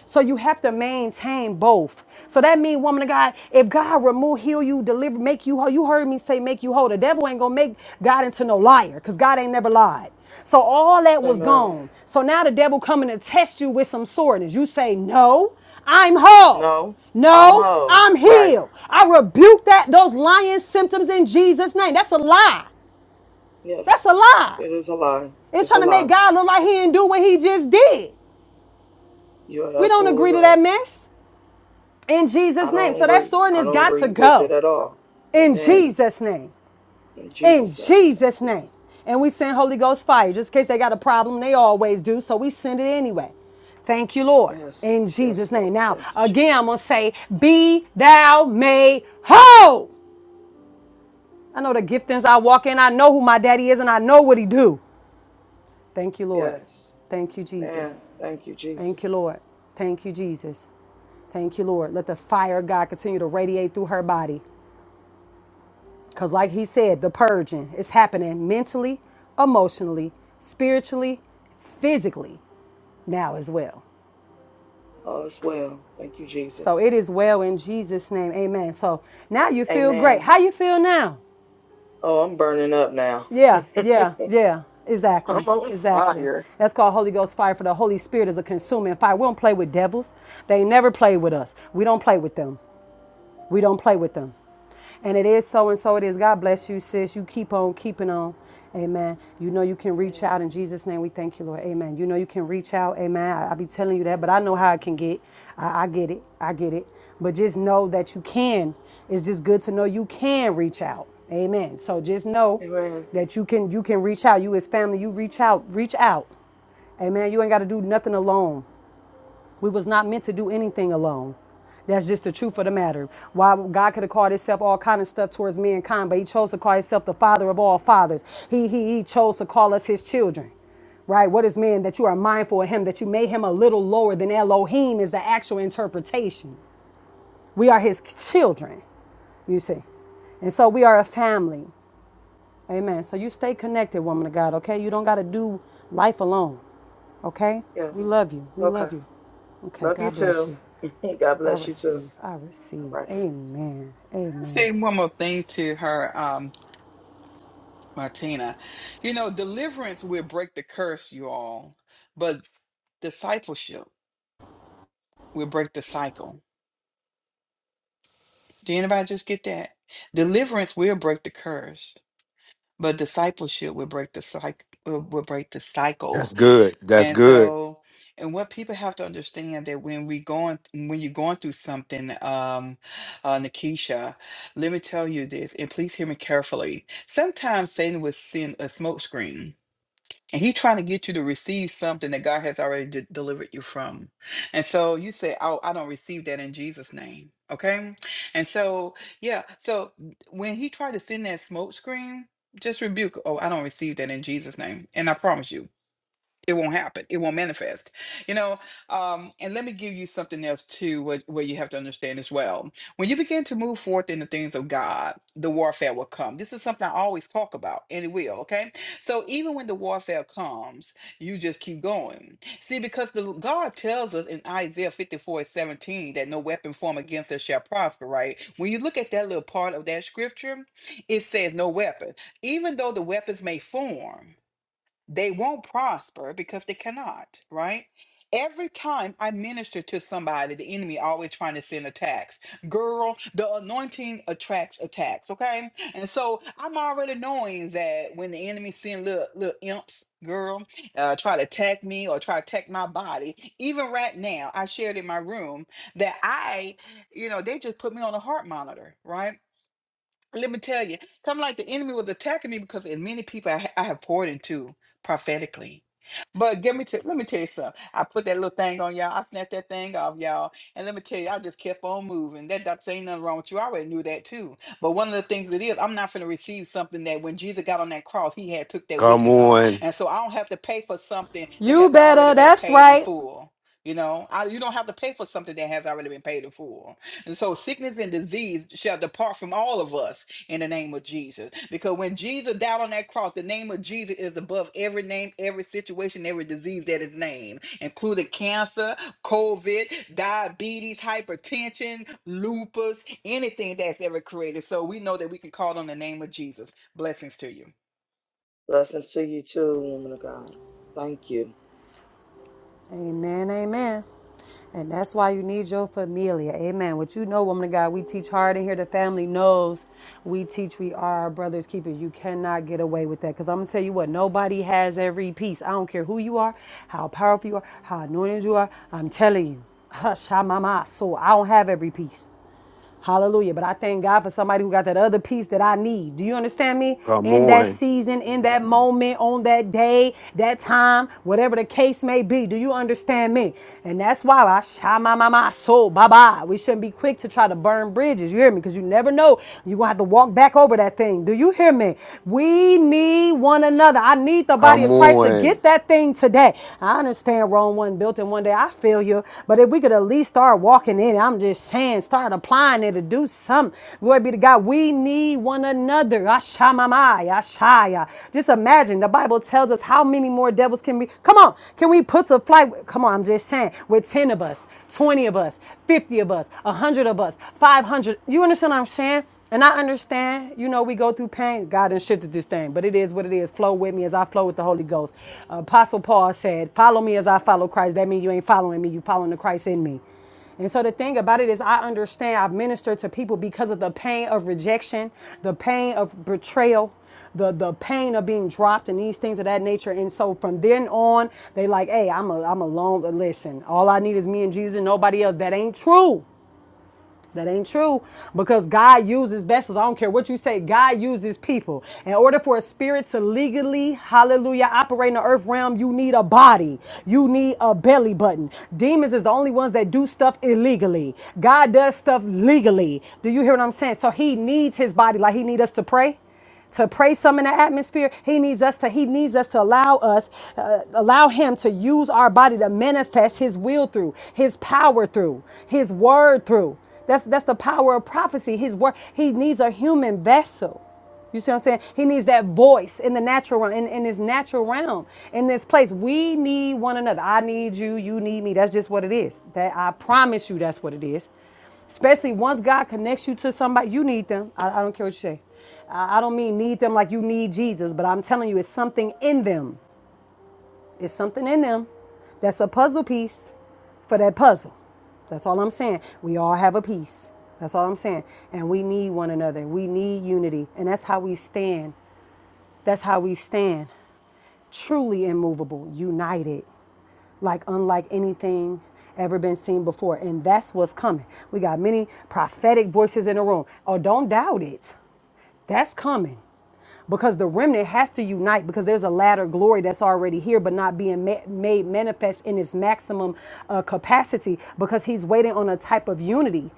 So you have to maintain both. So that means, woman of God, if God remove, heal you, deliver, make you whole. You heard me say make you whole. The devil ain't gonna make God into no liar, because God ain't never lied. So all that was
Amen.
gone. So now the devil coming to test you with some soreness. You say, No, I'm whole.
No. I'm
No,
whole.
I'm
Right.
healed. I rebuke that those lying symptoms in Jesus' name. That's a lie. That's
Yes.
a
It
lie.
is a lie.
It's
It's a
trying to make
lie.
God look like he didn't do what he just did.
You are
We don't agree
absolutely
to
right.
that mess. In
I
Jesus' name.
don't
So that
agree. I
soreness
don't
got to
agree with it
go.
at all.
In
Amen.
Jesus' name.
In
In
Jesus' name. Thank
Jesus'
you.
name. And we send Holy Ghost fire just in case they got a problem. They always do. So we send it anyway. Thank you, Lord.
Yes.
In
Yes,
Jesus'
Lord.
name. Now,
Thank you,
again, I'm going
Jesus.
to say, Be thou made whole. I know the giftings I walk in. I know who my daddy is and I know what he do. Thank you, Lord.
Yes.
Thank you, Jesus.
Man, thank you,
Thank
Jesus.
you, Lord. Thank you, Jesus. Thank you, Lord. Let the fire of God continue to radiate through her body. Because, like he said, the purging is happening mentally, emotionally, spiritually, physically now as well.
All is well. Thank you, Jesus.
So it is well in Jesus' name. Amen. So now you feel great.
Amen.
How you feel now?
Oh, I'm burning up now.
Yeah,
I'm
yeah, yeah. Exactly.
on
Exactly.
fire.
That's called Holy Ghost fire for the Holy Spirit is a consuming fire. We don't play with devils. They never play with us. We don't play with them. We don't play with them. And it is so and so it is. God bless you, sis. You keep on keeping on. Amen. You know you can reach out
Amen.
in Jesus' name. We thank you, Lord. Amen. You know you can reach out. Amen. I, I be telling you that, but I know how it can get. I, I get it. I get it. But just know that you can. It's just good to know you can reach out. Amen. So just know
Amen.
that you can you can reach out. You as family, you reach out, reach out. Amen. You ain't got to do nothing alone. We was not meant to do anything alone. That's just the truth of the matter. Why God could have called himself all kind of stuff towards mankind, but he chose to call himself the father of all fathers. He, he, he chose to call us his children. Right? What is man that you are mindful of him, that you made him a little lower than Elohim is the actual interpretation. We are his children, you see. And so we are a family. Amen. So you stay connected, woman of God, okay? You don't got to do life alone, okay? We
Yes.
love you. We
Okay.
love you. Okay,
Love you
God bless
too.
you.
God
I
bless you too.
receive. I receive.
Alrighty.
Amen. Amen.
Say one more thing to her. Um, Martina. You know, deliverance will break the curse, you all, but discipleship will break the cycle. Did anybody just get that? Deliverance will break the curse, but discipleship will break the cycle will will break the
That's
cycle.
good. That's
And
good.
so and what people have to understand that when we going when you're going through something, um, uh, Nikisha, let me tell you this, and please hear me carefully. Sometimes Satan will send a smokescreen And he trying to get you to receive something that God has already de- delivered you from. And so you say, Oh, I don't receive that in Jesus' name. Okay. And so, yeah. So when he tried to send that smoke screen, just rebuke, Oh, I don't receive that in Jesus' name. And I promise you, it won't happen it won't manifest you know um and let me give you something else too what, what you have to understand as well when you begin to move forth in the things of god the warfare will come this is something i always talk about and it will okay so even when the warfare comes you just keep going see because the god tells us in isaiah 54 17 that no weapon formed against us shall prosper right when you look at that little part of that scripture it says no weapon even though the weapons may form they won't prosper because they cannot, right? Every time I minister to somebody, the enemy always trying to send attacks. Girl, the anointing attracts attacks, okay? And so I'm already knowing that when the enemy send little, little imps, girl, uh, try to attack me or try to attack my body, even right now, I shared in my room that I, you know, they just put me on a heart monitor, right? let me tell you, come like the enemy was attacking me because in many people I, ha- I have poured into prophetically. But give me to let me tell you something. I put that little thing on y'all. I snapped that thing off y'all, and let me tell you, I just kept on moving. That doctor ain't nothing wrong with you. I already knew that too. But one of the things it is, I'm not going to receive something that when Jesus got on that cross, he had took that with
Come
him,
on.
and so I don't have to pay for something that
You
has already
better.
been
That's
paid in
right.
full. You know, I, you don't have to pay for something that has already been paid in full. And so sickness and disease shall depart from all of us in the name of Jesus. Because when Jesus died on that cross, the name of Jesus is above every name, every situation, every disease that is named, including cancer, COVID, diabetes, hypertension, lupus, anything that's ever created. So we know that we can call on the name of Jesus. Blessings to you.
Blessings to you too, woman of God. Thank you.
Amen. Amen. And that's why you need your familia. Amen. What you know, woman of God, we teach hard in here. The family knows we teach, we are our brother's keeper. You cannot get away with that. Because I'm going to tell you what, nobody has every piece. I don't care who you are, how powerful you are, how anointed you are. I'm telling you. Hush, ha, mama. So I don't have every piece. Hallelujah. But I thank God for somebody who got that other piece that I need. Do you understand me?
Come
In that
on.
season, in that moment, on that day, that time, whatever the case may be. Do you understand me? And that's why I shama my my my soul. Bye bye. We shouldn't be quick to try to burn bridges. You hear me? Because you never know. You're gonna have to walk back over that thing. Do you hear me? We need one another. I need the body
Come
of Christ to get
on.
that thing today. I understand saying Rome wasn't built in one day. I feel you. But if we could at least start walking in I'm just saying, start applying it to do something. Glory be to God. We need one another. Ashamamai, Ashaya. Just imagine the Bible tells us how many more devils can we? Come on. Can we put to flight? Come on. I'm just saying. With 10 of us, 20 of us, 50 of us, 100 of us, 500. You understand what I'm saying? And I understand, you know, we go through pain. God done shifted this thing, but it is what it is. Flow with me as I flow with the Holy Ghost. Apostle Paul said, Follow me as I follow Christ. That means you ain't following me, you following the Christ in me. And so the thing about it is, I understand I've ministered to people because of the pain of rejection, the pain of betrayal, the the pain of being dropped and these things of that nature. And so from then on, they like, hey, I'm a I'm alone. Listen, all I need is me and Jesus and nobody else. That ain't true. That ain't true because God uses vessels. I don't care what you say. God uses people. In order for a spirit to legally, hallelujah, operate in the earth realm, you need a body. You need a belly button. Demons is the only ones that do stuff illegally. God does stuff legally. Do you hear what I'm saying? So he needs his body like he need us to pray to pray some in the atmosphere he needs us to he needs us to allow us uh, allow him to use our body to manifest his will through his power through his word through that's that's the power of prophecy his word he needs a human vessel you see what I'm saying? He needs that voice in the natural realm, in, in his natural realm, in this place. We need one another. I need you, you need me. That's just what it is. That I promise you that's what it is. Especially once God connects you to somebody, you need them. I, I don't care what you say. I, I don't mean need them like you need Jesus, but I'm telling you, it's something in them. It's something in them that's a puzzle piece for that puzzle. That's all I'm saying. We all have a piece. That's all I'm saying. And we need one another. We need unity. And that's how we stand. That's how we stand. Truly immovable, united like unlike anything ever been seen before. And that's what's coming. We got many prophetic voices in the room. Oh, don't doubt it. That's coming. Because the remnant has to unite because there's a latter glory that's already here but not being ma- made manifest in its maximum uh, capacity because he's waiting on a type of unity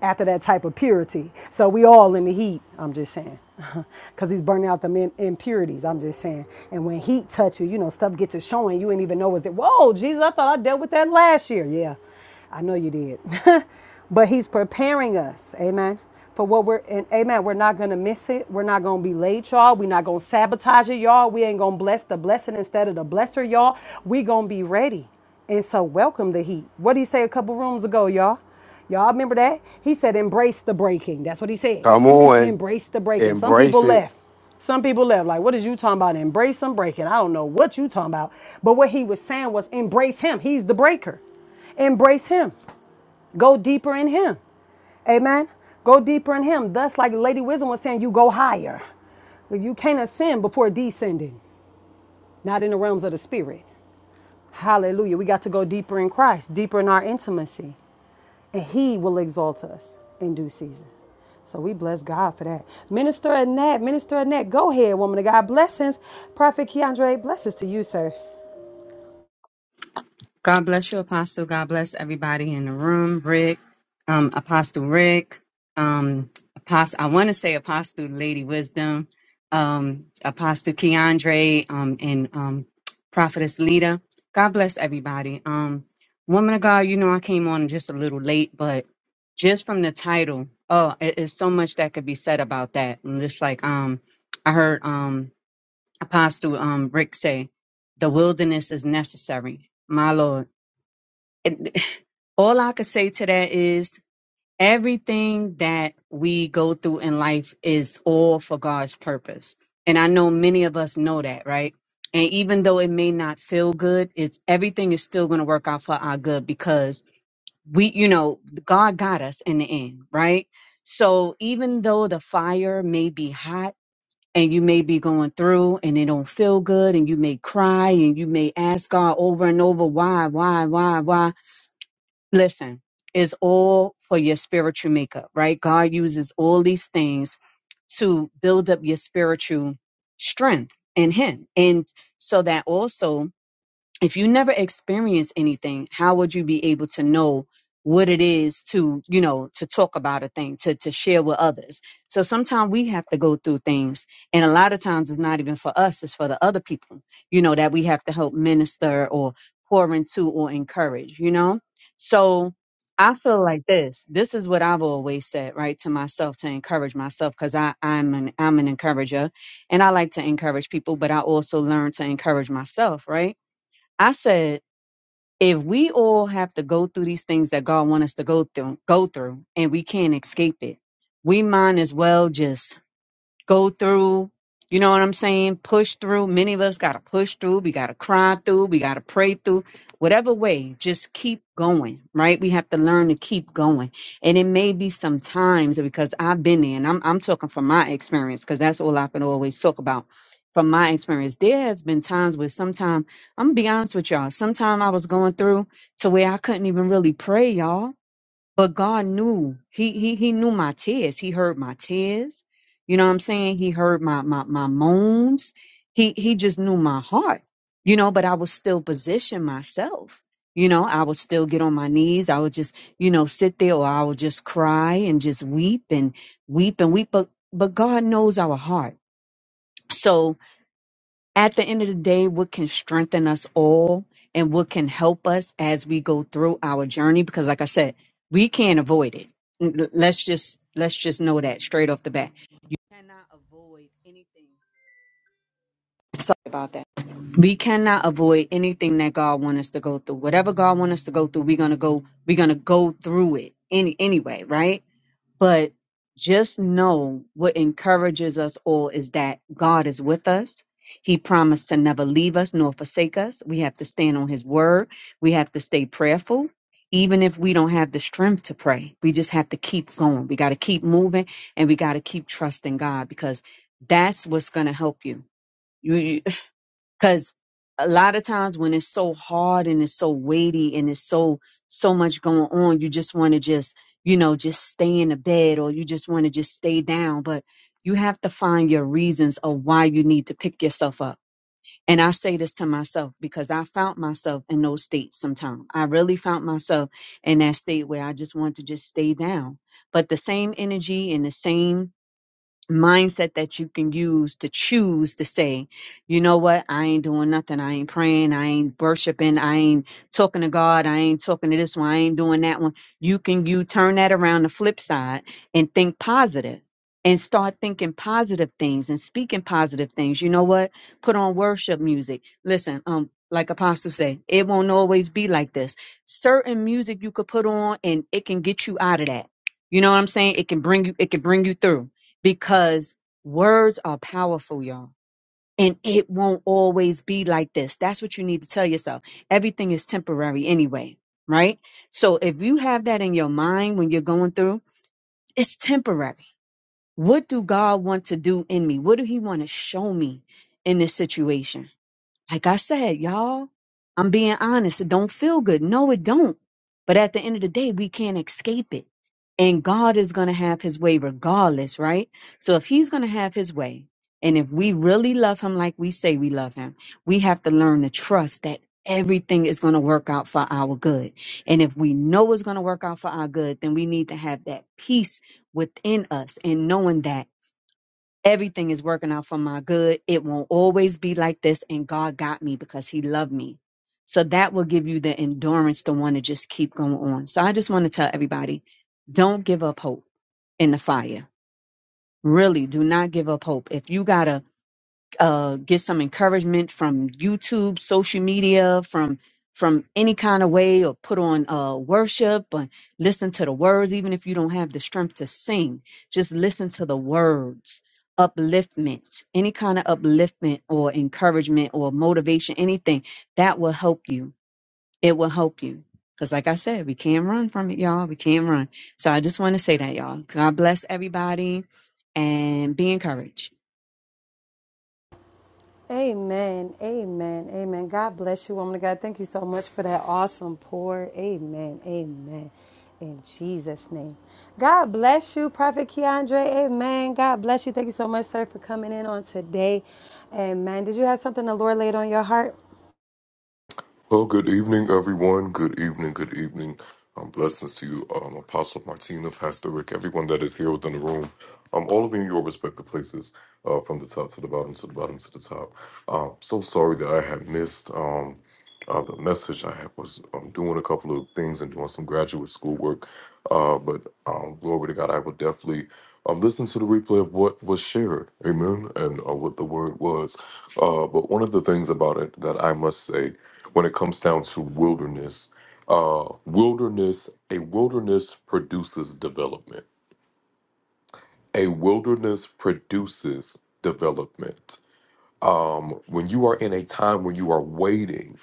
after that type of purity. So we all in the heat, I'm just saying. Because he's burning out the men impurities, I'm just saying. And when heat touch you, you know, stuff gets to showing. You ain't even know was there. Whoa, Jesus, I thought I dealt with that last year. Yeah, I know you did. but he's preparing us, amen, for what we're, and amen, we're not going to miss it. We're not going to be late, y'all. We're not going to sabotage it, y'all. We ain't going to bless the blessing instead of the blesser, y'all. we going to be ready. And so welcome the heat. What did he say a couple rooms ago, y'all? Y'all remember that? He said, embrace the breaking. That's what he said.
Come on.
Embrace the breaking. Some
Embrace
people
it.
left. Some people left. Like, what is you talking about? Embrace some breaking. I don't know what you talking about. But what he was saying was embrace him. He's the breaker. Embrace him. Go deeper in him. Amen. Go deeper in him. Thus, like Lady Wisdom was saying, you go higher. You can't ascend before descending, not in the realms of the spirit. Hallelujah. We got to go deeper in Christ, deeper in our intimacy and he will exalt us in due season. So we bless God for that. Minister Annette, Minister Annette, go ahead, woman of God. Blessings. Prophet Keandre, blessings to you, sir.
God bless you, Apostle. God bless everybody in the room. Rick, um, Apostle Rick, um, Apostle. I want to say Apostle Lady Wisdom, um, Apostle Keandre, um, and um, Prophetess Lita. God bless everybody. Um, woman of God, you know I came on just a little late, but just from the title, oh, it is so much that could be said about that. And just like um, I heard um, Apostle um, Rick say, the wilderness is necessary. My Lord and all I could say to that is everything that we go through in life is all for God's purpose. And I know many of us know that, right? And even though it may not feel good, it's everything is still going to work out for our good because we, you know, God got us in the end, right? So even though the fire may be hot and you may be going through and it don't feel good and you may cry and you may ask God over and over, why, why, why, why? listen, it's all for your spiritual makeup, right? God uses all these things to build up your spiritual strength in Him. And so that also if you never experience anything, how would you be able to know what it is to, you know, to talk about a thing, to, to share with others? So sometimes we have to go through things. And a lot of times it's not even for us, it's for the other people, you know, that we have to help minister or pour into or encourage, you know? So I feel like this. This is what I've always said, right, to myself to encourage myself, because I I'm an I'm an encourager, and I like to encourage people, but I also learn to encourage myself, right? I said, if we all have to go through these things that God wants us to go through, go through, and we can't escape it, we might as well just go through. You know what I'm saying? Push through. Many of us got to push through. We got to cry through. We got to pray through. Whatever way, just keep going, right? We have to learn to keep going. And it may be some times because I've been there and I'm, I'm talking from my experience because that's all I can always talk about. From my experience, there has been times where sometimes I'm gonna be honest with y'all, Sometimes I was going through to where I couldn't even really pray, y'all but God knew. He he he knew my tears. He heard my tears. You know what I'm saying? He heard my my my moans. He he just knew my heart. You know, but I would still position myself. You know, I would still get on my knees. I would just, you know, sit there or I would just cry and just weep and weep and weep. But but God knows our heart. So at the end of the day, what can strengthen us all and what can help us as we go through our journey? Because like I said, we can't avoid it. L- Let's just let's just know that straight off the bat. We Cannot avoid anything. Sorry about that. We cannot avoid anything that God wants us to go through. Whatever God wants us to go through, we're gonna go we're gonna go through it any anyway, right? But just know what encourages us all is that God is with us. He promised to never leave us nor forsake us. We have to stand on His word. We have to stay prayerful, even if we don't have the strength to pray. We just have to keep going. We got to keep moving and we got to keep trusting God because that's what's going to help you because a lot of times when it's so hard and it's so weighty and it's so so much going on you just want to just you know just stay in the bed or you just want to just stay down but you have to find your reasons of why you need to pick yourself up and i say this to myself because i found myself in those states sometimes i really found myself in that state where i just want to just stay down but the same energy and the same mindset that you can use to choose to say, you know what, I ain't doing nothing. I ain't praying. I ain't worshiping. I ain't talking to God. I ain't talking to this one. I ain't doing that one. You can you turn that around the flip side and think positive and start thinking positive things and speaking positive things. You know what? Put on worship music. Listen, um, like Apostle say, it won't always be like this. Certain music you could put on and it can get you out of that. You know what I'm saying? It can bring you, it can bring you through because words are powerful, y'all. And it won't always be like this. That's what you need to tell yourself. Everything is temporary anyway, right? So if you have that in your mind when you're going through, it's temporary. What do God want to do in me? What do He want to show me in this situation? Like I said, y'all, I'm being honest. It don't feel good. No, it don't. But at the end of the day, we can't escape it. And God is going to have his way regardless, right? So if he's going to have his way, and if we really love him like we say we love him, we have to learn to trust that everything is going to work out for our good. And if we know it's going to work out for our good, then we need to have that peace within us and knowing that. Everything is working out for my good. It won't always be like this. And God got me because He loved me. So that will give you the endurance to want to just keep going on. So I just want to tell everybody don't give up hope in the fire. Really, do not give up hope. If you got to uh, get some encouragement from YouTube, social media, from from any kind of way, or put on uh, worship and listen to the words, even if you don't have the strength to sing. Just listen to the words, upliftment, any kind of upliftment or encouragement or motivation, anything that will help you. It will help you. Because, like I said, we can't run from it, y'all. We can't run. So, I just want to say that, y'all. God bless everybody and be encouraged.
Amen. Amen. Amen. God bless you, woman of God. Thank you so much for that awesome pour. Amen. Amen. In Jesus' name. God bless you, Prophet Keandre. Amen. God bless you. Thank you so much, sir, for coming in on today. Amen. Did you have something the Lord laid on your heart?
Well, good evening, everyone. Good evening. Good evening. Um, blessings to you, um, Apostle Martina, Pastor Rick, everyone that is here within the room. Um, all of you in your respective places, uh, from the top to the bottom, to the bottom to the top. Um, so sorry that I had missed um, uh, the message. I had, was um, doing a couple of things and doing some graduate school work, uh, but um, glory to God, I will definitely um, listen to the replay of what was shared. Amen, and uh, what the word was. Uh, but one of the things about it that I must say when it comes down to wilderness. Uh, wilderness, a wilderness produces development. A wilderness produces development. Um, when you are in a time when you are waiting,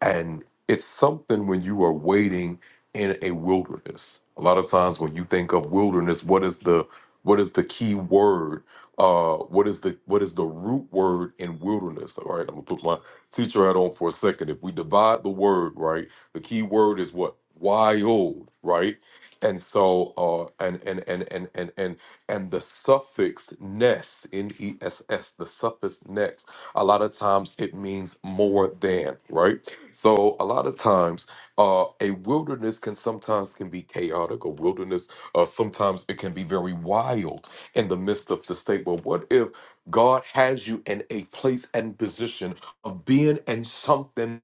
and it's something when you are waiting in a wilderness. A lot of times when you think of wilderness, what is the what is the key word? Uh, what is the what is the root word in wilderness? All right, I'm gonna put my teacher hat on for a second. If we divide the word, right, the key word is what wild, right? And so, uh, and and and and and and and the suffix ness, n e s s, the suffix next. A lot of times it means more than, right? So a lot of times, uh, a wilderness can sometimes can be chaotic. A wilderness, uh, sometimes it can be very wild in the midst of the state. But what if God has you in a place and position of being in something?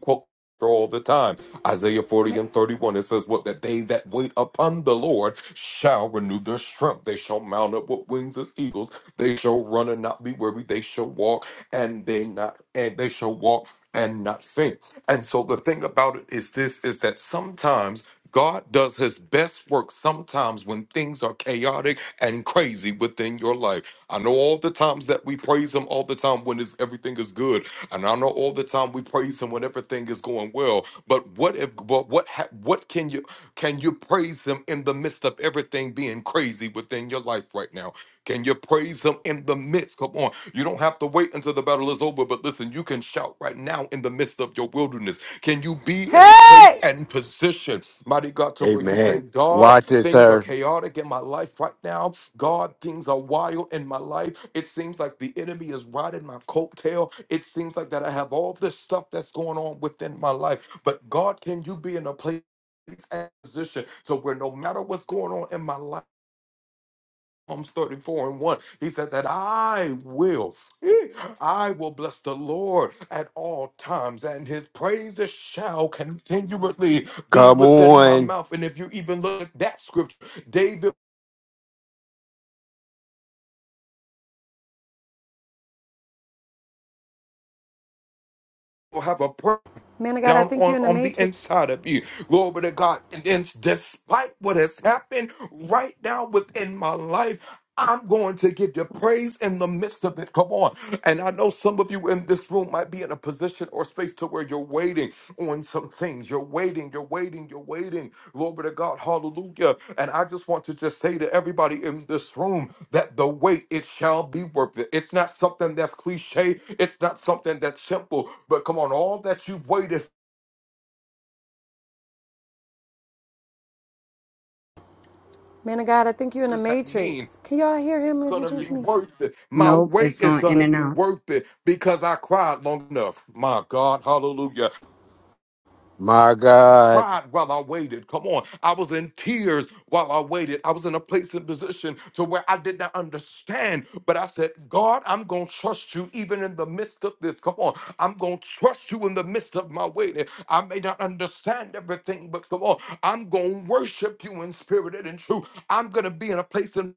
quote all the time. Isaiah 40 and 31, it says, What that they that wait upon the Lord shall renew their strength. They shall mount up with wings as eagles. They shall run and not be weary. They shall walk and they not and they shall walk and not faint. And so the thing about it is this is that sometimes God does his best work sometimes when things are chaotic and crazy within your life. I know all the times that we praise him all the time when it's, everything is good. And I know all the time we praise him when everything is going well. But what if but what ha, what can you can you praise him in the midst of everything being crazy within your life right now? Can you praise him in the midst? Come on. You don't have to wait until the battle is over, but listen, you can shout right now in the midst of your wilderness. Can you be in a place
Hey!
and position, mighty God, to where you say,
Amen.
God,
Watch it,
things are
sir.
chaotic in my life right now. God, things are wild in my life. It seems like the enemy is riding my coattail. It seems like that I have all this stuff that's going on within my life. But God, can you be in a place? and position so where no matter what's going on in my life Psalms 34 and 1. He said that I will, eh, I will bless the Lord at all times, and his praises shall continually be
Come
within my
on.
mouth. And if you even look at that scripture, David will have a prayer.
Man of God, I
down
think you're
on,
in the
on the
Matrix.
inside of you. Glory to God. And then despite what has happened right now within my life, I'm going to give you praise in the midst of it. Come on. And I know some of you in this room might be in a position or space to where you're waiting on some things. You're waiting, you're waiting, you're waiting. Glory to God. Hallelujah. And I just want to just say to everybody in this room that the wait, it shall be worth it. It's not something that's cliche. It's not something that's simple. But come on, all that you've waited
Man of God, I think you're in the
does that mean?
Matrix. Can y'all hear him
It's
or is it
gonna be
just me?
worth it. My
Nope,
wait
it's
is
going in
gonna
and
be
out.
worth it because I cried long enough. My God, hallelujah.
My
I
God.
cried while I waited. Come on. I was in tears while I waited. I was in a place and position to where I did not understand. But I said, God, I'm gonna trust you even in the midst of this. Come on. I'm gonna trust you in the midst of my waiting. I may not understand everything, but come on, I'm gonna worship you in spirit and in truth. I'm gonna be in a place and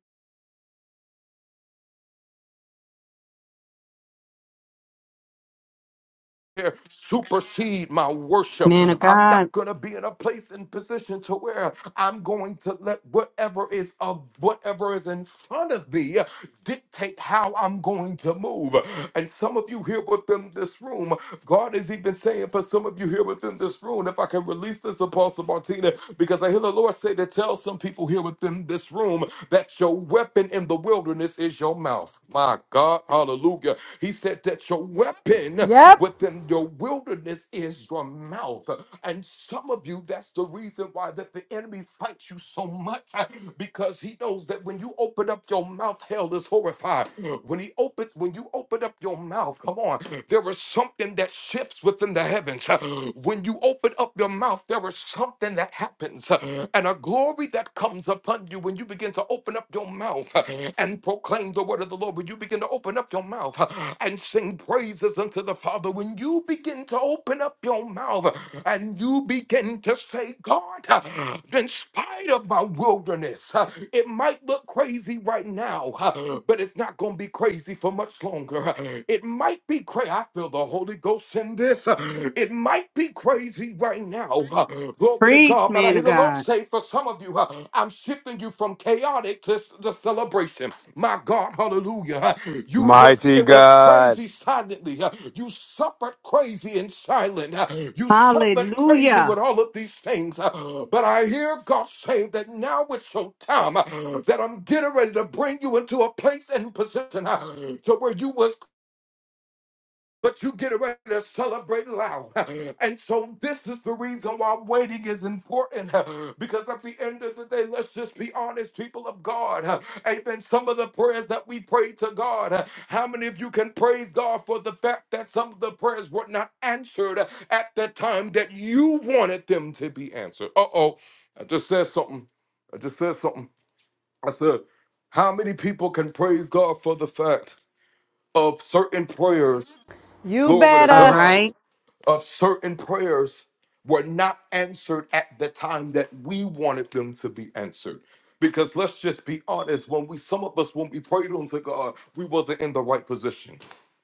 here supersede my worship.
Man of
I'm
God.
not going to be in a place and position to where I'm going to let whatever is of whatever is in front of me dictate how I'm going to move. And some of you here within this room God has even saying for some of you here within this room, if I can release this Apostle Martina, because I hear the Lord say to tell some people here within this room that your weapon in the wilderness is your mouth. My God, hallelujah. He said that your weapon
Yep.
within your wilderness is your mouth. And some of you, that's the reason why that the enemy fights you so much uh, because he knows that when you open up your mouth, hell is horrified. When he opens, when you open up your mouth, come on, there is something that shifts within the heavens. When you open up your mouth, there is something that happens and a glory that comes upon you when you begin to open up your mouth and proclaim the word of the Lord, when you begin to open up your mouth uh, and sing praises unto the Father, when you begin to open up your mouth uh, and you begin to say, God, uh, in spite of my wilderness, uh, it might look crazy right now, uh, but it's not going to be crazy for much longer. It might be crazy. I feel the Holy Ghost in this. uh, It might be crazy right now, uh, Glory to
Preach,
God. But I
man
hear
of
the Lord
God.
say, for some of you, uh, I'm shifting you from chaotic to the celebration. My God, hallelujah. Uh, You were,
Mighty
it was
God.
crazy silently. Uh, You suffered crazy and silent. Uh, You suffered crazy
Hallelujah.
with all of these things. Uh, But I hear God saying that now it's your time uh, that I'm getting ready to bring you into a place and position uh, to where you was but you get ready to celebrate loud. And so this is the reason why waiting is important. Because at the end of the day, let's just be honest, people of God. Amen. Some of the prayers that we pray to God, how many of you can praise God for the fact that some of the prayers were not answered at the time that you wanted them to be answered? Uh-oh. I just said something. I just said something. I said, how many people can praise God for the fact of certain prayers?
You
Glory to
All
better.
God
right.
of certain prayers were not answered at the time that we wanted them to be answered because let's just be honest when we some of us when we prayed unto god we wasn't in the right position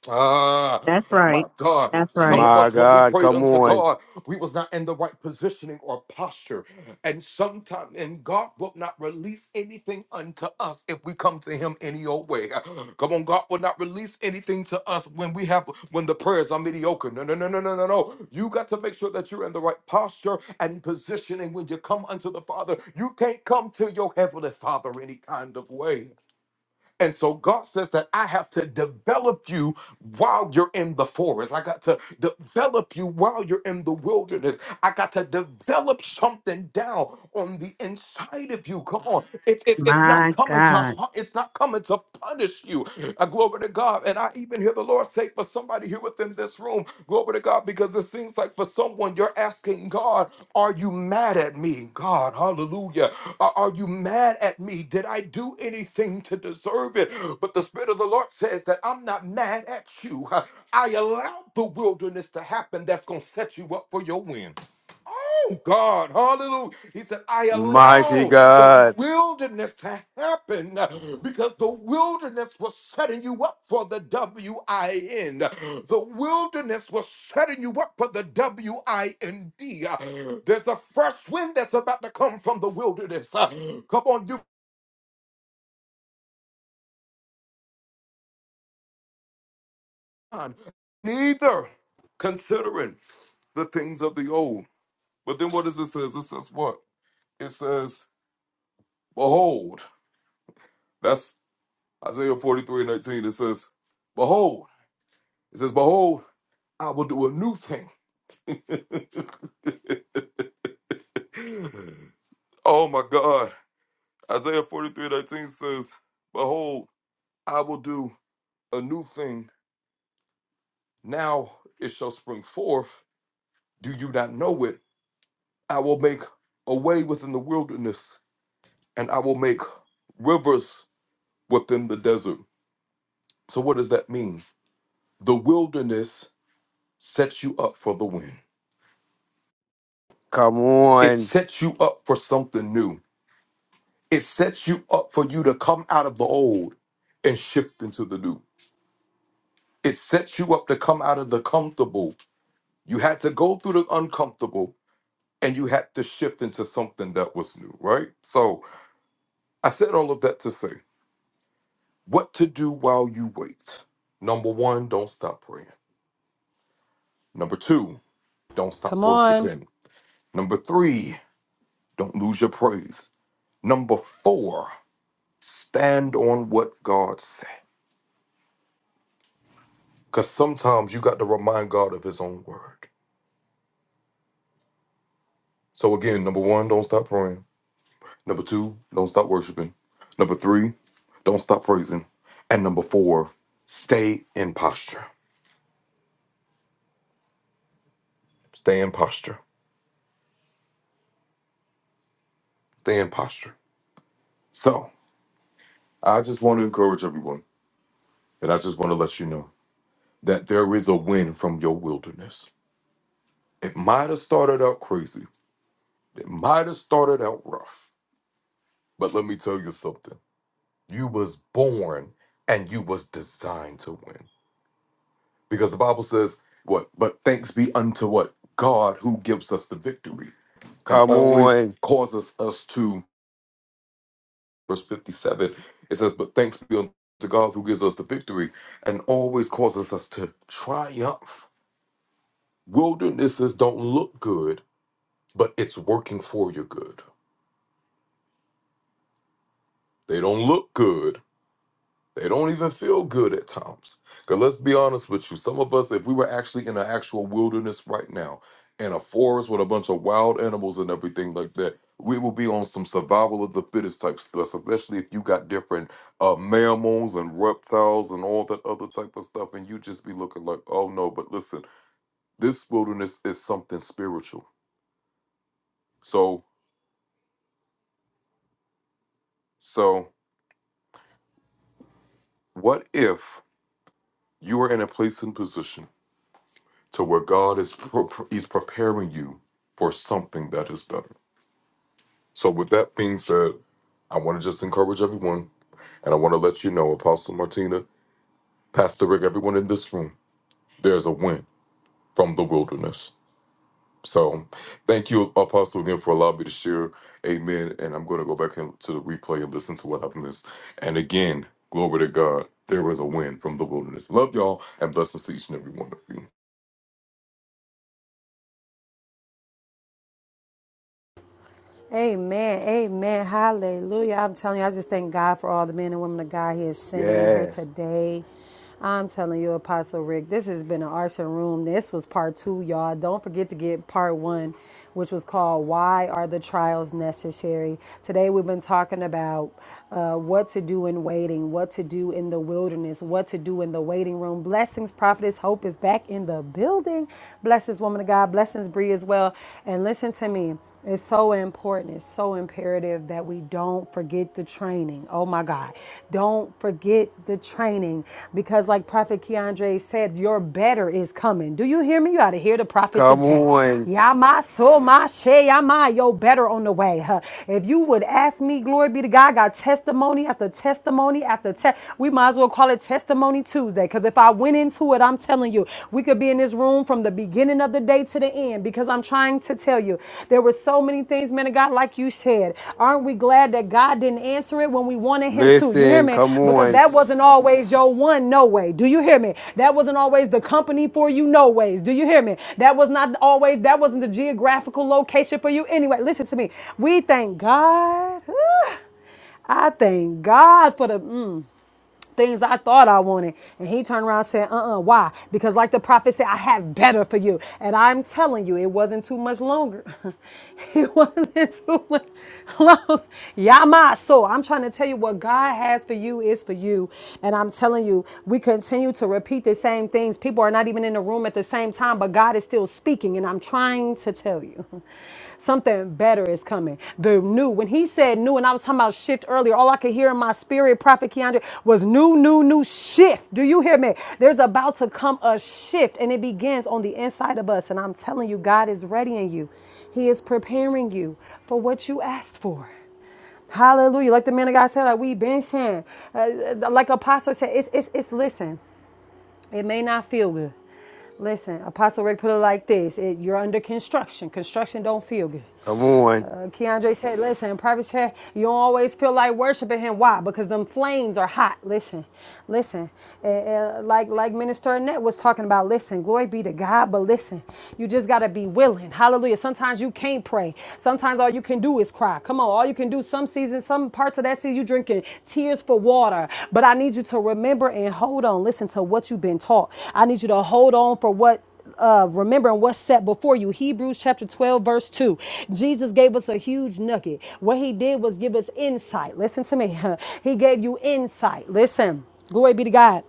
Ah,
That's
my
right.
God.
That's
Some
right.
of
My
us, when we
God.
prayed
Come
unto
on.
God, we was not in the right positioning or posture. And sometimes, and God will not release anything unto us if we come to him any old way. Come on, God will not release anything to us when we have, when the prayers are mediocre. No, no, no, no, no, no, no. You got to make sure that you're in the right posture and positioning when you come unto the Father. You can't come to your heavenly Father any kind of way. And so God says that I have to develop you while you're in the forest. I got to develop you while you're in the wilderness. I got to develop something down on the inside of you. Come on. It's, it's, it's not
My
coming to
God.
har- it's not coming to punish you. Uh, glory to God. And I even hear the Lord say for somebody here within this room, glory to God, because it seems like for someone you're asking God are you mad at me? God, hallelujah. Are are you mad at me? Did I do anything to deserve it? But the Spirit of the Lord says that I'm not mad at you. I allowed the wilderness to happen that's going to set you up for your win. Oh God, hallelujah. He said, I
Mighty
allowed the
God.
wilderness to happen uh, because the wilderness was setting you up for the W I N. The wilderness was setting you up for the W I N D. Uh, There's a fresh wind that's about to come from the wilderness. Uh, Come on, you. man. Neither considering the things of the old. But then what does it says? It says what? It says, Behold. That's Isaiah 43 and 19. It says, Behold. It says, Behold, I will do a new thing. oh my God. Isaiah 43 and 19 says, Behold, I will do a new thing now it shall spring forth do you not know it i will make a way within the wilderness and i will make rivers within the desert so what does that mean the wilderness sets you up for the win
Come
it
on.
sets you up for something new it sets you up for you to come out of the old and shift into the new it sets you up to come out of the comfortable you had to go through the uncomfortable and you had to shift into something that was new, right? So I said all of that to say what to do while you wait. Number one, don't stop praying. Number two, don't stop
Come on.
worshiping. Number three, don't lose your praise. Number four, stand on what God said. Because sometimes you got to remind God of His own word. So again, number one, don't stop praying. Number two, don't stop worshiping. Number three, don't stop praising. And number four, stay in posture. Stay in posture. Stay in posture. So I just want to encourage everyone, and I just want to let you know that there is a win from your wilderness. It might have started out crazy. It might have started out rough. But let me tell you something. You was born and you was designed to win. Because the Bible says, what? But thanks be unto what? God who gives us the victory and
Come
always
on.
causes us to verse 57, it says, But thanks be unto God who gives us the victory and always causes us to triumph. Wildernesses don't look good, but it's working for your good. They don't look good, They don't even feel good at times. Because let's be honest with you, some of us, if we were actually in an actual wilderness right now, in a forest with a bunch of wild animals and everything like that, we will be on some survival of the fittest type stuff, especially if you got different uh, mammals and reptiles and all that other type of stuff, and you just be looking like, oh no, but listen, this wilderness is something spiritual. So, so what if you are in a place and position? to where God is pro- he's preparing you for something that is better. So with that being said, I want to just encourage everyone and I want to let you know Apostle Martina, Pastor Rick, everyone in this room, there's a win from the wilderness. So thank you Apostle again for allowing me to share. Amen. And I'm going to go back into the replay and listen to what I've missed. And again, glory to God. There is a win from the wilderness. Love y'all and blessings to each and every one of you.
Amen. Amen. Hallelujah. I'm telling you, I just thank God for all the men and women of God He is sending in here
Yes.
today. I'm telling you, Apostle Rick, this has been an arson room. This was part two, y'all. Don't forget to get part one, which was called Why Are the Trials Necessary? Today we've been talking about uh, what to do in waiting, what to do in the wilderness, what to do in the waiting room. Blessings, Prophetess Hope is back in the building. Blessings, woman of God. Blessings, Bree, as well. And listen to me. It's so important. It's so imperative that we don't forget the training. Oh my God. Don't forget the training because, like Prophet Keandre said, your better is coming. Do you hear me? You ought to hear the prophet
Come
today.
on.
Yama so my she yama, your better on the way. huh? If you would ask me, glory be to God, I got testimony after testimony after testimony. We might as well call it Testimony Tuesday because if I went in to it. I'm telling you, we could be in this room from the beginning of the day to the end because I'm trying to tell you there were so many things, man of God, like you said. Aren't we glad that God didn't answer it when we wanted Him to? You hear
Listen.
me?
Come
Because
on.
that wasn't always your one, no way. Do you hear me? That wasn't always the company for you, no ways. Do you hear me? That was not always, that wasn't the geographical location for you. Anyway, listen to me. We thank God. I thank God for the. mm things I thought I wanted. And he turned around and said, uh uh why? Because, like the prophet said, I have better for you. And I'm telling you, it wasn't too much longer. it wasn't too much long. Yama. So I'm trying to tell you what God has for you is for you. And I'm telling you, we continue to repeat the same things. People are not even in the room at the same time, but God is still speaking. And I'm trying to tell you. Something better is coming. The new. When he said new, and I was talking about shift earlier, all I could hear in my spirit, Prophet Keandre, was new, new, new shift. Do you hear me? There's about to come a shift, and it begins on the inside of us. And I'm telling you, God is readying you. He is preparing you for what you asked for. Hallelujah. Like the man of God said, like we been saying, uh, uh, like Apostle said, it's, it's, it's listen. It may not feel good. Listen, Apostle Rick put it like this: it, You're under construction. Construction don't feel good.
Come on.
Uh, Keandre said, listen, private said, you don't always feel like worshiping him. Why? Because them flames are hot. Listen, listen. Uh, uh, like like Minister Annette was talking about, listen, glory be to God, but listen, you just got to be willing. Hallelujah. Sometimes you can't pray. Sometimes all all you can do is cry. Come on, all you can do some season, some parts of that season, you drinking tears for water. But I need you to remember and hold on. Listen to what you've been taught. I need you to hold on for what uh, remembering what's set before you. Hebrews chapter 12, verse 2. Jesus gave us a huge nugget. What he did was give us insight. Listen to me. he gave you insight. Listen. Glory be to God.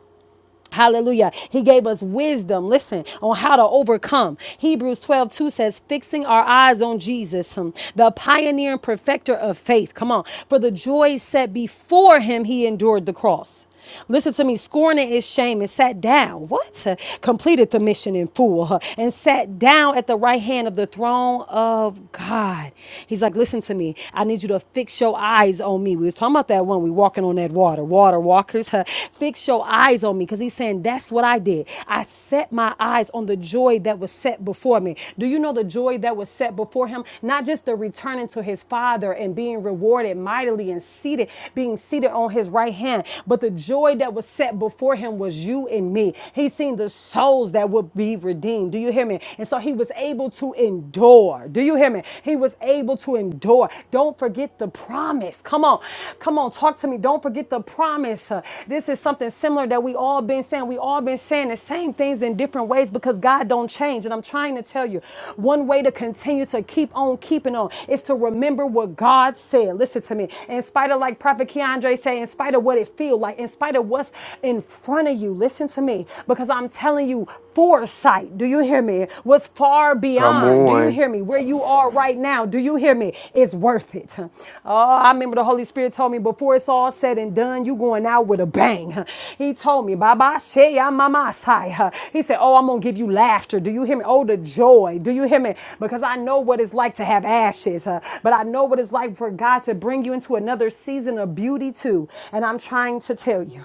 Hallelujah. He gave us wisdom, listen, on how to overcome. Hebrews 12 2 says, fixing our eyes on Jesus, hmm, the pioneer and perfecter of faith. Come on. For the joy set before him, he endured the cross. Listen to me, scorning his shame and sat down. What? Completed the mission in full huh, and sat down at the right hand of the throne of God. He's like, listen to me. I need you to fix your eyes on me. We was talking about that that one. We walking on that water. Water walkers, huh? fix your eyes on me because he's saying that's what I did. I set my eyes on the joy that was set before me. Do you know the joy that was set before him? Not just the returning to his father and being rewarded mightily and seated, being seated on his right hand, but the joy that was set before him was you and me. He seen the souls that would be redeemed. Do you hear me? And so he was able to endure. Do you hear me? He was was able to endure. Don't forget the promise. Come on. Come on. Talk to me. Don't forget the promise. Uh, This is something similar that we all been saying. We all been saying the same things in different ways because God don't change. And I'm trying to tell you, one way to continue to keep on keeping on is to remember what God said. Listen to me. In spite of like Prophet Keandre say, in spite of what it feel like, in spite of what's in front of you, listen to me. Because I'm telling you, foresight, do you hear me, was far
Come
beyond, do you
on.
hear me, where you are right now, do you hear me, it's worth it. Oh, I remember the Holy Spirit told me before it's all said and done, you going out with a bang. He told me, Baba Shea Mama Sai. He said, Oh, I'm going to give you laughter, do you hear me? Oh, the joy, do you hear me? Because I know what it's like to have ashes, uh, but I know what it's like for God to bring you into another season of beauty too. And I'm trying to tell you.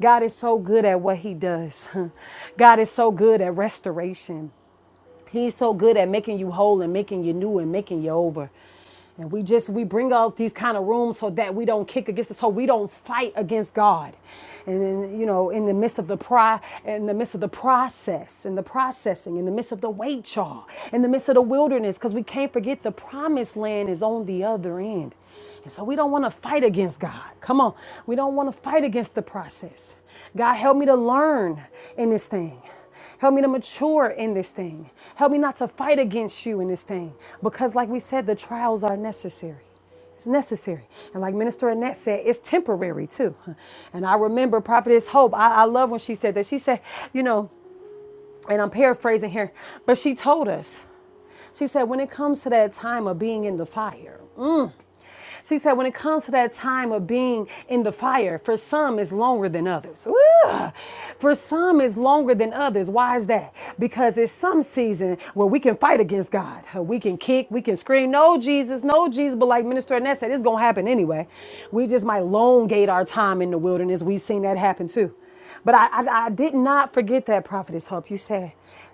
God is so good at what He does. God is so good at restoration. He's so good at making you whole and making you new and making you over. And we just we bring out these kind of rooms so that we don't kick against it, so we don't fight against God. And then, you know, in the midst of the pri in the midst of the process, in the processing, in the midst of the wait, y'all, in the midst of the wilderness, because we can't forget the promised land is on the other end. And so we don't want to fight against God. Come on. We don't want to fight against the process. God, help me to learn in this thing. Help me to mature in this thing. Help me not to fight against you in this thing. Because, like we said, the trials are necessary. It's necessary. And like Minister Annette said, it's temporary too. And I remember Prophetess Hope, I, I love when she said that. She said, you know, and I'm paraphrasing here, but she told us, she said, when it comes to that time of being in the fire, she said, when it comes to that time of being in the fire, for some it's longer than others. Woo! For some it's longer than others. Why is that? Because it's some season where we can fight against God. We can kick, we can scream, no Jesus, no Jesus. But like Minister Annette said, it's gonna happen anyway. We just might elongate our time in the wilderness. We've seen that happen too. But I, I, I did not forget that prophetess hope. You said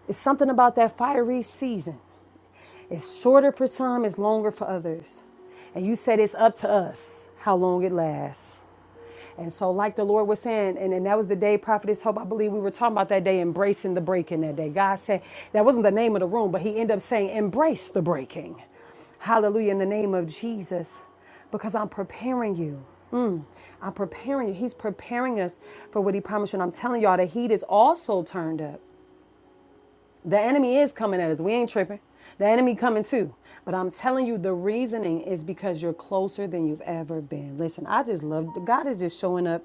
it's something about that fiery season. It's shorter for some, it's longer for others. And you said it's up to us how long it lasts. And so, like the Lord was saying, and, and that was the day Prophetess Hope, I believe we were talking about that day, embracing the breaking that day. God said, that wasn't the name of the room, but He ended up saying, embrace the breaking. Hallelujah, in the name of Jesus, because I'm preparing you. Mm, I'm preparing you. He's preparing us for what He promised you. And I'm telling y'all, the heat is also turned up. The enemy is coming at us. We ain't tripping. The enemy coming too. But I'm telling you, the reasoning is because you're closer than you've ever been. Listen, I just love God is just showing up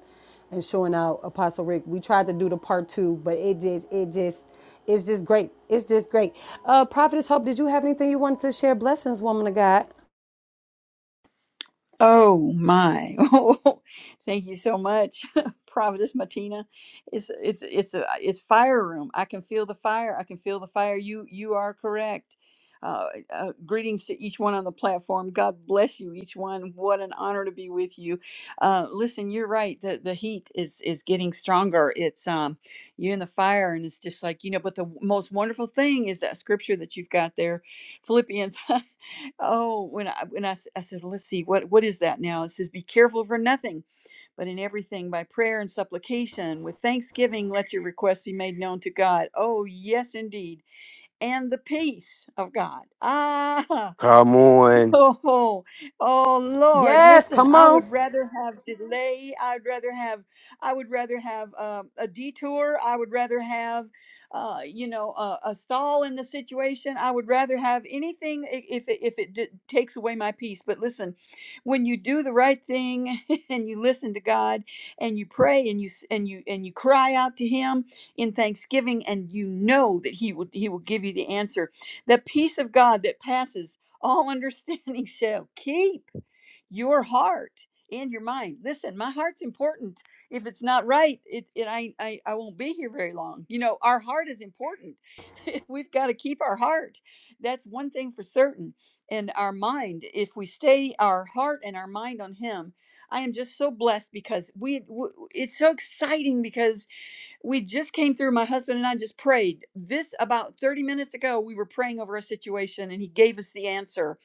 and showing out. Apostle Rick, we tried to do the part two, but it just, it just, it's just great. It's just great. Uh, Prophetess Hope, did you have anything you wanted to share? Blessings, woman of God.
Oh my! Oh, Thank you so much, Providence Martina. It's it's it's a it's fire room. I can feel the fire. I can feel the fire. You you are correct. Uh, uh, greetings to each one on the platform. God bless you, each one. What an honor to be with you. Uh, listen, you're right. The the heat is is getting stronger. It's um you're in the fire, and it's just like you know. But the most wonderful thing is that scripture that you've got there, Philippians. Oh, when I when I, s- I said, well, let's see, what what is that now? It says, be careful for nothing, but in everything by prayer and supplication with thanksgiving let your requests be made known to God. Oh yes, indeed, and the peace of God. Ah,
Come on.
Oh, oh Lord,
Yes,
listen,
come
I
on.
would rather have delay. I'd rather have, I would rather have um, a detour. I would rather have, uh, you know, a, a stall in the situation. I would rather have anything i- if it, if it d- takes away my peace. But listen, when you do the right thing and you listen to God and you pray and you s- and you and you cry out to Him in thanksgiving and you know that He will He will give you the answer. The peace of God that passes all understanding shall keep your heart and your mind. Listen, my heart's important. If it's not right, it, it I, I I won't be here very long. You know, our heart is important. We've got to keep our heart. That's one thing for certain. And our mind, if we stay our heart and our mind on Him, I am just so blessed because we. w- It's so exciting because we just came through my husband and i just prayed this about 30 minutes ago we were praying over a situation and he gave us the answer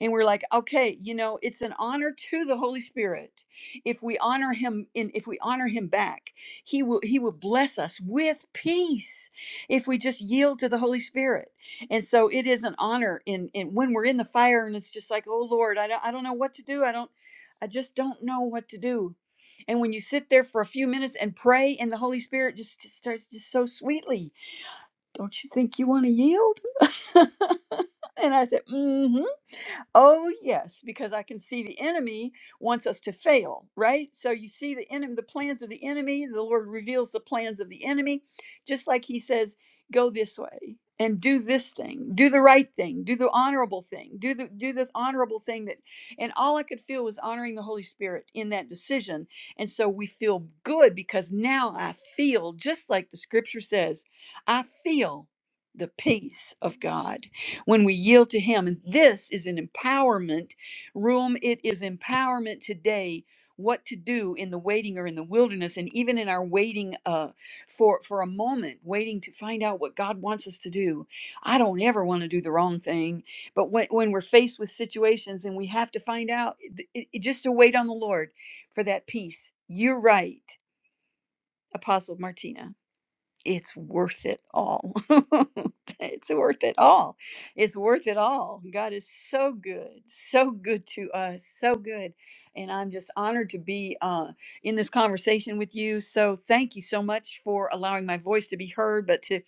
and we're like okay you know it's an honor to the holy spirit if we honor him in if we honor him back he will he will bless us with peace if we just yield to the holy spirit and so it is an honor in in when we're in the fire and it's just like oh lord i don't i don't know what to do i don't i just don't know what to do and when you sit there for a few minutes and pray, and the Holy Spirit just, just starts just so sweetly, don't you think you want to yield? and I said, mm hmm Oh, yes, because I can see the enemy wants us to fail, right? So you see the enemy, the plans of the enemy, the Lord reveals the plans of the enemy, just like he says, go this way and do this thing, do the right thing, do the honorable thing, do the do the honorable thing that and all I could feel was honoring the Holy Spirit in that decision. And so we feel good because now I feel just like the scripture says, I feel the peace of God when we yield to Him. And this is an empowerment room. It is empowerment today what to do in the waiting or in the wilderness and even in our waiting uh, for for a moment waiting to find out what god wants us to do i don't ever want to do the wrong thing but when, when we're faced with situations and we have to find out it, it- just to wait on the lord for that peace you're right apostle martina it's worth it all. it's worth it all. It's worth it all. God is so good, so good to us, so good. And I'm just honored to be uh, in this conversation with you. So thank you so much for allowing my voice to be heard, but to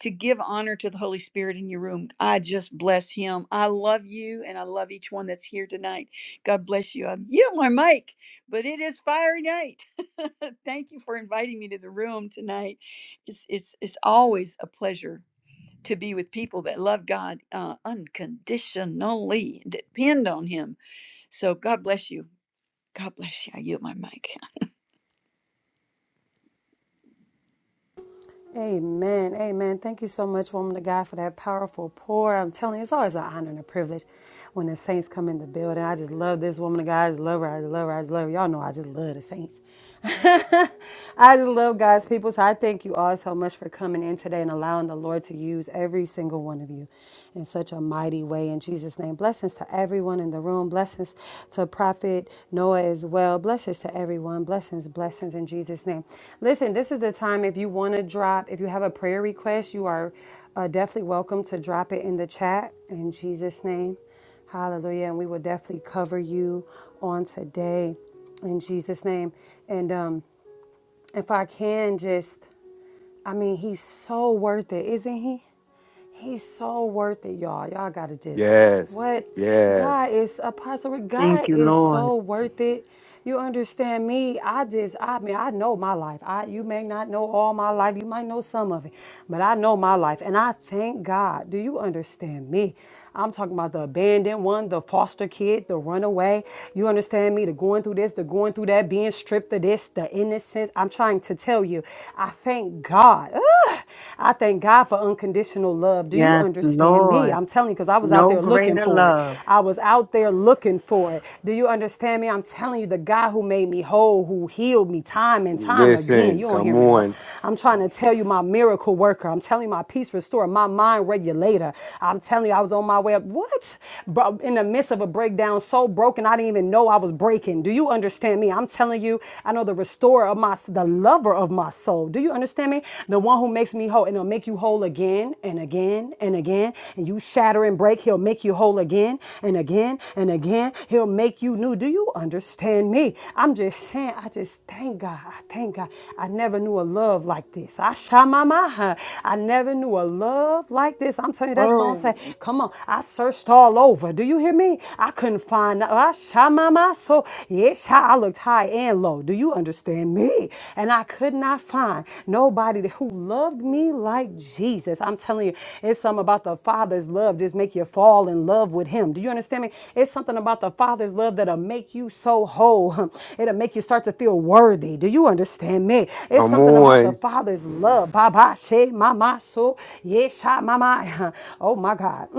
to give honor to the Holy Spirit in your room. I just bless Him. I love you, and I love each one that's here tonight. God bless you. I yield my mic, but it is fiery night. thank you for inviting me to the room tonight it's it's it's always a pleasure to be with people that love God uh, unconditionally, and depend on Him. So God bless you. God bless you. I yield my mic.
Amen. Amen. Thank you so much, woman of God, for that powerful pour. I'm telling you, it's always an honor and a privilege when the saints come in the building. I just love this woman of God. I just love her. I just love her. I just love her. Y'all know I just love the saints. I just love God's people. So I thank you all so much for coming in today and allowing the Lord to use every single one of you in such a mighty way. In Jesus' name, bless Blessings to everyone in the room. Blessings to Prophet Noah as well. Blessings to everyone. Blessings, blessings in Jesus' name. Listen, this is the time if you want to drop, if you have a prayer request, you are uh, definitely welcome to drop it in the chat in Jesus' name. Hallelujah. And we will definitely cover you on today in Jesus' name. And um, if I can just, I mean, he's so worth it, isn't he? He's so worth it, y'all. Y'all gotta just
Yes.
what God
Yes.
is apostle. Rick,
Thank
God
you,
is
Lord.
so worth it. You understand me? I just, I mean, I know my life. I you may not know all my life. You might know some of it, but I know my life. And I thank God. Do you understand me? I'm talking about the abandoned one, the foster kid, the runaway. You understand me? The going through this, the going through that, being stripped of this, the innocence. I'm trying to tell you, I thank God. I thank God for unconditional love. Do you
Yes,
understand me?
Lord.
I'm telling you, because I was out
No
there looking
greater
for it.
love.
I was out there looking for it. Do you understand me? I'm telling you, the God who made me whole, who healed me time and time again. You
Listen.
don't hear
Come
me though.
on.
I'm trying to tell you, my miracle worker. I'm telling you, my peace restorer, my mind regulator. I'm telling you, I was on my way up. What? Bro, in the midst of a breakdown, so broken, I didn't even know I was breaking. Do you understand me? I'm telling you, I know the restorer restorer of my, the lover of my soul. Do you understand me? The one who makes me whole, and he'll make you whole again and again and again. And you shatter and break, he'll make you whole again and again and again. He'll make you new. Do you understand me? I'm just saying, I just thank God. I thank God. I never knew a love like this. I shamamaha. I never knew a love like this. I'm telling you, that song said,
Oh,
Come on, I searched all over. Do you hear me? I couldn't find. I Shamama. So, yes, I looked high and low. Do you understand me? And I could not find nobody who loved me like Jesus. I'm telling you, it's something about the Father's love just make you fall in love with Him. Do you understand me? It's something about the Father's love that'll make you so whole. It'll make you start to feel worthy. Do you understand me? It's
Come
something about the
on.
Father's love. Baba she mama so yesha mama. Oh my God. Mm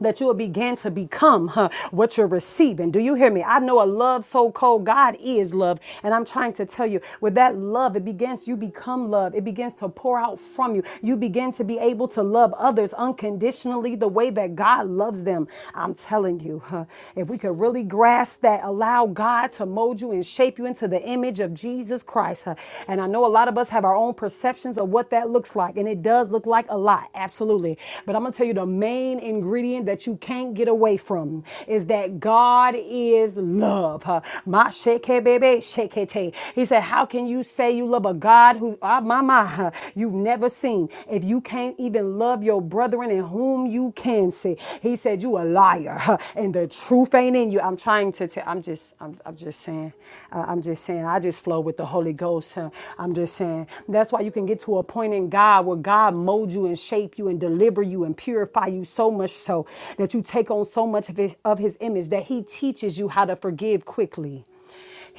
that you will begin to become huh, what you're receiving. Do you hear me? I know a love so cold. God is love. And I'm trying to tell you, with that love, it begins, you become love. It begins to pour out from you. You begin to be able to love others unconditionally the way that God loves them. I'm telling you, huh, if we could really grasp that, allow God to mold you and shape you into the image of Jesus Christ. huh, and I know a lot of us have our own perceptions of what that looks like like. And it does look like a lot, absolutely. But I'm going to tell you the main ingredient that you can't get away from is that God is love. Huh? My shake, baby, He said, How can you say you love a God who, ah, my, my, huh, you've never seen? If you can't even love your brethren in whom you can see, he said, You a liar, huh, and the truth ain't in you. I'm trying to tell, I'm just, I'm, I'm just saying, uh, I'm just saying, I just flow flow with the Holy Ghost. huh? I'm just saying. That's why you can get to a point in God where God molds you and shape you and deliver you and purify you so much so that you take on so much of his, of his image that he teaches you how to forgive quickly.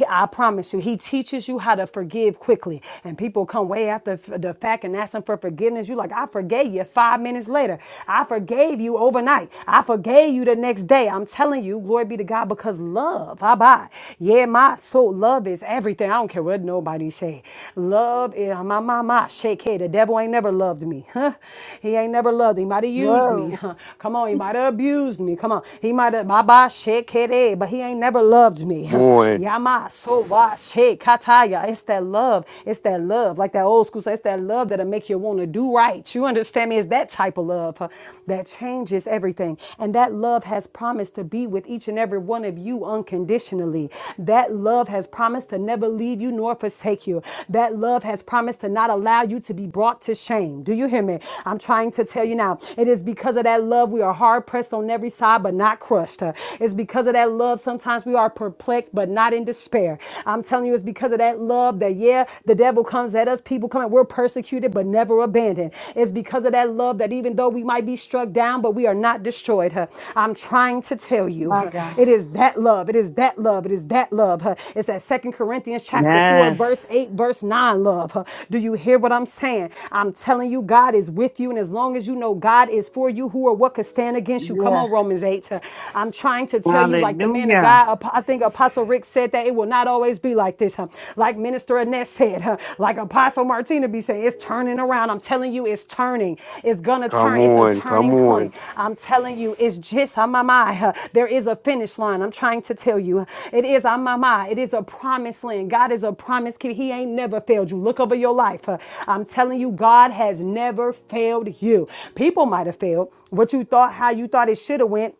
I promise you, he teaches you how to forgive quickly. And people come way after the fact and ask him for forgiveness. You are like, I forgave you five minutes later. I forgave you overnight. I forgave you the next day. I'm telling you, glory be Glory be to God because love, how about? Yeah, my soul, love is everything. I don't care what nobody say. Love is ah, my my my shake head. The devil ain't never loved me. Huh? He ain't never loved. He might have used me.
whoa,
Huh? Come on, he might have abused me. Come on. He might have my bye shake head, eh, but he ain't never loved me.
Come
Huh?
on.
Yeah, my soul why shake kataya. It's that love. It's that love. Like that old school say, it's that love that'll make you want to do right. You understand me? It's that type of love. huh? Alpha that changes everything. And that love has promised to be with each and every one of you unconditionally. That love has promised to never leave you nor forsake you. That love has promised to not allow you to be brought to shame. Do you hear me? I'm trying to tell you now. It is because of that love we are hard pressed on every side but not crushed. Uh, It's because of that love sometimes we are perplexed but not in despair. I'm telling you, it's because of that love that, yeah, the devil comes at us. People people coming. We're persecuted but never abandoned. It's because of that love that even though we might be struck down, but we are not destroyed. huh. I'm trying to tell you,
my
huh,
God.
it is that love. It is that love. It is that love. huh. It's that Second Corinthians chapter 4,
Yes.
verse 8, verse 9 love. huh. Do you hear what I'm saying? I'm telling you, God is with you. And as long as you know God is for you, who or what could stand against you? Come on,
Yes,
Romans 8. huh. I'm trying to tell you, like the man of
Hallelujah.
God, I think Apostle Rick said that that it will not always be like this. huh? Like Minister Annette said, huh? like Apostle Martina be saying, it's turning around. I'm telling you, it's turning. It's gonna
Come
turn. It's a
on. Come
turning
on.
point. I'm telling you, it's just on my mind. huh? There is a finish line. I'm trying to tell you, huh? it is on my mind. It is a promised land. God is a promise keeper. He ain't never failed you. Look over your life. huh? I'm telling you, God has never failed you. People might have failed what you thought, how you thought it should have went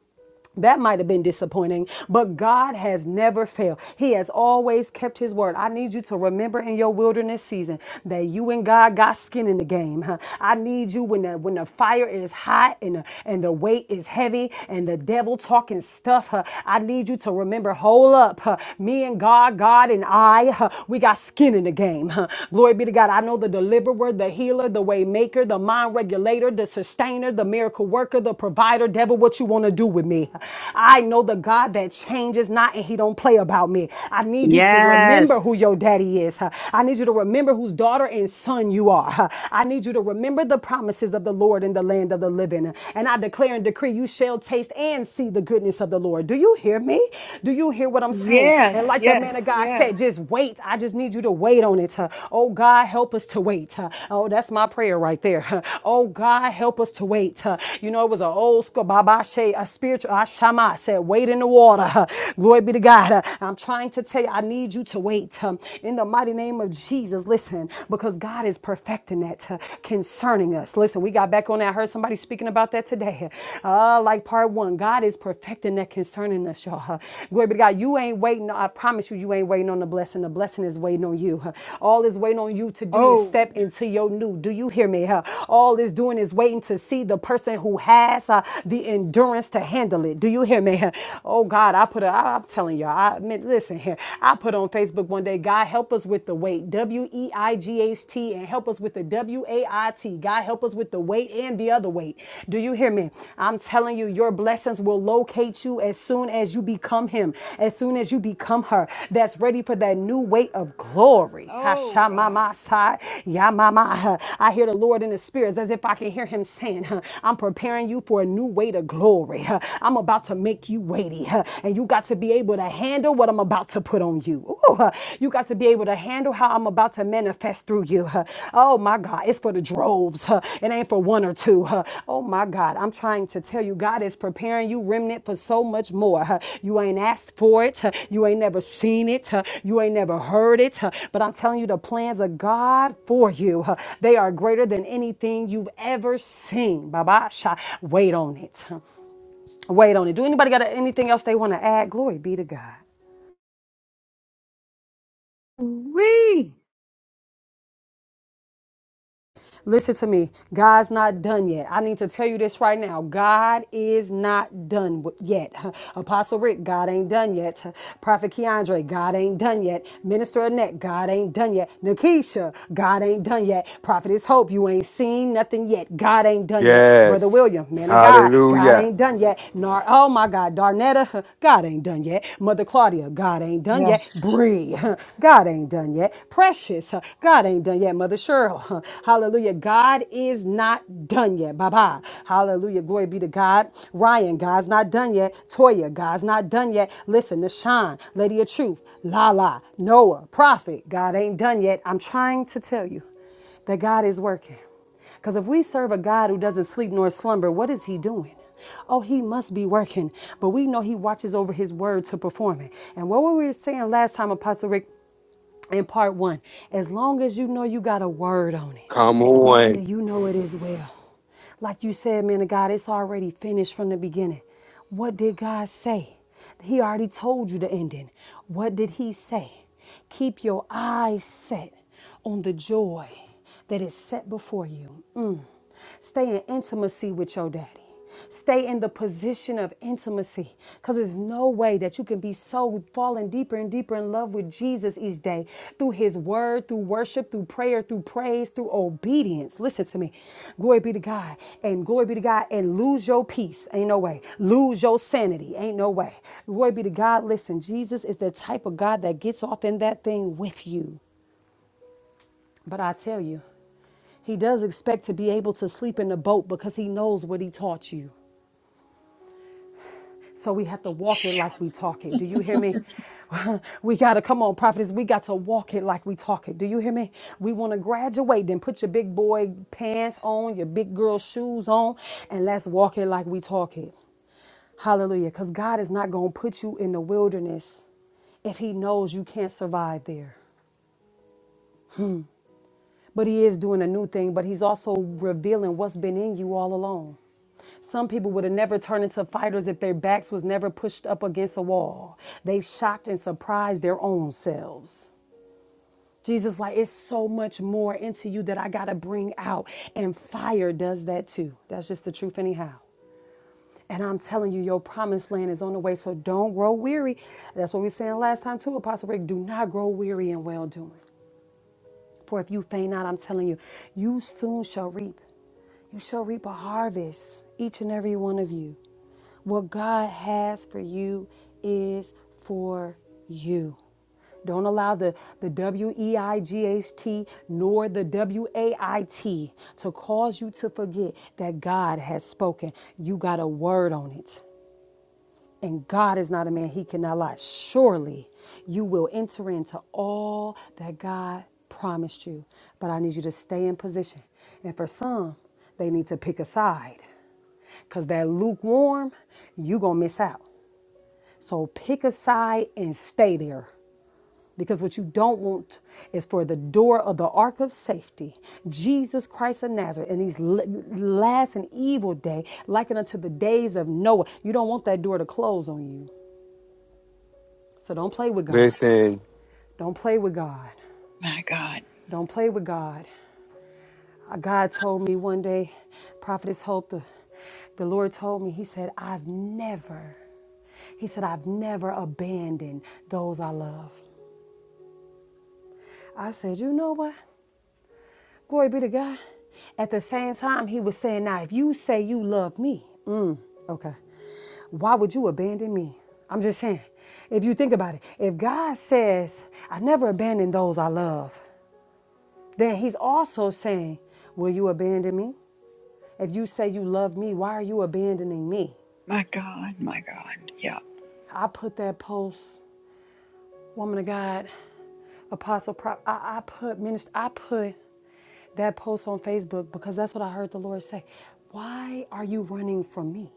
that might have been disappointing, but God has never failed. He has always kept His word. I need you to remember in your wilderness season that you and God got skin in the game. huh? I need you when the when the fire is hot and the, and the weight is heavy and the devil talking stuff. huh? I need you to remember. Hold up, huh? me and God, God and I, huh? we got skin in the game. huh? Glory be to God. I know the deliverer, the healer, the way maker, the mind regulator, the sustainer, the miracle worker, the provider. Devil, what you want to do with me? me. I know the God that changes not and he don't play about me. I need you to remember
Yes.
who your daddy is. huh? I need you to remember whose daughter and son you are. huh? I need you to remember the promises of the Lord in the land of the living. And I declare and decree you shall taste and see the goodness of the Lord. Do you hear me? Do you hear what I'm saying? And
Yes,
like the man of
yes,
God
yes.
said, just wait. I just need you to wait on it. huh? Oh God, help us to wait. huh? Oh, that's my prayer right there. huh? Oh God, help us to wait. huh? You know, it was an old school Baba Shea a spirit spiritual. Ashama I said, wait in the water. Glory be to God. I'm trying to tell you, I need you to wait um, in the mighty name of Jesus. Listen, because God is perfecting that uh, concerning us. Listen, we got back on that. I heard somebody speaking about that today. Uh, like part one, God is perfecting that concerning us, y'all. Glory be to God. You ain't waiting. I promise you, you ain't waiting on the blessing. The blessing is waiting on you. All is waiting on you to do is step
Oh,
into your new. Do you hear me? All is doing is waiting to see the person who has uh, the endurance us to handle it. Do you hear me? Oh God, I put a, I, I'm telling y'all, I mean, listen here. I put on Facebook one day, God help us with the weight, W E I G H T, and help us with the W A I T. God help us with the weight and the other weight. Do you hear me? I'm telling you, your blessings will locate you as soon as you become Him, as soon as you become her. That's ready for that new weight of glory.
oh God.
Hashamamasa, yamama. I hear the Lord in the spirits as if I can hear Him saying, huh, I'm preparing you for a new weight of glory glory. I'm about to make you weighty, and you got to be able to handle what I'm about to put on you. Ooh, you got to be able to handle how I'm about to manifest through you. Oh my God, it's for the droves. It ain't for one or two. Oh my God, I'm trying to tell you, God is preparing you, remnant, for so much more. You ain't asked for it. You ain't never seen it. You ain't never heard it. But I'm telling you, the plans of God for you, they are greater than anything you've ever seen. Babasha, wait on it. wait on it. Do anybody got anything else they want to add? Glory be to God.
We.
Listen to me. God's not done yet. I need to tell you this right now. God is not done wi- yet. Apostle Rick, God ain't done yet. Prophet Keandre, God ain't done yet. Minister Annette, God ain't done yet. Nakisha, God ain't done yet. Prophetess Hope, you ain't seen nothing yet. God ain't done yet. Brother
Yes.
William, man of God, God
Hallelujah.
ain't done yet. Nar, oh my God, Darnetta, God ain't done yet. Mother Claudia, God ain't done yet.
yes,
Bree, God ain't done yet. Precious, God ain't done yet, Mother Cheryl. Hallelujah. God is not done yet. Bye bye. Hallelujah. Glory be to God. Ryan, God's not done yet. Toya, God's not done yet. Listen, Nashawn, Lady of Truth, Lala, Noah, Prophet, God ain't done yet. I'm trying to tell you that God is working. Because if we serve a God who doesn't sleep nor slumber, what is he doing? Oh, he must be working, but we know he watches over his word to perform it. And what were we saying last time, Apostle Rick? in part one. As long as you know you got a word on it,
Come on.
then you know it is well. Like you said, man of God, it's already finished from the beginning. What did God say? He already told you the ending. What did He say? Keep your eyes set on the joy that is set before you. Stay in intimacy with your daddy. Stay in the position of intimacy because there's no way that you can be so falling deeper and deeper in love with Jesus each day through his word, through worship, through prayer, through praise, through obedience. Listen to me. Glory be to God and glory be to God and lose your peace. Ain't no way. Lose your sanity. Ain't no way. Glory be to God. Listen, Jesus is the type of God that gets off in that thing with you. But I tell you, he does expect to be able to sleep in the boat because he knows what he taught you. So we have to walk it
Phew.
like we talk it. Do you hear me? We got to come on, prophets. We got to walk it like we talk it. Do you hear me? We want to graduate, then put your big boy pants on, your big girl shoes on, and let's walk it like we talk it. Hallelujah. Because God is not going to put you in the wilderness if He knows you can't survive there. But He is doing a new thing, but He's also revealing what's been in you all along. Some people would have never turned into fighters if their backs was never pushed up against a wall. They shocked and surprised their own selves. Jesus, like, it's so much more into you that I gotta bring out. And fire does that too. That's just the truth, anyhow. And I'm telling you, your promised land is on the way, so don't grow weary. That's what we were saying last time too, Apostle Rick. Do not grow weary in well doing. For if you faint not, I'm telling you, you soon shall reap. You shall reap a harvest, each and every one of you. What God has for you is for you. Don't allow the, the W E I G H T nor the W A I T to cause you to forget that God has spoken. You got a word on it. And God is not a man, he cannot lie. Surely you will enter into all that God promised you. But I need you to stay in position. And for some, they need to pick a side because that lukewarm, you going to miss out. So pick a side and stay there. Because what you don't want is for the door of the ark of safety, Jesus Christ of Nazareth, in these l- last and evil day, likened unto the days of Noah. You don't want that door to close on you. So don't play with God.
Listen.
Don't play with God.
My God.
Don't play with God. Uh, God told me one day, Prophetess Hope, the, the Lord told me, He said, I've never, He said, I've never abandoned those I love. I said, You know what? Glory be to God. At the same time, He was saying, Now, if you say you love me, mm, okay, why would you abandon me? I'm just saying, if you think about it, if God says, I never abandon those I love, Then he's also saying, Will you abandon me? If you say you love me, why are you abandoning me?
My God. My God. Yeah.
I put that post, woman of God, apostle, prop. I, I put minister, I put that post on Facebook because that's what I heard the Lord say. Why are you running from me?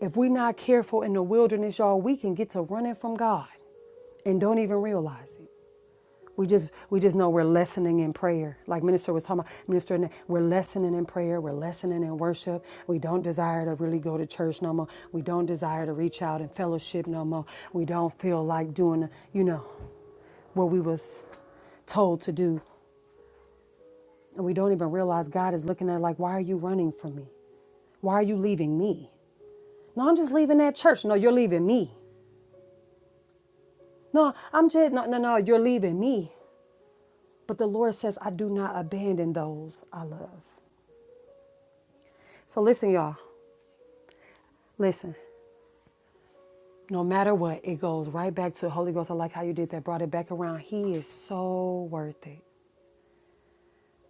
If we're not careful in the wilderness, y'all, we can get to running from God and don't even realize it. We just we just know we're lessening in prayer. Like minister was talking about, minister, we're lessening in prayer. We're lessening in worship. We don't desire to really go to church no more. We don't desire to reach out and fellowship no more. We don't feel like doing, you know, what we was told to do. And we don't even realize God is looking at it like, why are you running from me? Why are you leaving me? No, I'm just leaving that church. No, you're leaving me. No, I'm just, no, no, no, you're leaving me. But the Lord says, I do not abandon those I love. So listen, y'all. Listen, no matter what, it goes right back to the Holy Ghost. I like how you did that, brought it back around. He is so worth it.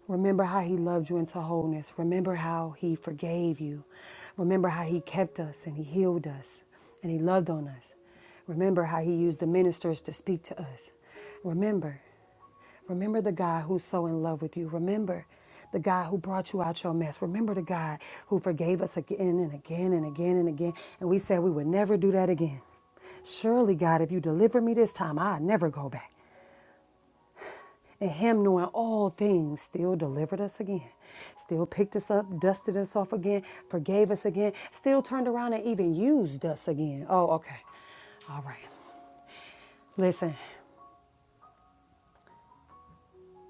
Remember how he loved you into wholeness. Remember how he forgave you. Remember how he kept us and he healed us and he loved on us. Remember how he used the ministers to speak to us. Remember, remember the God who's so in love with you. Remember the God who brought you out your mess. Remember the God who forgave us again and again and again and again. And we said we would never do that again. Surely, God, if you deliver me this time, I'll never go back. And Him, knowing all things, still delivered us again, still picked us up, dusted us off again, forgave us again, still turned around and even used us again. Oh, okay. All right. Listen,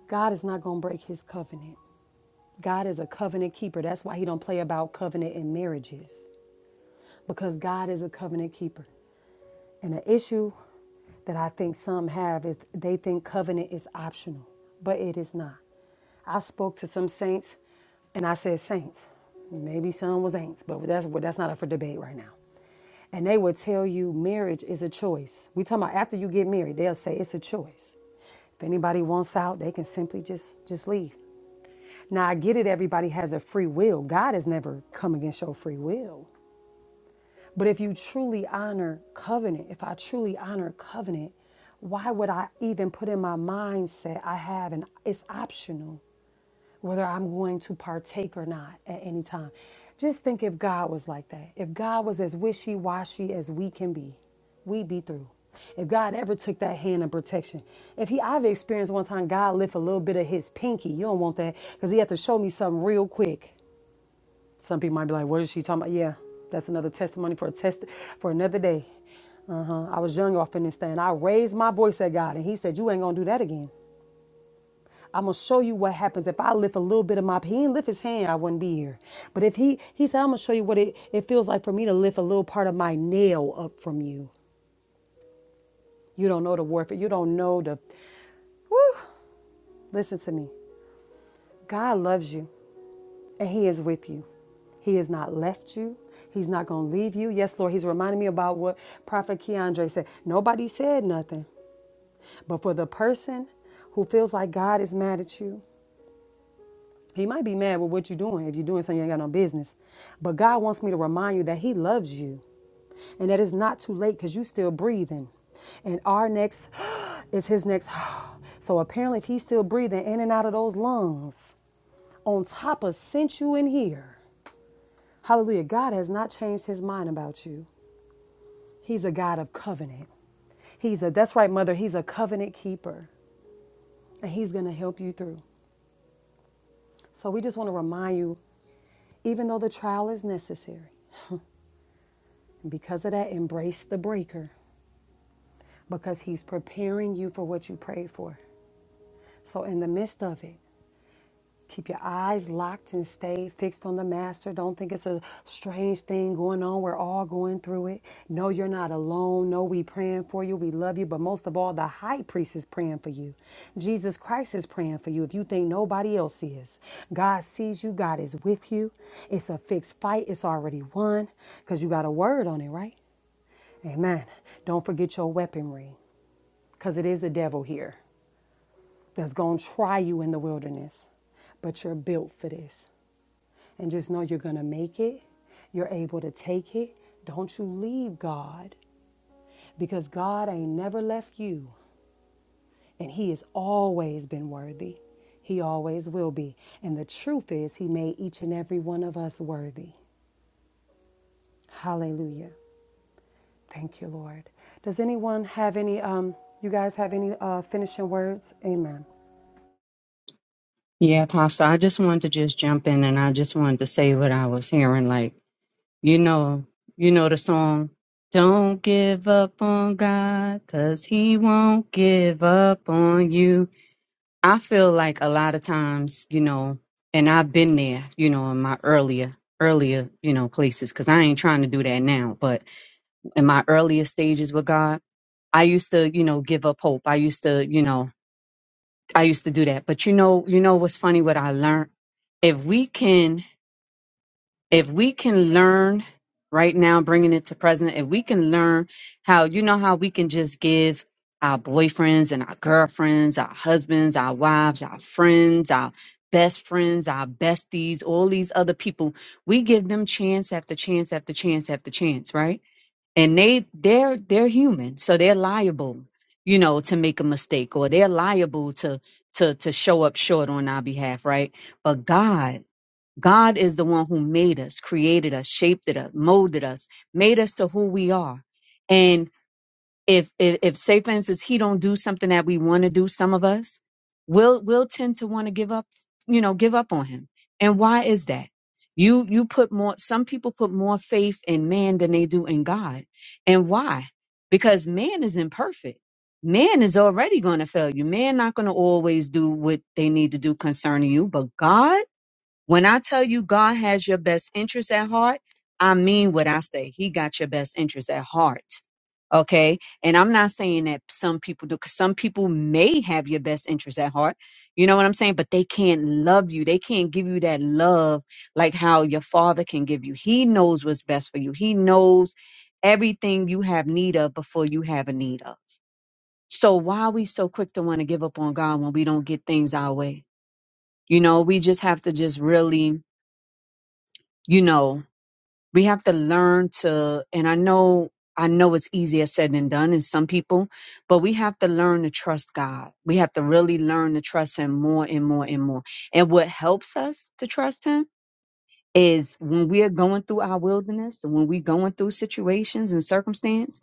God is not going to break His covenant. God is a covenant keeper. That's why He don't play about covenant in marriages, because God is a covenant keeper. And an issue that I think some have is they think covenant is optional, but it is not. I spoke to some saints and I said saints. Maybe some was ain'ts, but that's that's not up for debate right now. And they would tell you marriage is a choice. We talking about after you get married, they'll say it's a choice. If anybody wants out, they can simply just just leave. Now I get it, everybody has a free will. God has never come against your free will. But if you truly honor covenant, if I truly honor covenant, why would I even put in my mindset I have and it's optional whether I'm going to partake or not at any time? Just think if God was like that. If God was as wishy washy as we can be, we'd be through. If God ever took that hand of protection, if He, I've experienced one time God lift a little bit of His pinky. You don't want that because He had to show me something real quick. Some people might be like, "What is she talking about?" Yeah, that's another testimony for a test for another day. Uh-huh. I was young off in this thing. I raised my voice at God, and He said, "You ain't gonna do that again." I'm gonna show you what happens if I lift a little bit of my. He didn't lift his hand, I wouldn't be here. But if he, he said, I'm gonna show you what it, it feels like for me to lift a little part of my nail up from you. You don't know the warfare. You don't know the. Whew. Listen to me. God loves you. And He is with you. He has not left you. He's not going to leave you. Yes, Lord, He's reminding me about what Prophet Keandre said. Nobody said nothing. But for the person who feels like God is mad at you, He might be mad with what you're doing if you're doing something you ain't got no business. But God wants me to remind you that He loves you and that it's not too late because you're still breathing. And our next is His next. So apparently, if He's still breathing in and out of those lungs, on top of sent you in here. Hallelujah. God has not changed his mind about you. He's a God of covenant. He's a, that's right, mother, he's a covenant keeper, and he's going to help you through. So we just want to remind you, even though the trial is necessary, and because of that, embrace the breaker because he's preparing you for what you prayed for. So in the midst of it, Keep your eyes locked and stay fixed on the master. Don't think it's a strange thing going on. We're all going through it. No, you're not alone. No, we praying for you. We love you. But most of all, the high priest is praying for you. Jesus Christ is praying for you. If you think nobody else is, God sees you. God is with you. It's a fixed fight. It's already won because you got a word on it, right? Amen. Don't forget your weaponry because it is a devil here that's going to try you in the wilderness but you're built for this and just know you're going to make it. You're able to take it. Don't you leave God because God ain't never left you and He has always been worthy. He always will be. And the truth is, He made each and every one of us worthy. Hallelujah. Thank you, Lord. Does anyone have any, um, you guys have any uh, finishing words? Amen.
Yeah, Pastor, I just wanted to just jump in and I just wanted to say what I was hearing. Like, You know, you know the song. Don't give up on God, cause he won't give up on you. I feel like a lot of times, you know, and I've been there, you know, in my earlier, earlier, you know, places, cause I ain't trying to do that now, but in my earlier stages with God, I used to, you know, give up hope. I used to, you know, I used to do that. But you know, you know what's funny, what I learned? If we can if we can learn right now, bringing it to present, if we can learn how, you know, how we can just give our boyfriends and our girlfriends, our husbands, our wives, our friends, our best friends, our besties, all these other people, we give them chance after chance after chance after chance, right? And they, they're, they're human. So they're liable, you know, to make a mistake or they're liable to, to, to show up short on our behalf, right? But God, God is the one who made us, created us, shaped it up, molded us, made us to who we are. And if if, if say for instance he don't do something that we want to do, some of us will will tend to want to give up, you know, give up on him. And why is that? You you put more some people put more faith in man than they do in God. And why? Because man is imperfect. Man is already going to fail you. Man not going to always do what they need to do concerning you, but God when I tell you God has your best interest at heart, I mean what I say. He got your best interest at heart. Okay. And I'm not saying that some people do, because some people may have your best interest at heart. You know what I'm saying? But they can't love you. They can't give you that love like how your father can give you. He knows what's best for you. He knows everything you have need of before you have a need of. So why are we so quick to want to give up on God when we don't get things our way? You know, we just have to just really you know we have to learn to and i know i know it's easier said than done in some people but we have to learn to trust god we have to really learn to trust him more and more and more and what helps us to trust him is when we are going through our wilderness when we're going through situations and circumstance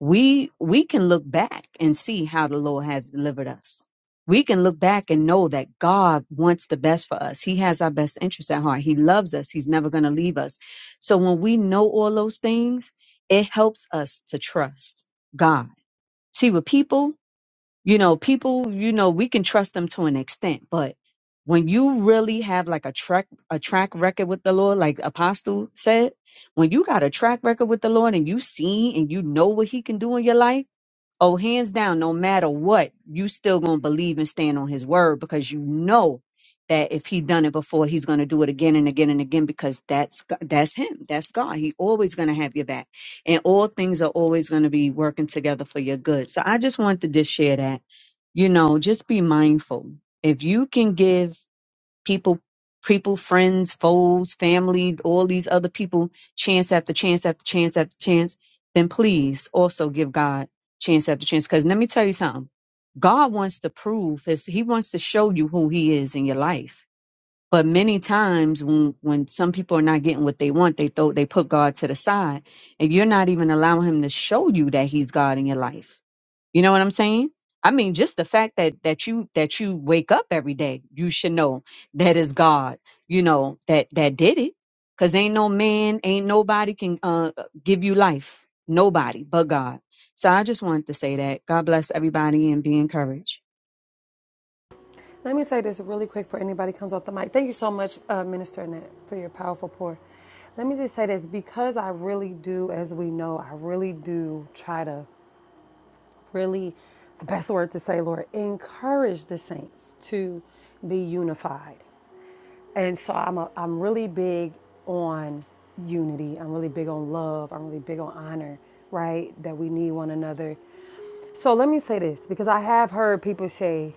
we we can look back and see how the lord has delivered us we can look back and know that god wants the best for us he has our best interest at heart he loves us he's never going to leave us so when we know all those things it helps us to trust god see with people you know, people, you know, we can trust them to an extent, but when you really have like a track a track record with the Lord, like Apostle said, when you got a track record with the Lord and you seen and you know what he can do in your life, Oh, hands down, no matter what, you still gonna believe and stand on his word because you know that if he done it before, he's gonna do it again and again and again because that's G- that's him, that's God. He always gonna have your back, and all things are always gonna be working together for your good. So I just wanted to just share that, you know, just be mindful if you can give people people friends foes family all these other people chance after chance after chance after chance then please also give god chance after chance because let me tell you something god wants to prove his he wants to show you who he is in your life but many times when when some people are not getting what they want, they throw they put God to the side. And you're not even allowing him to show you that he's God in your life. You know what I'm saying? I mean, just the fact that that you that you wake up every day, you should know that is God, you know, that that did it. Cause ain't no man, ain't nobody can uh give you life. Nobody but God. So I just wanted to say that. God bless everybody and be encouraged.
Let me say this really quick for anybody comes off the mic. Thank you so much, uh, Minister Annette, for your powerful pour. Let me just say this because I really do, as we know, I really do try to really, it's the best word to say, Lord, encourage the saints to be unified. And so I'm, a, I'm really big on unity. I'm really big on love. I'm really big on honor, right? That we need one another. So let me say this because I have heard people say,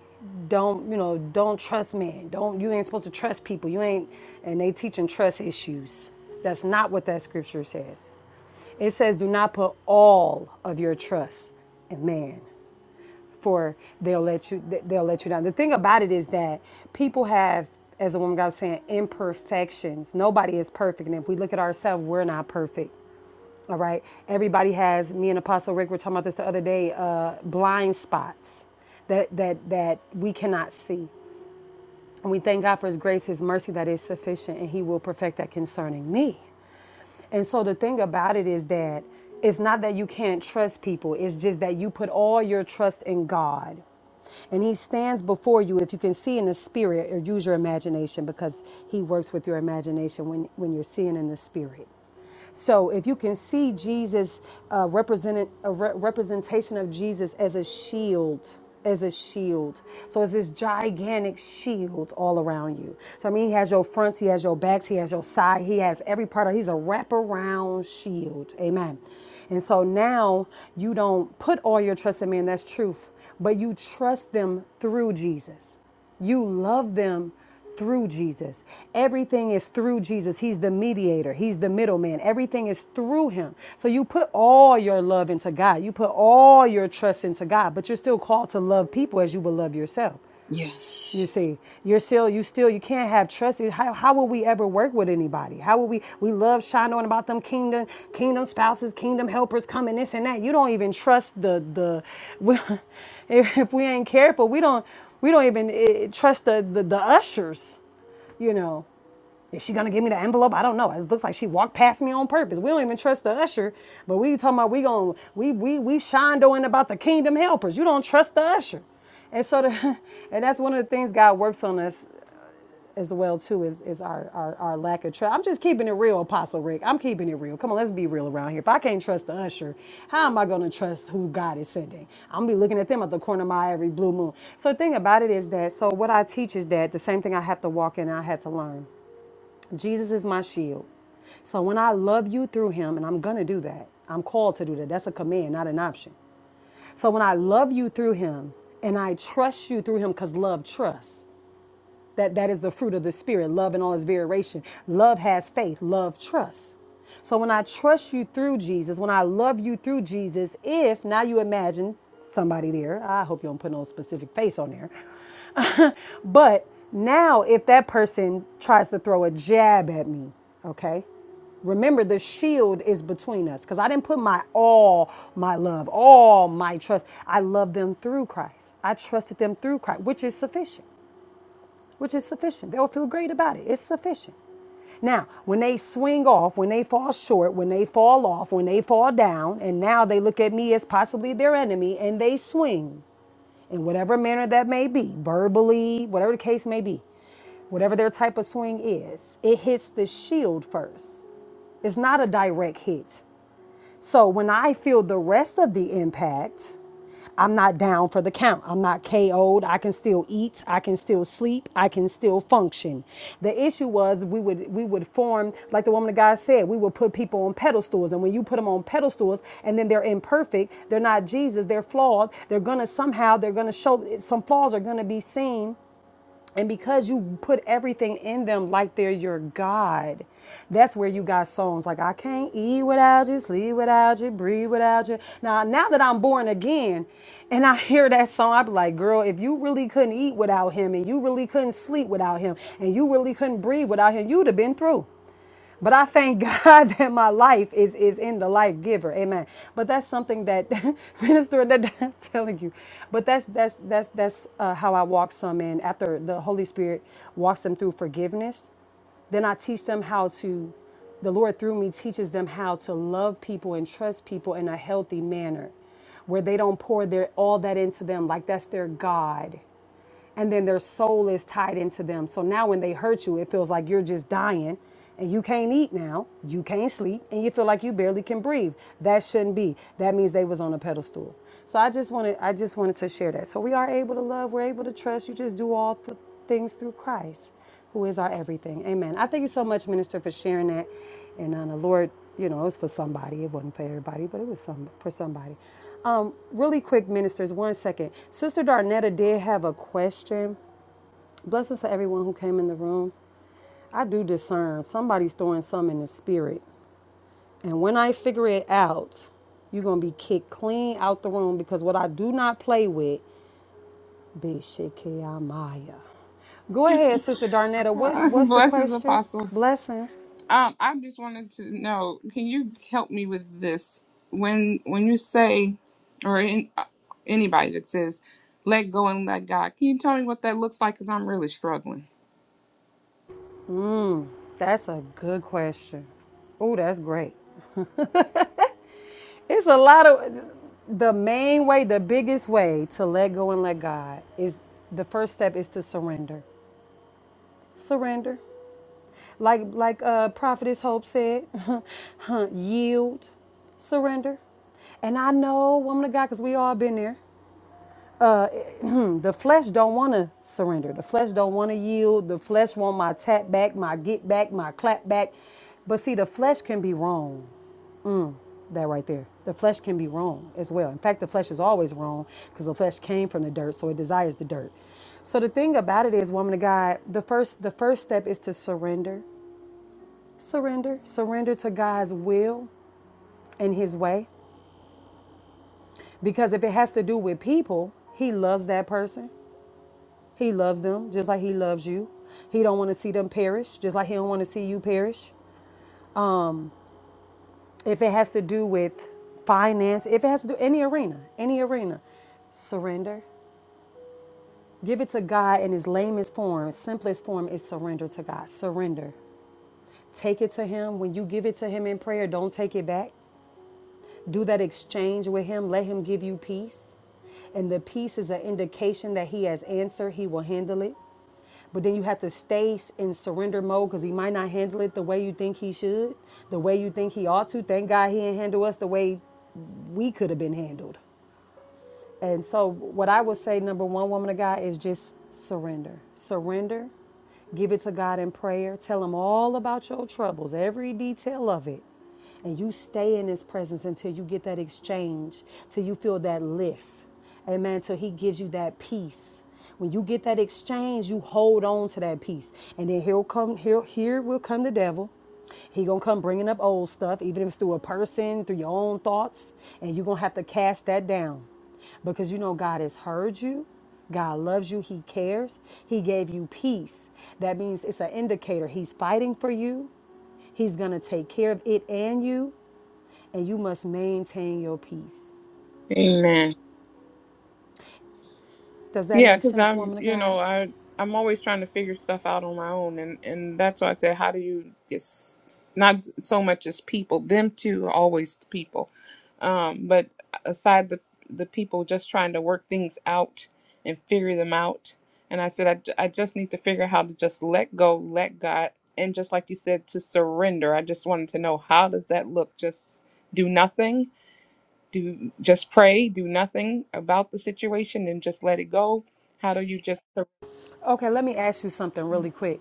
don't, you know, don't trust men. Don't, you ain't supposed to trust people. You ain't, and they teaching trust issues. That's not what that scripture says. It says, do not put all of your trust in man for they'll let you they'll let you down. The thing about it is that people have, as a woman God was saying, imperfections. Nobody is perfect, and if we look at ourselves, we're not perfect. All right, everybody has. Me and Apostle Rick were talking about this the other day. Uh, blind spots that that that we cannot see, and we thank God for His grace, His mercy that is sufficient, and He will perfect that concerning me. And so the thing about it is that it's not that you can't trust people, it's just that you put all your trust in God. And he stands before you if you can see in the spirit or use your imagination because he works with your imagination when, when you're seeing in the spirit. So if you can see Jesus uh, represented a re- representation of Jesus as a shield as a shield. So it's this gigantic shield all around you. So I mean, he has your fronts, he has your backs, he has your side, he has every part of. He's a wraparound shield. Amen. And so now you don't put all your trust in man. That's truth, but you trust them through Jesus. You love them through Jesus. Everything is through Jesus. He's the mediator, He's the middleman. Everything is through Him. So you put all your love into God, you put all your trust into God, but you're still called to love people as you will love yourself.
yes.
You see, you're still, you still, you can't have trust. How, how will we ever work with anybody? How will we, we love shine on about them kingdom, kingdom spouses, kingdom helpers coming, this and that. You don't even trust the, the, we, if if we ain't careful, we don't, we don't even eh, trust the, the, the ushers, you know. Is she gonna give me the envelope? I don't know. It looks like she walked past me on purpose. We don't even trust the usher, but we talking about we going we we we shondoing about the kingdom helpers. You don't trust the usher, and so the, and that's one of the things God works on us as well too is is our our, our lack of trust. I'm just keeping it real, Apostle Rick. I'm keeping it real. Come on, let's be real around here. If I can't trust the usher, how am I gonna trust who God is sending? I'm gonna be looking at them at the corner of my every blue moon. So the thing about it is that so what I teach is that the same thing I have to walk in. I had to learn. Jesus is my shield. So when I love you through him, and I'm going to do that, I'm called to do that. That's a command, not an option. So when I love you through him and I trust you through him, because love trusts. That that is the fruit of the spirit, love in all its variation. Love has faith, love trusts. So when I trust you through Jesus, when I love you through Jesus, if now you imagine somebody there, I hope you don't put no specific face on there. but now if that person tries to throw a jab at me, okay? Remember the shield is between us cuz I didn't put my all my love, all my trust. I love them through Christ. I trusted them through Christ, which is sufficient which is sufficient. They'll feel great about it. It's sufficient. Now, when they swing off, when they fall short, when they fall off, when they fall down, and now they look at me as possibly their enemy and they swing in whatever manner that may be, verbally, whatever the case may be, whatever their type of swing is, it hits the shield first. It's not a direct hit. So when I feel the rest of the impact, I'm not down for the count. I'm not KO'd. I can still eat. I can still sleep. I can still function. The issue was we would we would form, like the woman of God said, we would put people on pedestals. And when you put them on pedestals and then they're imperfect, they're not Jesus, they're flawed. They're gonna somehow, they're gonna show some flaws are gonna be seen and because you put everything in them like they're your God, that's where you got songs like I can't eat without you, sleep without you, breathe without you. Now, now that I'm born again and I hear that song, i be like, girl, if you really couldn't eat without him and you really couldn't sleep without him and you really couldn't breathe without him, you'd have been through. But I thank God that my life is is in the life giver. Amen. But that's something that minister that I'm telling you. But that's that's that's that's uh, how I walk some in after the Holy Spirit walks them through forgiveness. Then I teach them how to the Lord through me teaches them how to love people and trust people in a healthy manner where they don't pour their all that into them like that's their god and then their soul is tied into them. So now when they hurt you, it feels like you're just dying and you can't eat now, you can't sleep, and you feel like you barely can breathe. That shouldn't be. That means they was on a pedestal. So I just wanted I just wanted to share that. So we are able to love, we're able to trust. You just do all th- things through Christ who is our everything. Amen. I thank you so much, Minister, for sharing that. And uh, the Lord, you know, it was for somebody. It wasn't for everybody, but it was some for somebody. Um, really quick, ministers, one second. Sister Darnetta did have a question. Blessings to everyone who came in the room. I do discern somebody's throwing some in the spirit. And when I figure it out, you're gonna be kicked clean out the room because what I do not play with, Bishikiamaya. Go ahead, Sister Darnetta. What
Uh,
what's the
Blessings,
question?
Apostle.
Blessings.
Um, I just wanted to know, can you help me with this? When when you say, or in, uh, anybody that says, "Let go and let God," can you tell me what that looks like? Because I'm really struggling.
That's a good question. Oh, that's great. It's a lot of the main way, the biggest way to let go and let God is the first step is to surrender. Surrender. Like like uh Prophetess Hope said, huh, yield, surrender. And I know, woman of God, because we all been there. The flesh don't want to surrender. The flesh don't want to yield. The flesh want my tap back, my get back, my clap back. But see, the flesh can be wrong. that right there. The flesh can be wrong as well. In fact, the flesh is always wrong because the flesh came from the dirt, so it desires the dirt. So the thing about it is, woman of God, the first the first step is to surrender, surrender, surrender to God's will and His way. Because if it has to do with people, He loves that person. He loves them just like He loves you. He don't want to see them perish, just like He don't want to see you perish. If it has to do with finance, if it has to do any arena, any arena, surrender Give it to God in his lamest form, simplest form is surrender to God. Surrender. Take it to him. When you give it to him in prayer, don't take it back. Do that exchange with him. Let him give you peace. And the peace is an indication that he has answered, he will handle it. But then you have to stay in surrender mode because he might not handle it the way you think he should, the way you think he ought to. Thank God he didn't handle us the way we could have been handled. And so, what I would say, number one, woman of God, is just surrender. Surrender. Give it to God in prayer. Tell Him all about your troubles, every detail of it. And you stay in His presence until you get that exchange, till you feel that lift. Amen. Till He gives you that peace. When you get that exchange, you hold on to that peace. And then He'll come, he'll, here will come the devil he gonna come bringing up old stuff, even if it's through a person, through your own thoughts, and you're gonna have to cast that down, because you know God has heard you. God loves you. He cares. He gave you peace. That means it's an indicator. He's fighting for you. He's gonna take care of it and you, and you must maintain your peace.
Amen.
Does that
Yeah,
make
because
sense,
I'm,
woman of
you
God?
know, I I'm always trying to figure stuff out on my own, and and that's why I say, how do you get s- s- not so much as people, them too, always the people, um, but aside the the people just trying to work things out and figure them out. And I said, I, ju- I just need to figure how to just let go, let God, and just like you said, to surrender. I just wanted to know how does that look? Just do nothing do just pray do nothing about the situation and just let it go how do you just
Okay, let me ask you something really quick.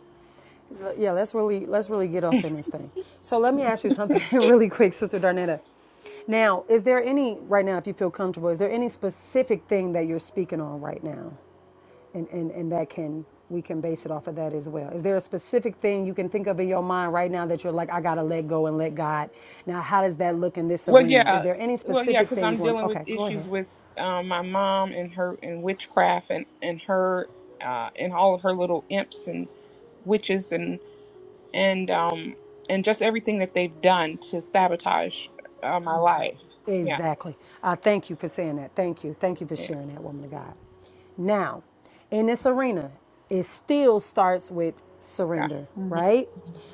Yeah, let's really let's really get off in this thing. So let me ask you something really quick, Sister Darnetta. Now, is there any right now, if you feel comfortable, is there any specific thing that you're speaking on right now, and and and that can we can base it off of that as well? Is there a specific thing you can think of in your mind right now that you're like, I gotta let go and let God? Now, how does that look in this
well
arena? Is
yeah
there any
well yeah
specific
because
thing
i'm
going?
dealing with
Okay, go ahead.
issues with um, my mom and her and witchcraft and and her uh, and all of her little imps and witches and and um and just everything that they've done to sabotage uh, my life yeah
Exactly. I thank you for saying that. Thank you. Thank you for
yeah
sharing that, woman of God. Now, in this arena, it still starts with
yeah
surrender,
hmm
right?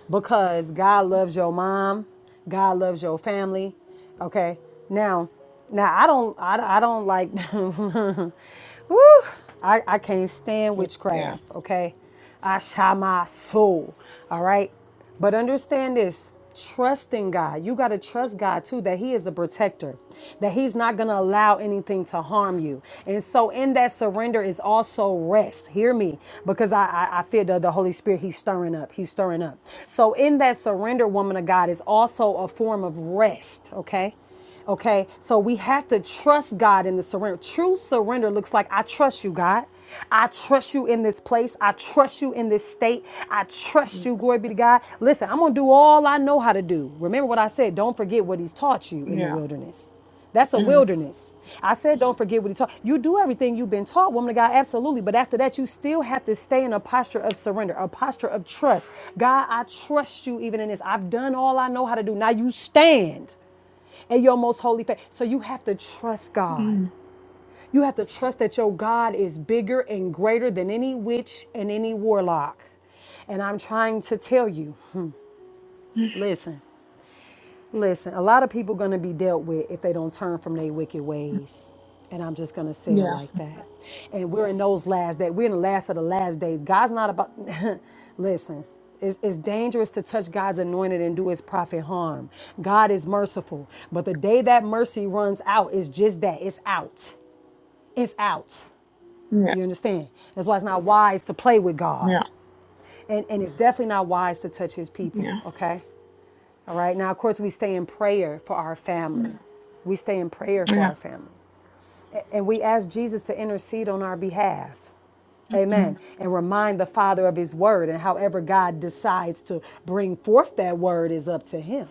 Because God loves your mom, God loves your family. Okay. Now, now I don't, I, I don't like, woo, I, I can't stand
yeah
witchcraft. Okay. I shall my soul. All right. But understand this trusting God. You got to trust God too that He is a protector, that He's not going to allow anything to harm you. And so, in that surrender is also rest. Hear me, because I, I, I feel the, the Holy Spirit, He's stirring up. He's stirring up. So, in that surrender, woman of God, is also a form of rest, okay? Okay, so we have to trust God in the surrender. True surrender looks like I trust you, God. I trust you in this place. I trust you in this state. I trust
Mhm.
you. Glory be to God. Listen, I'm going to do all I know how to do. Remember what I said. Don't forget what He's taught you in the
yeah
wilderness. That's a
mm
wilderness. I said, don't forget what he taught. You do everything you've been taught, woman of God, absolutely. But after that, you still have to stay in a posture of surrender, a posture of trust. God, I trust you even in this. I've done all I know how to do. Now you stand and your most holy faith. So you have to trust God.
Mm.
You have to trust that your God is bigger and greater than any witch and any warlock. And I'm trying to tell you, listen. Listen, a lot of people going to be dealt with if they don't turn from their wicked ways. And I'm just going to say it
yeah
like that. And we're in those last days. We're in the last of the last days. God's not about, listen, it's, it's dangerous to touch God's anointed and do his prophet harm. God is merciful. But the day that mercy runs out, it's just that it's out. It's out.
yeah
You understand? That's why it's not wise to play with God.
yeah
And, and it's definitely not wise to touch his people,
yeah
okay? All right. Now, of course, we stay in prayer for our family. We stay in prayer for our family. And we ask Jesus to intercede on our behalf.
yeah
Amen. And remind the Father of His word. And however God decides to bring forth that word is up to Him.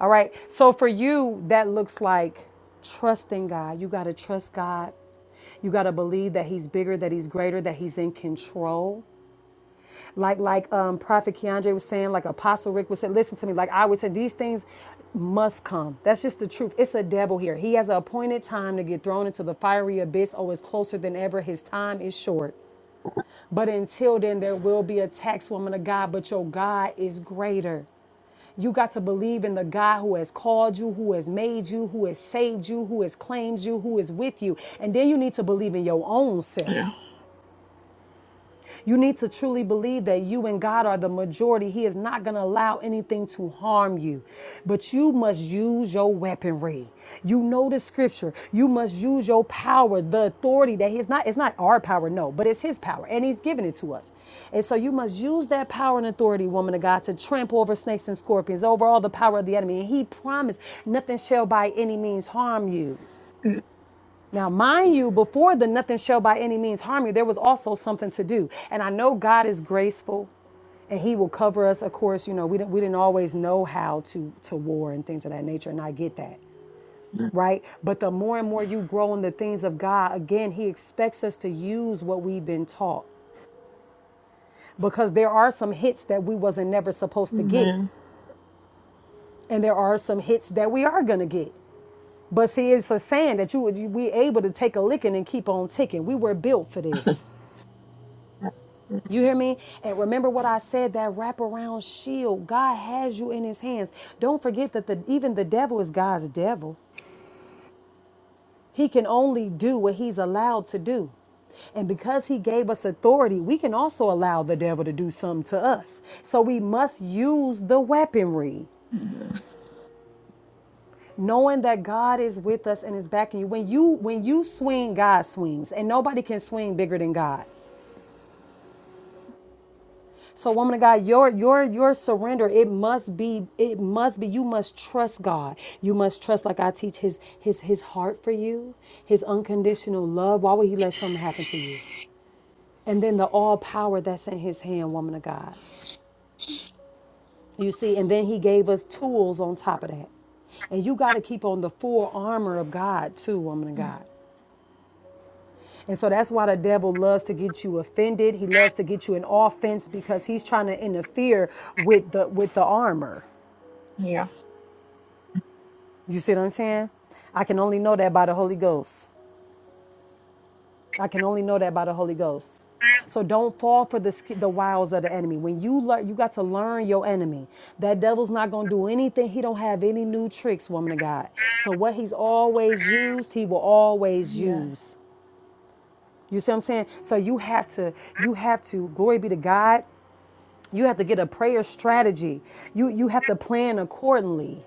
All right. So for you, that looks like trusting God. You got to trust God. You got to believe that He's bigger, that He's greater, that He's in control. like like um, Prophet Keandre was saying, like Apostle Rick was saying, listen to me, like I would say, these things must come. That's just the truth. It's a devil here. He has an appointed time to get thrown into the fiery abyss. Oh, it's closer than ever. His time is short. But until then, there will be a tax woman of God, but your God is greater. You got to believe in the God who has called you, who has made you, who has saved you, who has claimed you, who is with you. And then you need to believe in your own
Yeah.
self. You need to truly believe that you and God are the majority. He is not going to allow anything to harm you, but you must use your weaponry. You know the scripture. You must use your power, the authority that He's not, it's not our power, no, but it's His power, and He's given it to us. And so you must use that power and authority, woman of God, to trample over snakes and scorpions, over all the power of the enemy. And He promised nothing shall by any means harm you.
Mm,
Now, mind you, before the nothing shall by any means harm you, there was also something to do. And I know God is graceful and he will cover us. Of course, you know, we didn't, we didn't always know how to, to war and things of that nature. And I get that,
mm,
right? But the more and more you grow in the things of God, again, he expects us to use what we've been taught because there are some hits that we wasn't never supposed to get.
Amen.
And there are some hits that we are going to get. But see, it's a saying that you would you- we able to take a licking and keep on ticking. We were built for this. You hear me? And remember what I said, that wraparound shield. God has you in his hands. Don't forget that the, even the devil is God's devil. He can only do what he's allowed to do. And because he gave us authority, we can also allow the devil to do something to us. So we must use the weaponry, knowing that God is with us and is backing you. When you when you swing, God swings, and nobody can swing bigger than God. So, woman of God, your your your surrender, it must be, it must be, you must trust God. You must trust, like I teach, his his his heart for you, his unconditional love. Why would he let something happen to you? And then the all power that's in his hand, woman of God. You see, and then he gave us tools on top of that. And you got to keep on the full armor of God, too, woman of God. And so that's why the devil loves to get you offended. He loves to get you in offense because he's trying to interfere with the with the armor.
Yeah.
You see what I'm saying? I can only know that by the Holy Ghost. I can only know that by the Holy Ghost. So don't fall for the sch- the wiles of the enemy. When you learn, you got to learn your enemy. That devil's not gonna do anything. He don't have any new tricks, woman of God. So what he's always used, he will always
Yes.
use. You see what I'm saying? So you have to, you have to, glory be to God. You have to get a prayer strategy. You you have to plan accordingly.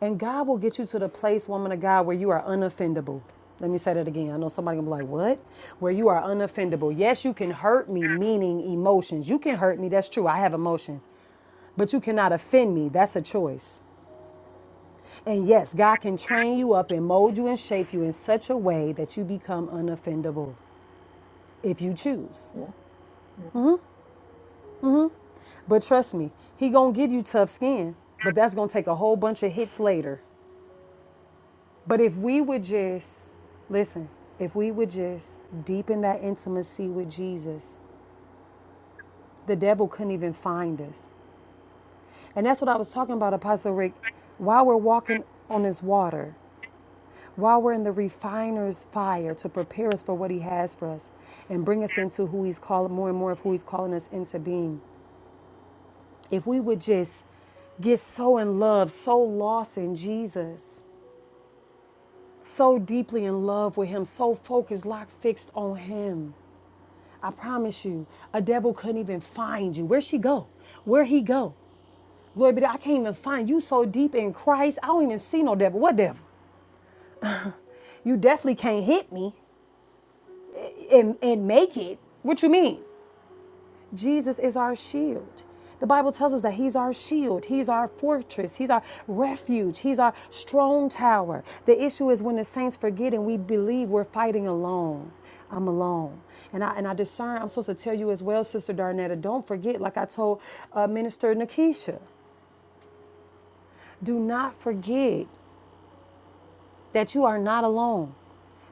And God will get you to the place, woman of God, where you are unoffendable. Let me say that again. I know somebody gonna be like, what? Where you are unoffendable. Yes, you can hurt me, meaning emotions. You can hurt me, that's true. I have emotions. But you cannot offend me. That's a choice. And yes, God can train you up and mold you and shape you in such a way that you become unoffendable if you choose.
Yeah. yeah.
But trust me, He gonna give you tough skin, but that's gonna take a whole bunch of hits later But if we would just, listen, if we would just deepen that intimacy with Jesus, the devil couldn't even find us. And that's what I was talking about, Apostle Rick. While we're walking on this water, while we're in the refiner's fire to prepare us for what he has for us and bring us into who he's calling, more and more of who he's calling us into being, if we would just get so in love, so lost in Jesus, so deeply in love with him, so focused, locked, fixed on him I promise you, a devil couldn't even find you. Where'd she go? Where would he go? Glory be to God. I can't even find you so deep in Christ. I don't even see no devil. What devil? You definitely can't hit me and, and make it. What you mean? Jesus is our shield. The Bible tells us that He's our shield, He's our fortress, He's our refuge, He's our strong tower. The issue is when the saints forget and we believe we're fighting alone. I'm alone. And I, and I discern, I'm supposed to tell you as well, Sister Darnetta, don't forget, like I told uh, Minister Nakisha, do not forget that you are not alone,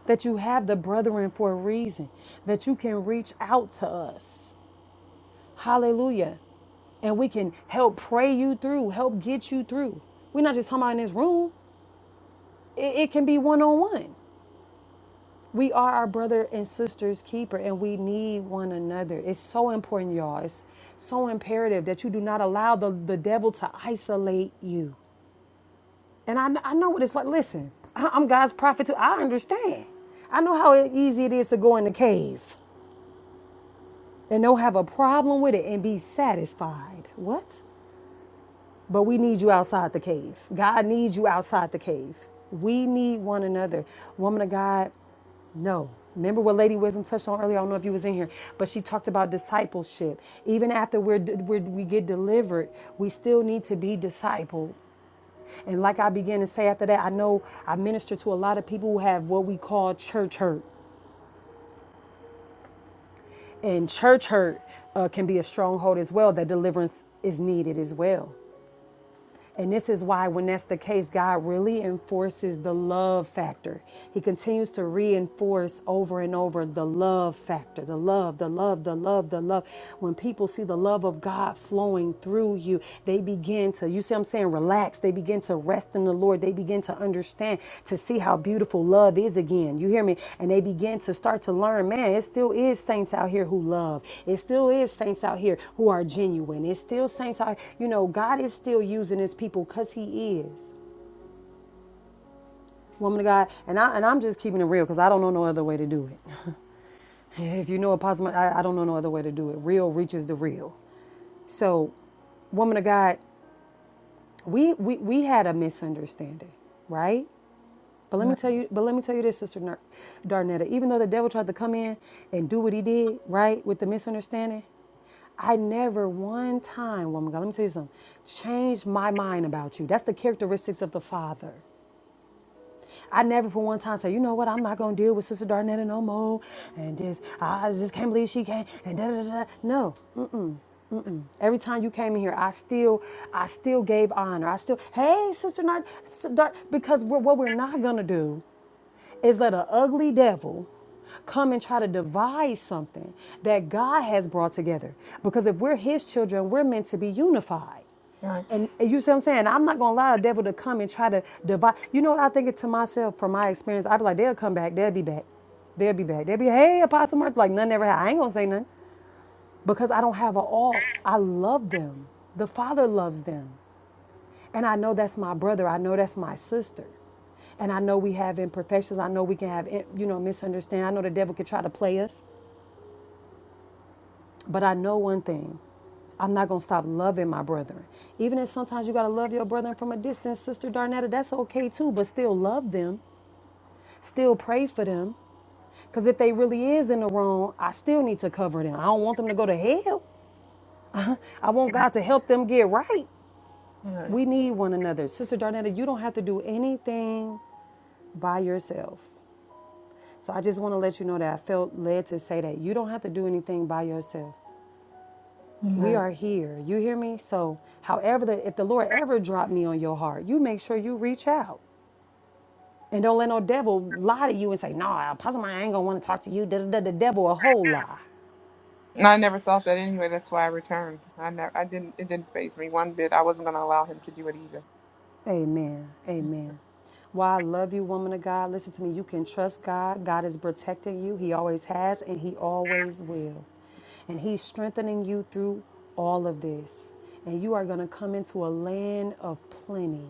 that you have the brethren for a reason, that you can reach out to us. Hallelujah. And we can help pray you through, help get you through. We're not just talking about in this room, it, it can be one on one. We are our brother and sister's keeper, and we need one another. It's so important, y'all. It's so imperative that you do not allow the, the devil to isolate you. And I, I know what it's like. Listen, I, I'm God's prophet too. I understand. I know how easy it is to go in the cave and don't have a problem with it and be satisfied. What? But we need you outside the cave. God needs you outside the cave. We need one another. Woman of God, no. Remember what Lady Wisdom touched on earlier? I don't know if you was in here, but she talked about discipleship. Even after we're, we're we get delivered, we still need to be discipled. And like I began to say after that, I know I minister to a lot of people who have what we call church hurt, and church hurt uh, can be a stronghold as well. That deliverance is needed as well. And this is why, when that's the case, God really enforces the love factor. He continues to reinforce over and over the love factor the love, the love, the love, the love. When people see the love of God flowing through you, they begin to, you see what I'm saying, relax. They they begin to rest in the Lord. They begin to understand, to see how beautiful love is again. You hear me? And they begin to start to learn, man, it still is saints out here who love. It still is saints out here who are genuine. It's still saints out, you know, God is still using his people because he is woman of God, and I and I'm just keeping it real because I don't know no other way to do it. If you know Apostle, I, I don't know no other way to do it. Real reaches the real. So, woman of God, we we we had a misunderstanding, right? But let me
That's
tell you, but let me tell you this, Sister Darnetta. Even though the devil tried to come in and do what he did, right, with the misunderstanding, I never one time, woman God, let me tell you something, changed my mind about you. That's the characteristics of the Father. I never for one time said, you know what, I'm not gonna deal with Sister Darnetta no more. And just I just can't believe she came and da da da. da. No. Every time you came in here, I still, I still gave honor. I still, hey, Sister Nard, Dar, because we're, what we're not gonna do is let an ugly devil come and try to divide something that God has brought together. Because if we're his children, we're meant to be unified.
right.
And and you see what I'm saying? I'm not gonna allow the devil to come and try to divide. You know what I think it to myself from my experience? I'd be like, they'll come back, they'll be back. They'll be back. They'll be, hey, Apostle Mark, like none ever had. I ain't gonna say nothing. Because I don't have a all. I love them. The Father loves them. And I know that's my brother. I know that's my sister. And I know we have imperfections. I know we can have, eh, you know, misunderstanding. I know the devil can try to play us. But I know one thing I'm not going to stop loving my brethren. Even if sometimes you got to love your brethren from a distance, Sister Darnetta, that's okay too. But still love them, still pray for them. Because if they really is in the wrong, I still need to cover them. I don't want them to go to hell. I want God to help them get right.
Right.
We need one another. Sister Darnetta, you don't have to do anything by yourself. So I just want to let you know that I felt led to say that you don't have to do anything by yourself. We
Amen.
are here. You hear me? So, however, the, if the Lord ever dropped me on your heart, you make sure you reach out. And don't let no devil lie to you and say, nah, Apostle Maya, I ain't going to want to talk to you. Da, da, da. The devil, a whole lie.
And I never thought that anyway. That's why I returned. I never. I didn't. It didn't phase me one bit. I wasn't going to allow him to do it either.
Amen. Amen. Why I love you, woman of God. Listen to me. You can trust God. God is protecting you. He always has and He always will. And He's strengthening you through all of this. And you are going to come into a land of plenty,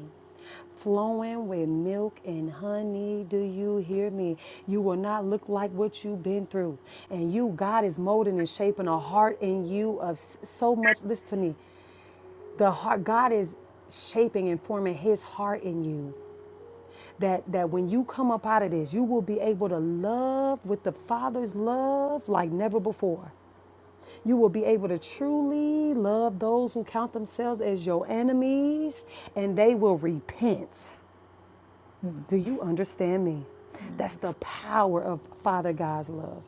flowing with milk and honey. Do you hear me? You will not look like what you've been through. And you, God is molding and shaping a heart in you of s- so much. Listen to me the heart god is shaping and forming his heart in you that that when you come up out of this you will be able to love with the father's love like never before you will be able to truly love those who count themselves as your enemies and they will repent
Mm.
do you understand me
Mm.
that's the power of father god's love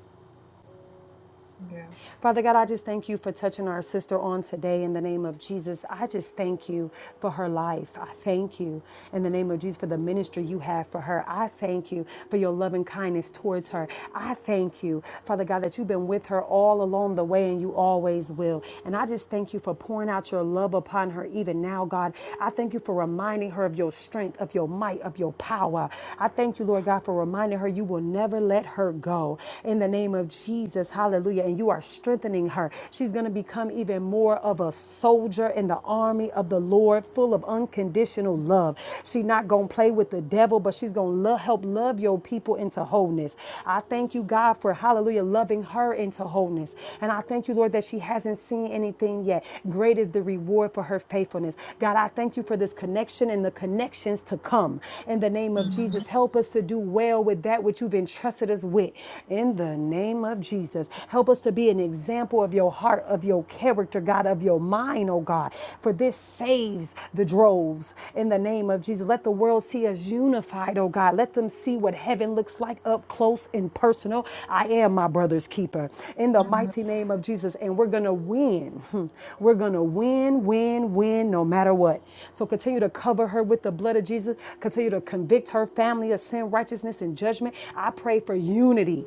Yes.
Father God, I just thank you for touching our sister on today in the name of Jesus. I just thank you for her life. I thank you in the name of Jesus for the ministry you have for her. I thank you for your loving kindness towards her. I thank you, Father God, that you've been with her all along the way and you always will. And I just thank you for pouring out your love upon her even now, God. I thank you for reminding her of your strength, of your might, of your power. I thank you, Lord God, for reminding her you will never let her go. In the name of Jesus, hallelujah. Hallelujah. And you are strengthening her. She's going to become even more of a soldier in the army of the Lord, full of unconditional love. She's not going to play with the devil, but she's going to lo- help love your people into wholeness. I thank you, God, for hallelujah, loving her into wholeness. And I thank you, Lord, that she hasn't seen anything yet. Great is the reward for her faithfulness. God, I thank you for this connection and the connections to come. In the name of Jesus, help us to do well with that which you've entrusted us with. In the name name of Jesus. Help us to be an example of your heart, of your character, God, of your mind, oh God. For this saves the droves in the name of Jesus. Let the world see us unified, oh God. Let them see what heaven looks like up close and personal. I am my brother's keeper in the mighty name of Jesus. And we're going to win. Hmm. We're going to win, win, win, no matter what. So continue to cover her with the blood of Jesus. Continue to convict her family of sin, righteousness, and judgment. I pray for unity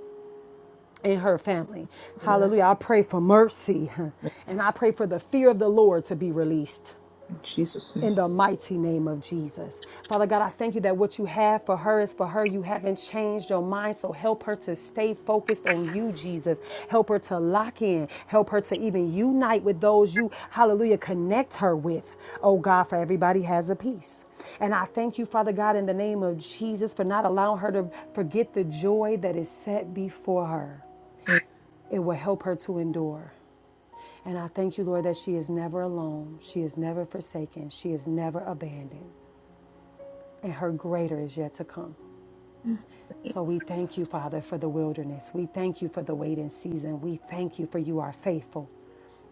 in her family.
Yeah.
Hallelujah. I pray for mercy huh, and I pray for the fear of the Lord to be released.
In Jesus' name.
In the mighty name of Jesus. Father God, I thank you that what you have for her is for her. You haven't changed your mind. So help her to stay focused on you, Jesus. Help her to lock in. Help her to even unite with those you, hallelujah, connect her with. Oh God, for everybody has a piece. And I thank you, Father God, in the name of Jesus, for not allowing her to forget the joy that is set before her. It will help her to endure. And I thank you, Lord, that she is never alone. She is never forsaken. She is never abandoned. And her greater is yet to come. So we thank you, Father, for the wilderness. We thank you for the waiting season. We thank you for you are faithful.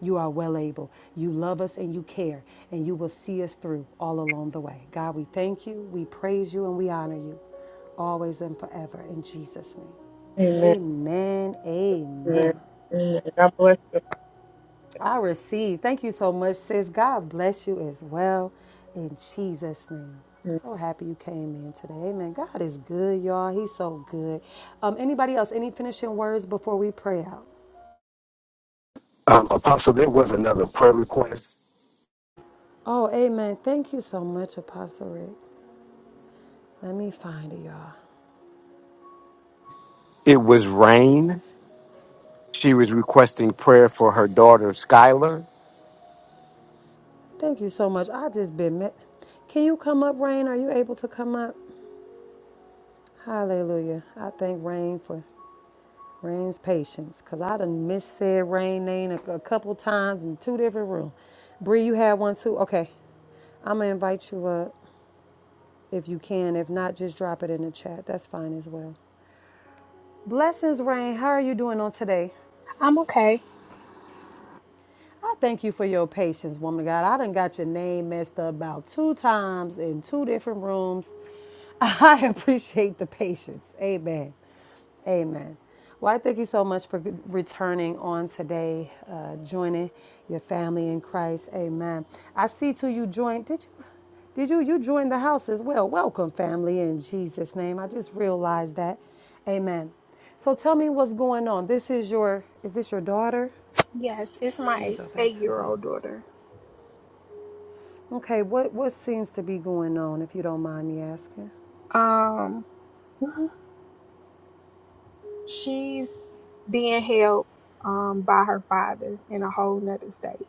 You are well able. You love us and you care, and you will see us through all along the way. God, we thank you, we praise you, and we honor you always and forever in Jesus' name.
Amen.
Amen.
Amen.
Amen.
Amen. God bless
I receive. Thank you so much, sis. God bless you as well. In Jesus' name.
you.
So happy you came in today. Amen. God is good, y'all. He's so good. Um, anybody else? Any finishing words before we pray out?
Um, a prayer request.
Oh, amen. Thank you so much, Apostle Rick. Let me find it, y'all.
It was rain. She was requesting prayer for her daughter, Skylar.
Thank you so much. I just been met. Can you come up, Rain? Are you able to come up? Hallelujah. I thank Rain for Rain's patience, cause I done missaid Rain name a, a couple times in two different rooms. Bree, you had one too. Okay, I'm gonna invite you up if you can. If not, just drop it in the chat. That's fine as well. Blessings, Rain. How are you doing on today?
I'm okay.
I thank you for your patience, woman of God. I done got your name messed up about two times in two different rooms. I appreciate the patience. Amen. Amen. Well, I thank you so much for returning on today, uh, joining your family in Christ. Amen. I see too you joined. Did you? Did you? You joined the house as well. Welcome, family, in Jesus' name. I just realized that. Amen. So tell me what's going on. This is your. Is this your daughter?
Yes, it's
Let me
my
go back
eight
to
year
the.
old daughter.
Okay, what, what seems to be going on, if you don't mind me asking?
Um, she's being held um by her father in a whole nother state.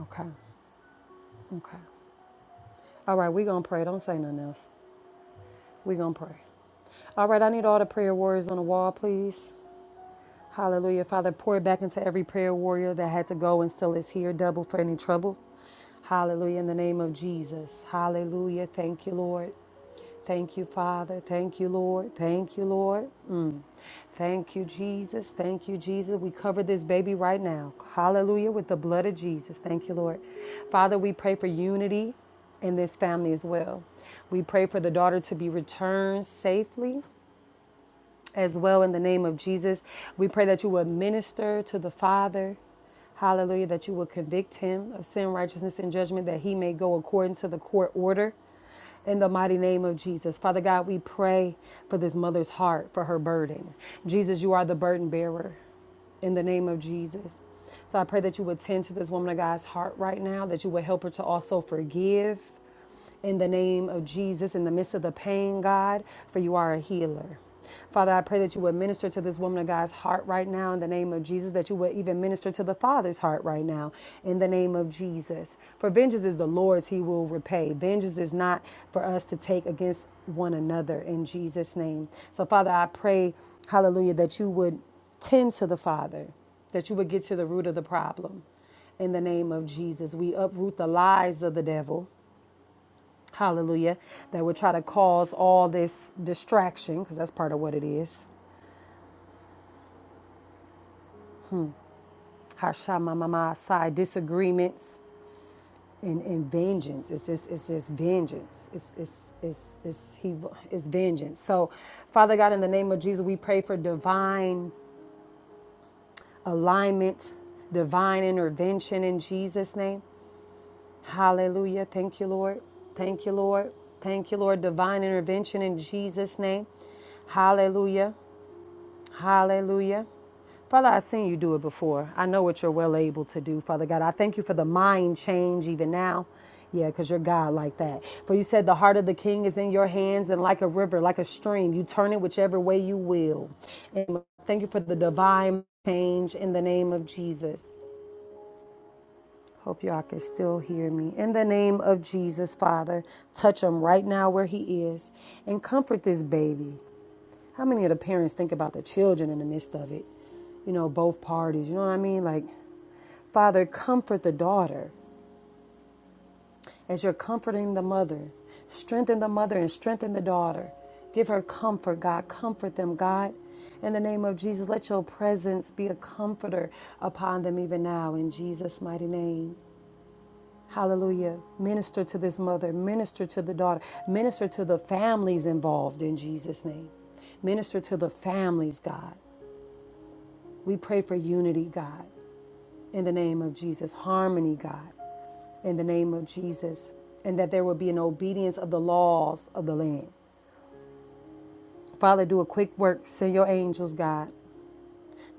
Okay, okay. All right, we going to pray. Don't say nothing else. we going to pray. All right, I need all the prayer warriors on the wall, please. Hallelujah. Father, pour back into every prayer warrior that had to go and still is here, double for any trouble. Hallelujah. In the name of Jesus. Hallelujah. Thank you, Lord. Thank you, Father. Thank you, Lord. Thank you, Lord. Mm. Thank you, Jesus. Thank you, Jesus. We cover this baby right now. Hallelujah. With the blood of Jesus. Thank you, Lord. Father, we pray for unity in this family as well. We pray for the daughter to be returned safely as well in the name of Jesus. We pray that you would minister to the Father. Hallelujah. That you would convict him of sin, righteousness, and judgment, that he may go according to the court order. In the mighty name of Jesus. Father God, we pray for this mother's heart, for her burden. Jesus, you are the burden bearer in the name of Jesus. So I pray that you would tend to this woman of God's heart right now, that you would help her to also forgive in the name of Jesus in the midst of the pain, God, for you are a healer. Father, I pray that you would minister to this woman of God's heart right now in the name of Jesus, that you would even minister to the Father's heart right now in the name of Jesus. For vengeance is the Lord's, he will repay. Vengeance is not for us to take against one another in Jesus' name. So, Father, I pray, hallelujah, that you would tend to the Father, that you would get to the root of the problem in the name of Jesus. We uproot the lies of the devil hallelujah, that would try to cause all this distraction, because that's part of what it is. Hashamamama side disagreements and, and vengeance. It's just it's just vengeance. It's it's it's it's he it's vengeance. So Father God, in the name of Jesus, we pray for divine alignment, divine intervention in Jesus' name. Hallelujah. Thank you, Lord. Thank you, Lord. Thank you, Lord. Divine intervention in Jesus' name. Hallelujah. Hallelujah. Father, I've seen you do it before. I know what you're well able to do, Father God. I thank you for the mind change even now. Yeah, because you're God like that. For you said the heart of the king is in your hands and like a river, like a stream, you turn it whichever way you will. And thank you for the divine change in the name of Jesus. Hope y'all can still hear me. In the name of Jesus, Father, touch him right now where he is and comfort this baby. How many of the parents think about the children in the midst of it? You know, both parties. You know what I mean? Like, Father, comfort the daughter as you're comforting the mother. Strengthen the mother and strengthen the daughter. Give her comfort, God. Comfort them, God. In the name of Jesus, let your presence be a comforter upon them even now, in Jesus' mighty name. Hallelujah. Minister to this mother, minister to the daughter, minister to the families involved in Jesus' name. Minister to the families, God. We pray for unity, God, in the name of Jesus, harmony, God. in the name of Jesus, and that there will be an obedience of the laws of the land. Father, do a quick work. Send your angels, God,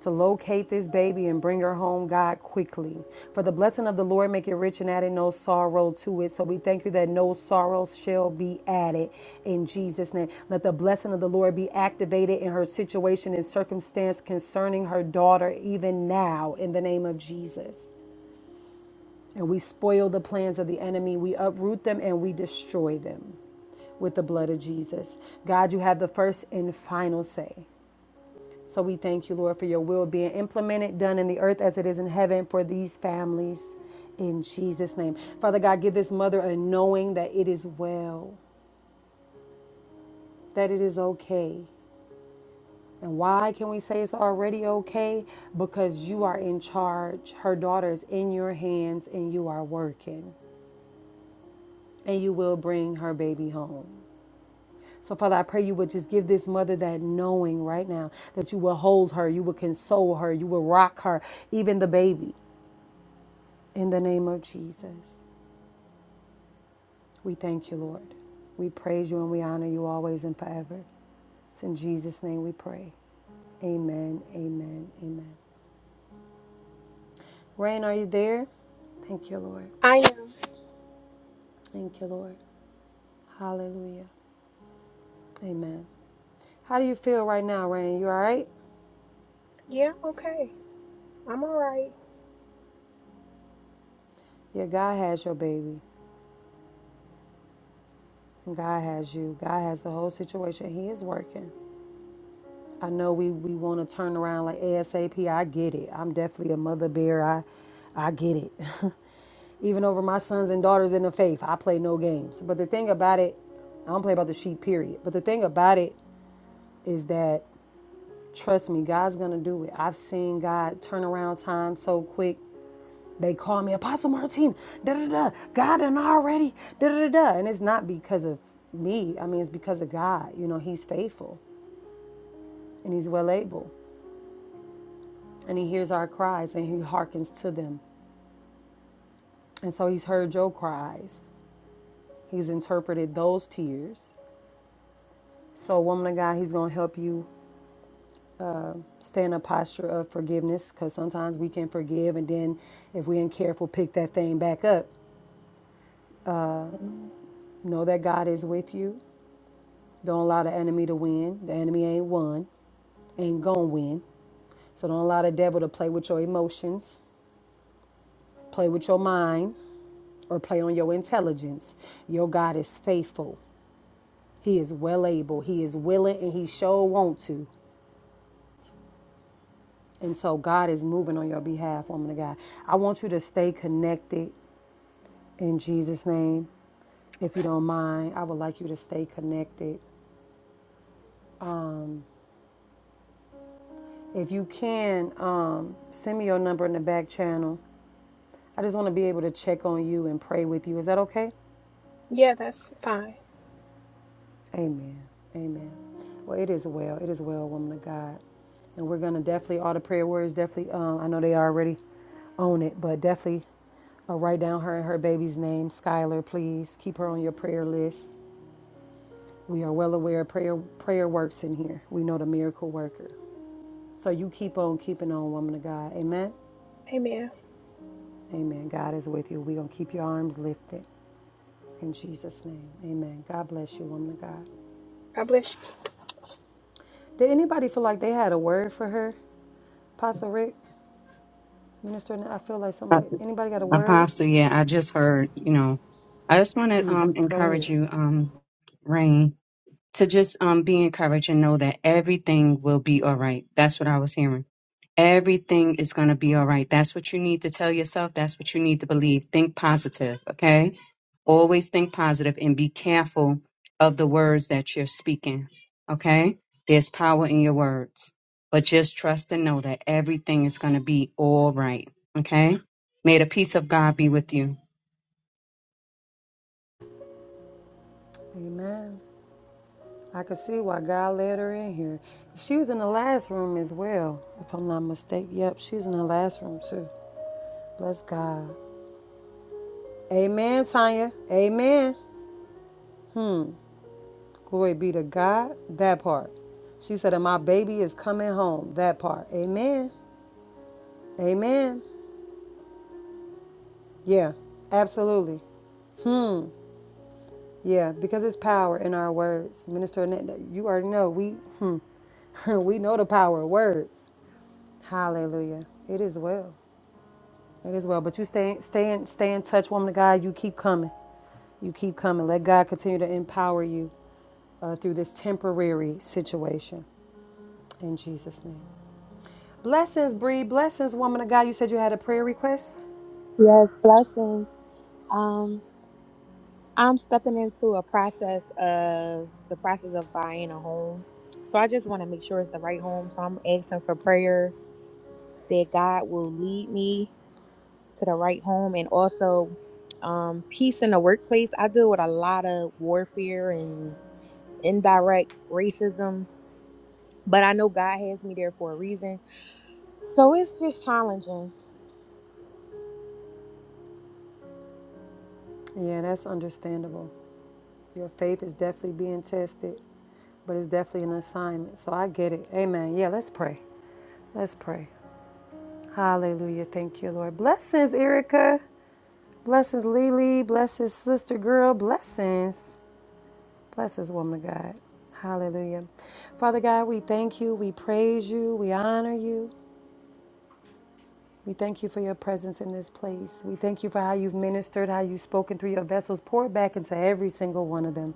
to locate this baby and bring her home, God, quickly. For the blessing of the Lord make it rich and added no sorrow to it. So we thank you that no sorrow shall be added in Jesus' name. Let the blessing of the Lord be activated in her situation and circumstance concerning her daughter, even now, in the name of Jesus. And we spoil the plans of the enemy. We uproot them and we destroy them. with the blood of Jesus. God, you have the first and final say. So we thank you, Lord, for your will being implemented, done in the earth as it is in heaven for these families. In Jesus' name. Father God, give this mother a knowing that it is well, that it is okay. And why can we say it's already okay? Because you are in charge. Her daughter is in your hands and you are working. And you will bring her baby home. So, Father, I pray you would just give this mother that knowing right now that you will hold her, you will console her, you will rock her, even the baby. In the name of Jesus, we thank you, Lord. We praise you and we honor you always and forever. It's in Jesus' name we pray. Amen, amen, amen. Rain, are you there? Thank you, Lord.
I am.
Thank you, Lord. Hallelujah. Amen. How do you feel right now, Rain? You all right?
Yeah, I'm okay. I'm all right.
Yeah, God has your baby. God has you. God has the whole situation. He is working. I know we, we want to turn around like ASAP. I get it. I'm definitely a mother bear. I I get it. Even over my sons and daughters in the faith, I play no games. But the thing about it, I don't play about the sheep, period. But the thing about it is that trust me, God's gonna do it. I've seen God turn around time so quick. They call me Apostle Martin, da da da, God done already, da da da. And it's not because of me. I mean, it's because of God. You know, He's faithful and He's well able. and he hears our cries and he hearkens to them. And so he's heard your cries. He's interpreted those tears. So, woman of God, he's going to help you stay in a posture of forgiveness because sometimes we can forgive and then if we ain't careful, pick that thing back up. Know that God is with you. Don't allow the enemy to win. The enemy ain't won, ain't going to win. So, don't allow the devil to play with your emotions, play with your mind, or play on your intelligence. Your God is faithful. He is well able. He is willing and he sure want to. And so God is moving on your behalf, woman of God. I want you to stay connected in Jesus' name. If you don't mind, I would like you to stay connected. If you can, um, send me your number in the back channel. I just want to be able to check on you and pray with you. Is that okay?
Yeah, that's fine.
Amen. Amen. Well, it is well. It is well, woman of God. And we're going to definitely, all the prayer words, definitely, um, I know they already own it, but definitely uh, write down her and her baby's name, Skylar, please. Keep her on your prayer list. We are well aware prayer, prayer works in here. We know the miracle worker. So you keep on keeping on, woman of God. Amen.
Amen.
Amen. God is with you. We're going to keep your arms lifted in Jesus' name. Amen. God bless you, woman of God.
God bless you.
Did anybody feel like they had a word for her, Apostle Rick? Minister, I feel like somebody, anybody got a word?
Apostle, yeah, I just heard, you know, I just want to um
Mhm, Go
encourage
ahead.
you, um, Rain, to just um be encouraged and know that everything will be all right. That's what I was hearing. Everything is going to be all right. That's what you need to tell yourself. That's what you need to believe. Think positive, okay? Always think positive and be careful of the words that you're speaking, okay? There's power in your words, but just trust and know that everything is going to be all right, okay? May the peace of God be with you.
Amen. I could see why God led her in here. She was in the last room as well, if I'm not mistaken. Yep, she was in the last room too. Bless God. Amen, Tanya. Amen. Glory be to God. That part. She said, and my baby is coming home. That part. Amen. Amen. Yeah, absolutely. Yeah, because it's power in our words. Minister, Annette, you already know we, hmm, we know the power of words. Hallelujah. It is well. It is well. But you stay, stay, in, stay in touch, woman of God. You keep coming. You keep coming. Let God continue to empower you uh, through this temporary situation. In Jesus' name. Blessings, Bree. Blessings, woman of God. You said you had a prayer request?
Yes, blessings. Um, I'm stepping into a process of the process of buying a home. So I just want to make sure it's the right home. So I'm asking for prayer that God will lead me to the right home and also um peace in the workplace. I deal with a lot of warfare and indirect racism, but I know God has me there for a reason. So it's just challenging.
Yeah, that's understandable. Your faith is definitely being tested, but it's definitely an assignment. So I get it. Amen. Yeah, let's pray. Let's pray. Hallelujah. Thank you, Lord. Blessings, Erica. Blessings, Lily. Blessings, sister girl. Blessings. Bless this woman of God. Hallelujah. Father God, we thank you. We praise you. We honor you. We thank you for your presence in this place. We thank you for how you've ministered, how you've spoken through your vessels, poured back into every single one of them.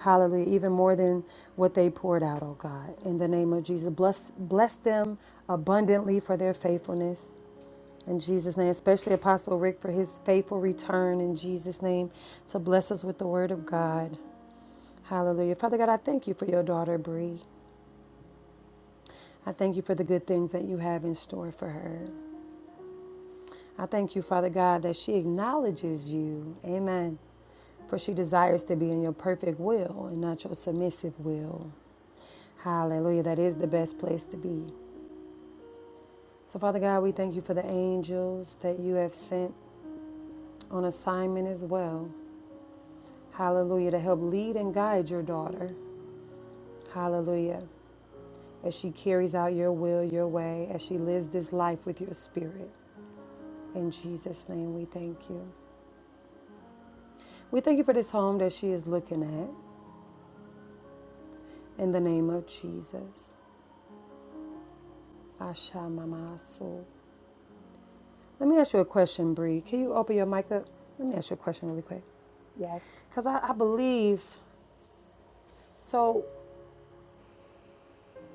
Hallelujah. Even more than what they poured out, oh God. In the name of Jesus, bless, bless them abundantly for their faithfulness. In Jesus' name, especially Apostle Rick for his faithful return in Jesus' name to bless us with the word of God. Hallelujah. Father God, I thank you for your daughter, Bree. I thank you for the good things that you have in store for her. I thank you, Father God, that she acknowledges you. Amen. For she desires to be in your perfect will and not your submissive will. Hallelujah. That is the best place to be. So, Father God, we thank you for the angels that you have sent on assignment as well. Hallelujah. To help lead and guide your daughter. Hallelujah. As she carries out your will, your way, as she lives this life with your spirit. In Jesus' name, we thank you. We thank you for this home that she is looking at in the name of Jesus. Asha Mama Asu. Let me ask you a question, Bree. Can you open your mic up? Let me ask you a question really quick.
Yes.
Because I, I believe, so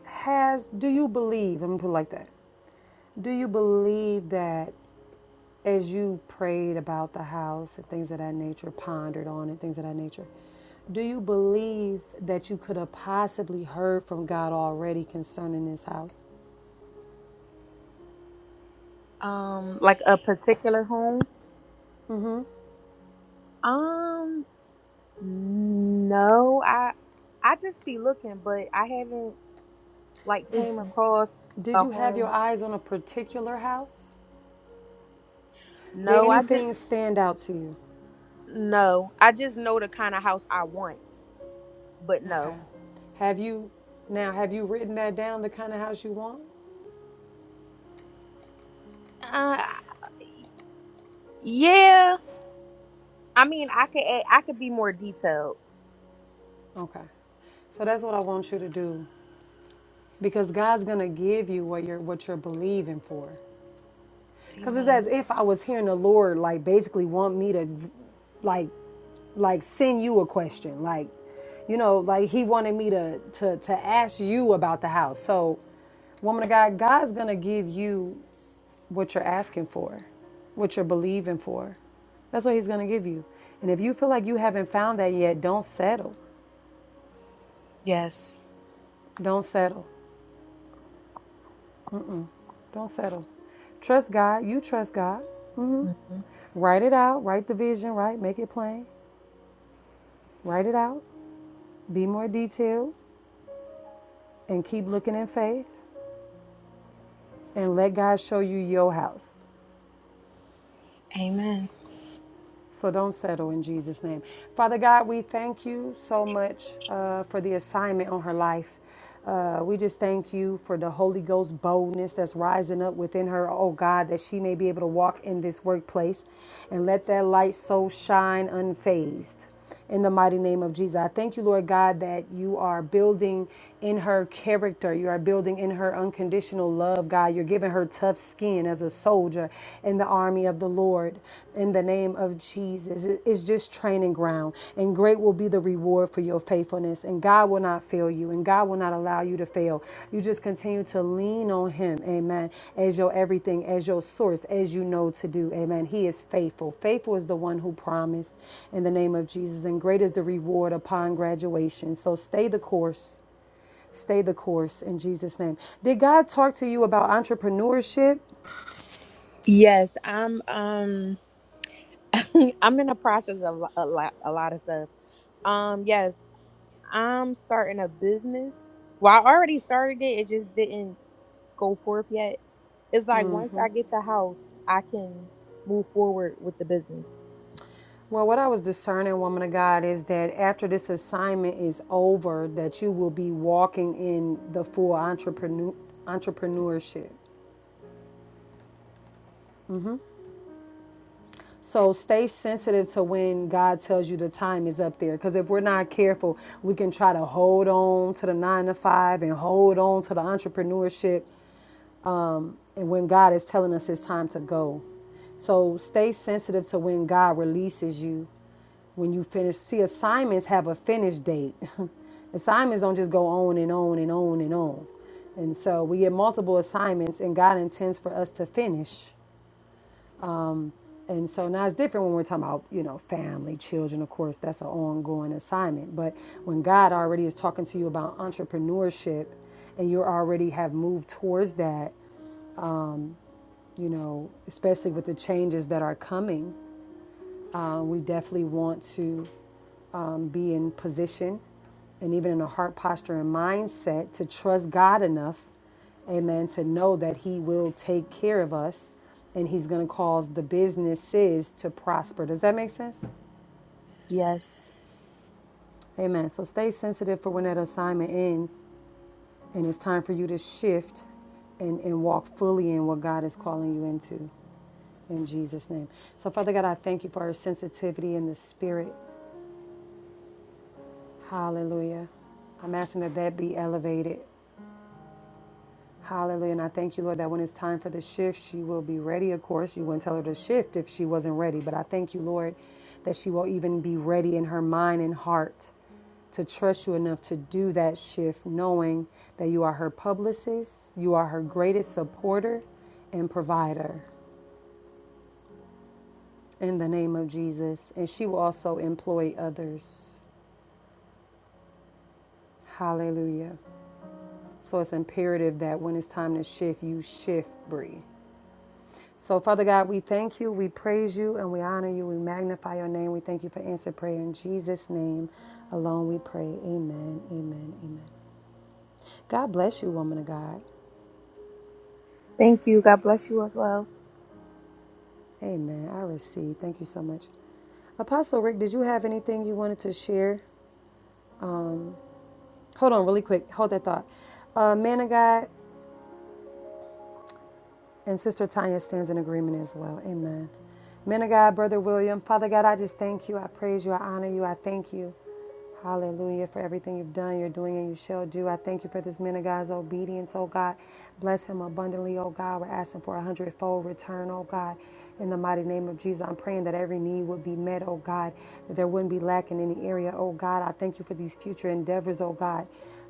has, do you believe, I'm going to put it like that, do you believe that as you prayed about the house and things of that nature, pondered on it, things of that nature, do you believe that you could have possibly heard from God already concerning this house?
Um, like a particular home. Um. No, I I just be looking, but I haven't like came across
Did
a
you have your
home.
eyes on a particular house? Did
No, I just
anything stand out to you?
no. I just know the kind of house I want, but
Okay.
no.
Have you now have you written that down the kind of house you want?
Uh, yeah. I mean, I could add, I could be more detailed.
Okay. So that's what I want you to do because God's going to give you what you're what you're believing for. Cuz it's
Amen.
as if I was hearing the Lord like basically want me to like like send you a question like you know like he wanted me to to to ask you about the house. So woman of God, God's going to give you what you're asking for, what you're believing for. That's what he's going to give you. And if you feel like you haven't found that yet, don't settle.
Yes.
Don't settle. Don't settle. Trust God. You trust God.
Mhm.
Write it out. Write the vision, right? Make it plain. Write it out. Be more detailed and keep looking in faith and let God show you your house.
Amen.
So don't settle in Jesus' name. Father God, we thank you so much uh, for the assignment on her life. Uh, we just thank you for the Holy Ghost boldness that's rising up within her, oh God, that she may be able to walk in this workplace and let that light so shine unfazed in the mighty name of Jesus. I thank you, Lord God, that you are building in her character. You are building in her unconditional love, God. You're giving her tough skin as a soldier in the army of the Lord in the name of Jesus. It's just training ground, and great will be the reward for your faithfulness and God will not fail you and God will not allow you to fail. You just continue to lean on him. Amen. As your everything, as your source, as you know to do. Amen. He is faithful. Faithful is the one who promised in the name of Jesus and great is the reward upon graduation. So stay the course. Stay the course in Jesus name. Did God talk to you about entrepreneurship?
Yes, I'm um I'm in the process of lo- a lot a lot of stuff. Um yes, I'm starting a business. Well, I already started it. It just didn't go forth yet. It's like once I get the house, I can move forward with the business.
Well, what I was discerning, woman of God, is that after this assignment is over, that you will be walking in the full entrepreneur entrepreneurship. So stay sensitive to when God tells you the time is up there. Because if we're not careful, we can try to hold on to the nine to five and hold on to the entrepreneurship. And when God is telling us it's time to go, so stay sensitive to when God releases you when you finish see assignments have a finish date assignments don't just go on and on and on and on and so we get multiple assignments and god intends for us to finish and so now it's different when we're talking about you know family children of course that's an ongoing assignment but when god already is talking to you about entrepreneurship and you already have moved towards that you know especially with the changes that are coming uh, we definitely want to be in position and even in a heart posture and mindset to trust God enough, amen, to know that He will take care of us and He's going to cause the businesses to prosper. Does that make sense?
Yes.
Amen. So stay sensitive for when that assignment ends and it's time for you to shift and, and walk fully in what God is calling you into in Jesus' name. So, Father God, I thank you for our sensitivity in the spirit. Hallelujah. I'm asking that that be elevated Hallelujah. And I thank you, Lord, that when it's time for the shift, she will be ready. Of course, you wouldn't tell her to shift if she wasn't ready. But I thank you, Lord, that she will even be ready in her mind and heart to trust you enough to do that shift, knowing that you are her publicist, you are her greatest supporter and provider in the name of Jesus. And she will also employ others. Hallelujah. So it's imperative that when it's time to shift, you shift, Bree. So, Father God, we thank you, we praise you, and we honor you. We magnify your name. We thank you for answered prayer. In Jesus' name alone we pray. Amen, amen, amen. God bless you, woman of God.
Thank you. God bless you as well.
Amen. I receive. Thank you so much. Apostle Rick, did you have anything you wanted to share? Hold on, really quick. Hold that thought. Uh, man of God and Sister Tanya stands in agreement as well. Amen. Man of God, Brother William, Father God, I just thank you. I praise you. I honor you. I thank you. Hallelujah for everything you've done, you're doing, and you shall do. I thank you for this man of God's obedience, oh God. Bless him abundantly, oh God. We're asking for a hundredfold return, oh God. In the mighty name of Jesus, I'm praying that every need would be met, oh God, that there wouldn't be lack in any area, oh God. I thank you for these future endeavors, oh God.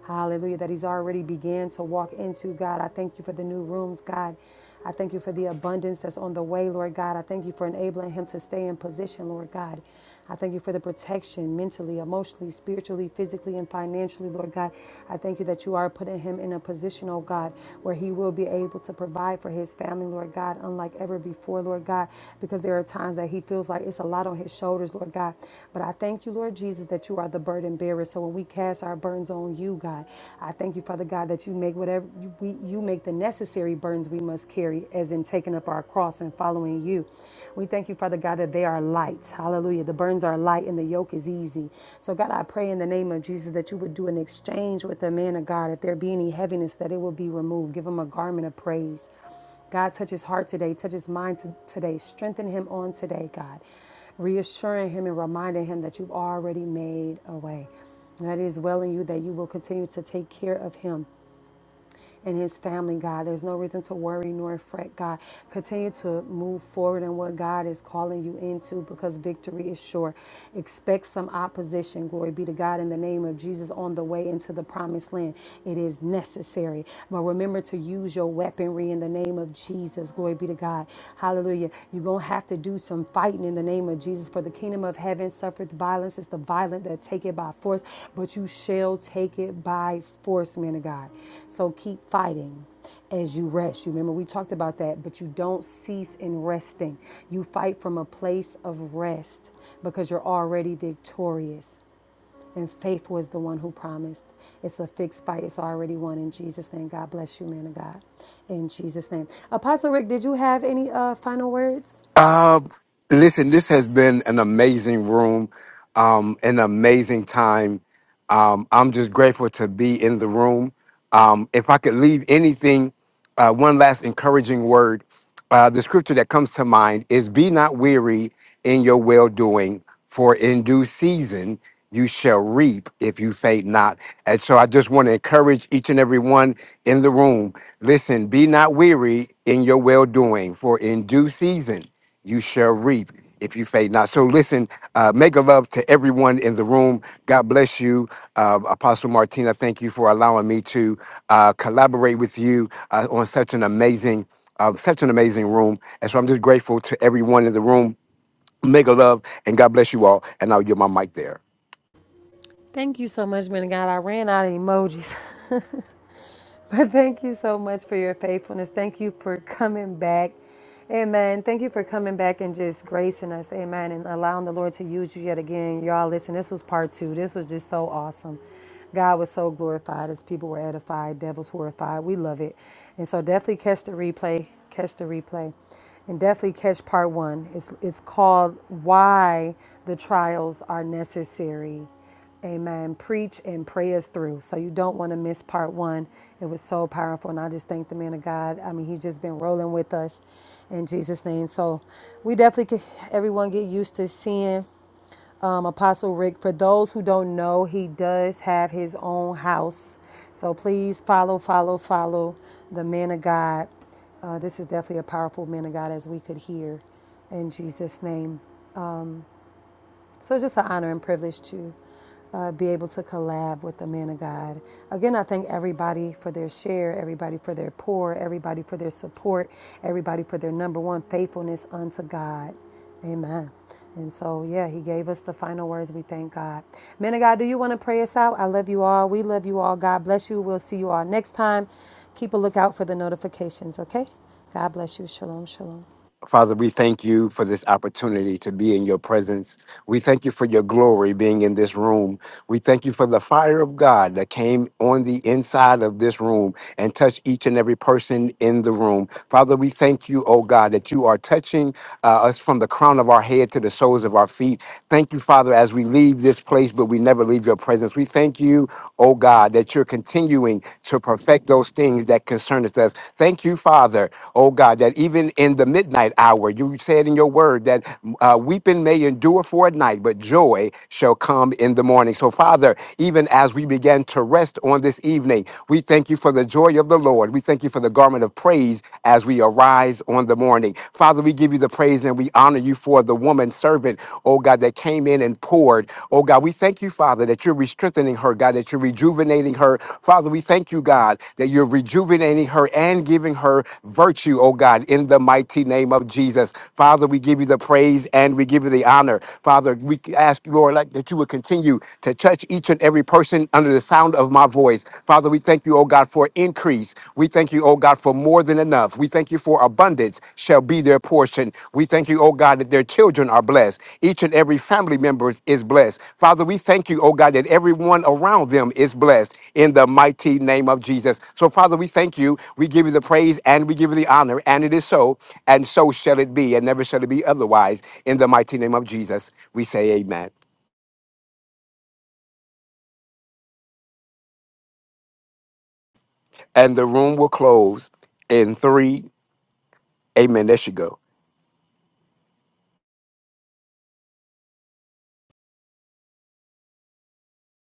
Hallelujah, that he's already began to walk into, God. I thank you for the new rooms, God. I thank you for the abundance that's on the way, Lord God. I thank you for enabling him to stay in position, Lord God. I thank you for the protection mentally, emotionally, spiritually, physically, and financially, Lord God. I thank you that you are putting him in a position, oh God, where he will be able to provide for his family, Lord God, unlike ever before, Lord God, because there are times that he feels like it's a lot on his shoulders, Lord God. But I thank you, Lord Jesus, that you are the burden bearer. So when we cast our burdens on you, God, I thank you, Father God, that you make whatever you, we, you make make the necessary burdens we must carry, as in taking up our cross and following you. We thank you, Father God, that they are light. Hallelujah. The burdens are light and the yoke is easy. So, God, I pray in the name of Jesus that you would do an exchange with the man of God. If there be any heaviness, that it will be removed. Give him a garment of praise. God, touch his heart today, touch his mind to- today, strengthen him on today, God, reassuring him and reminding him that you've already made a way. That it is well in you that you will continue to take care of him and his family, God. There's no reason to worry nor fret, God. Continue to move forward in what God is calling you into because victory is sure. Expect some opposition. Glory be to God in the name of Jesus on the way into the promised land. It is necessary. But remember to use your weaponry in the name of Jesus. Glory be to God. Hallelujah. You. You're going to have to do some fighting in the name of Jesus. For the kingdom of heaven suffereth violence. It's the violent that take it by force, but you shall take it by force, men of God. So keep fighting as you rest. You remember we talked about that, but you don't cease in resting. You fight from a place of rest because you're already victorious. And faithful is the one who promised. It's a fixed fight. It's already won in Jesus' name. God bless you, man of God. In Jesus' name. Apostle Rick, did you have any uh, final words?
Uh, listen, this has been an amazing room, um, an amazing time. Um, I'm just grateful to be in the room. Um, if I could leave anything, uh, one last encouraging word, uh, the scripture that comes to mind is Be not weary in your well doing, for in due season you shall reap if you faint not. And so I just want to encourage each and every one in the room listen, be not weary in your well doing, for in due season you shall reap if you faint not. So listen, uh, make a love to everyone in the room. God bless you, uh, Apostle Martina. Thank you for allowing me to uh, collaborate with you uh, on such an amazing, uh, such an amazing room. And so I'm just grateful to everyone in the room. Make a love, and God bless you all. And I'll give my mic there.
Thank you so much, man of God. I ran out of emojis. but thank you so much for your faithfulness. Thank you for coming back. Amen. Thank you for coming back and just gracing us. Amen. And allowing the Lord to use you yet again. Y'all, listen, this was part two. This was just so awesome. God was so glorified as people were edified, devils horrified. We love it. And so definitely catch the replay. Catch the replay. And definitely catch part one. It's, it's called Why the Trials Are Necessary. Amen. Preach and pray us through. So you don't want to miss part one. It was so powerful. And I just thank the man of God. I mean, he's just been rolling with us in Jesus' name. So we definitely could everyone get used to seeing um, Apostle Rick. For those who don't know, he does have his own house. So please follow, follow, follow the man of God. Uh, this is definitely a powerful man of God as we could hear in Jesus' name. So it's just an honor and privilege to uh, be able to collab with the man of God. Again, I thank everybody for their share, everybody for their pour, everybody for their support, everybody for their number one faithfulness unto God. Amen. And so, yeah, he gave us the final words. We thank God. Men of God, do you want to pray us out? I love you all. We love you all. God bless you. We'll see you all next time. Keep a lookout for the notifications, okay? God bless you. Shalom, shalom.
Father, we thank you for this opportunity to be in your presence. We thank you for your glory being in this room. We thank you for the fire of God that came on the inside of this room and touched each and every person in the room. Father, we thank you, oh God, that you are touching uh, us from the crown of our head to the soles of our feet. Thank you, Father, as we leave this place, but we never leave your presence. We thank you, oh God, that you're continuing to perfect those things that concern us. Thank you, Father, oh God, that even in the midnight hour, you said in your word that uh, weeping may endure for a night, but joy shall come in the morning. So, Father, even as we begin to rest on this evening, we thank you for the joy of the Lord. We thank you for the garment garment of praise as we arise on the morning. Father, we give you the praise and we honor you for the woman servant, oh God, that came in and poured. Oh God, we thank you, Father, that you're strengthening her, God, that you're rejuvenating her. Father, we thank you, God, that you're rejuvenating her and giving her virtue, oh God, in the mighty name of Jesus. Father, we give you the praise and we give you the honor. Father, we ask, Lord, like, that you would continue to touch each and every person under the sound of of my voice. Father, we thank you, oh God, for increase. We thank you, oh God, for more than enough. We thank you for abundance shall be their portion. We thank you, oh God, that their children are blessed. Each and every family member is blessed. Father, we thank you, oh God, that everyone around them is blessed in the mighty name of Jesus. So, Father, we thank you. We give you the praise and we give you the honor. And it is so, and so shall it be, and never shall it be otherwise. In the mighty name of Jesus, we say amen. And the room will close in three Amen. There should go.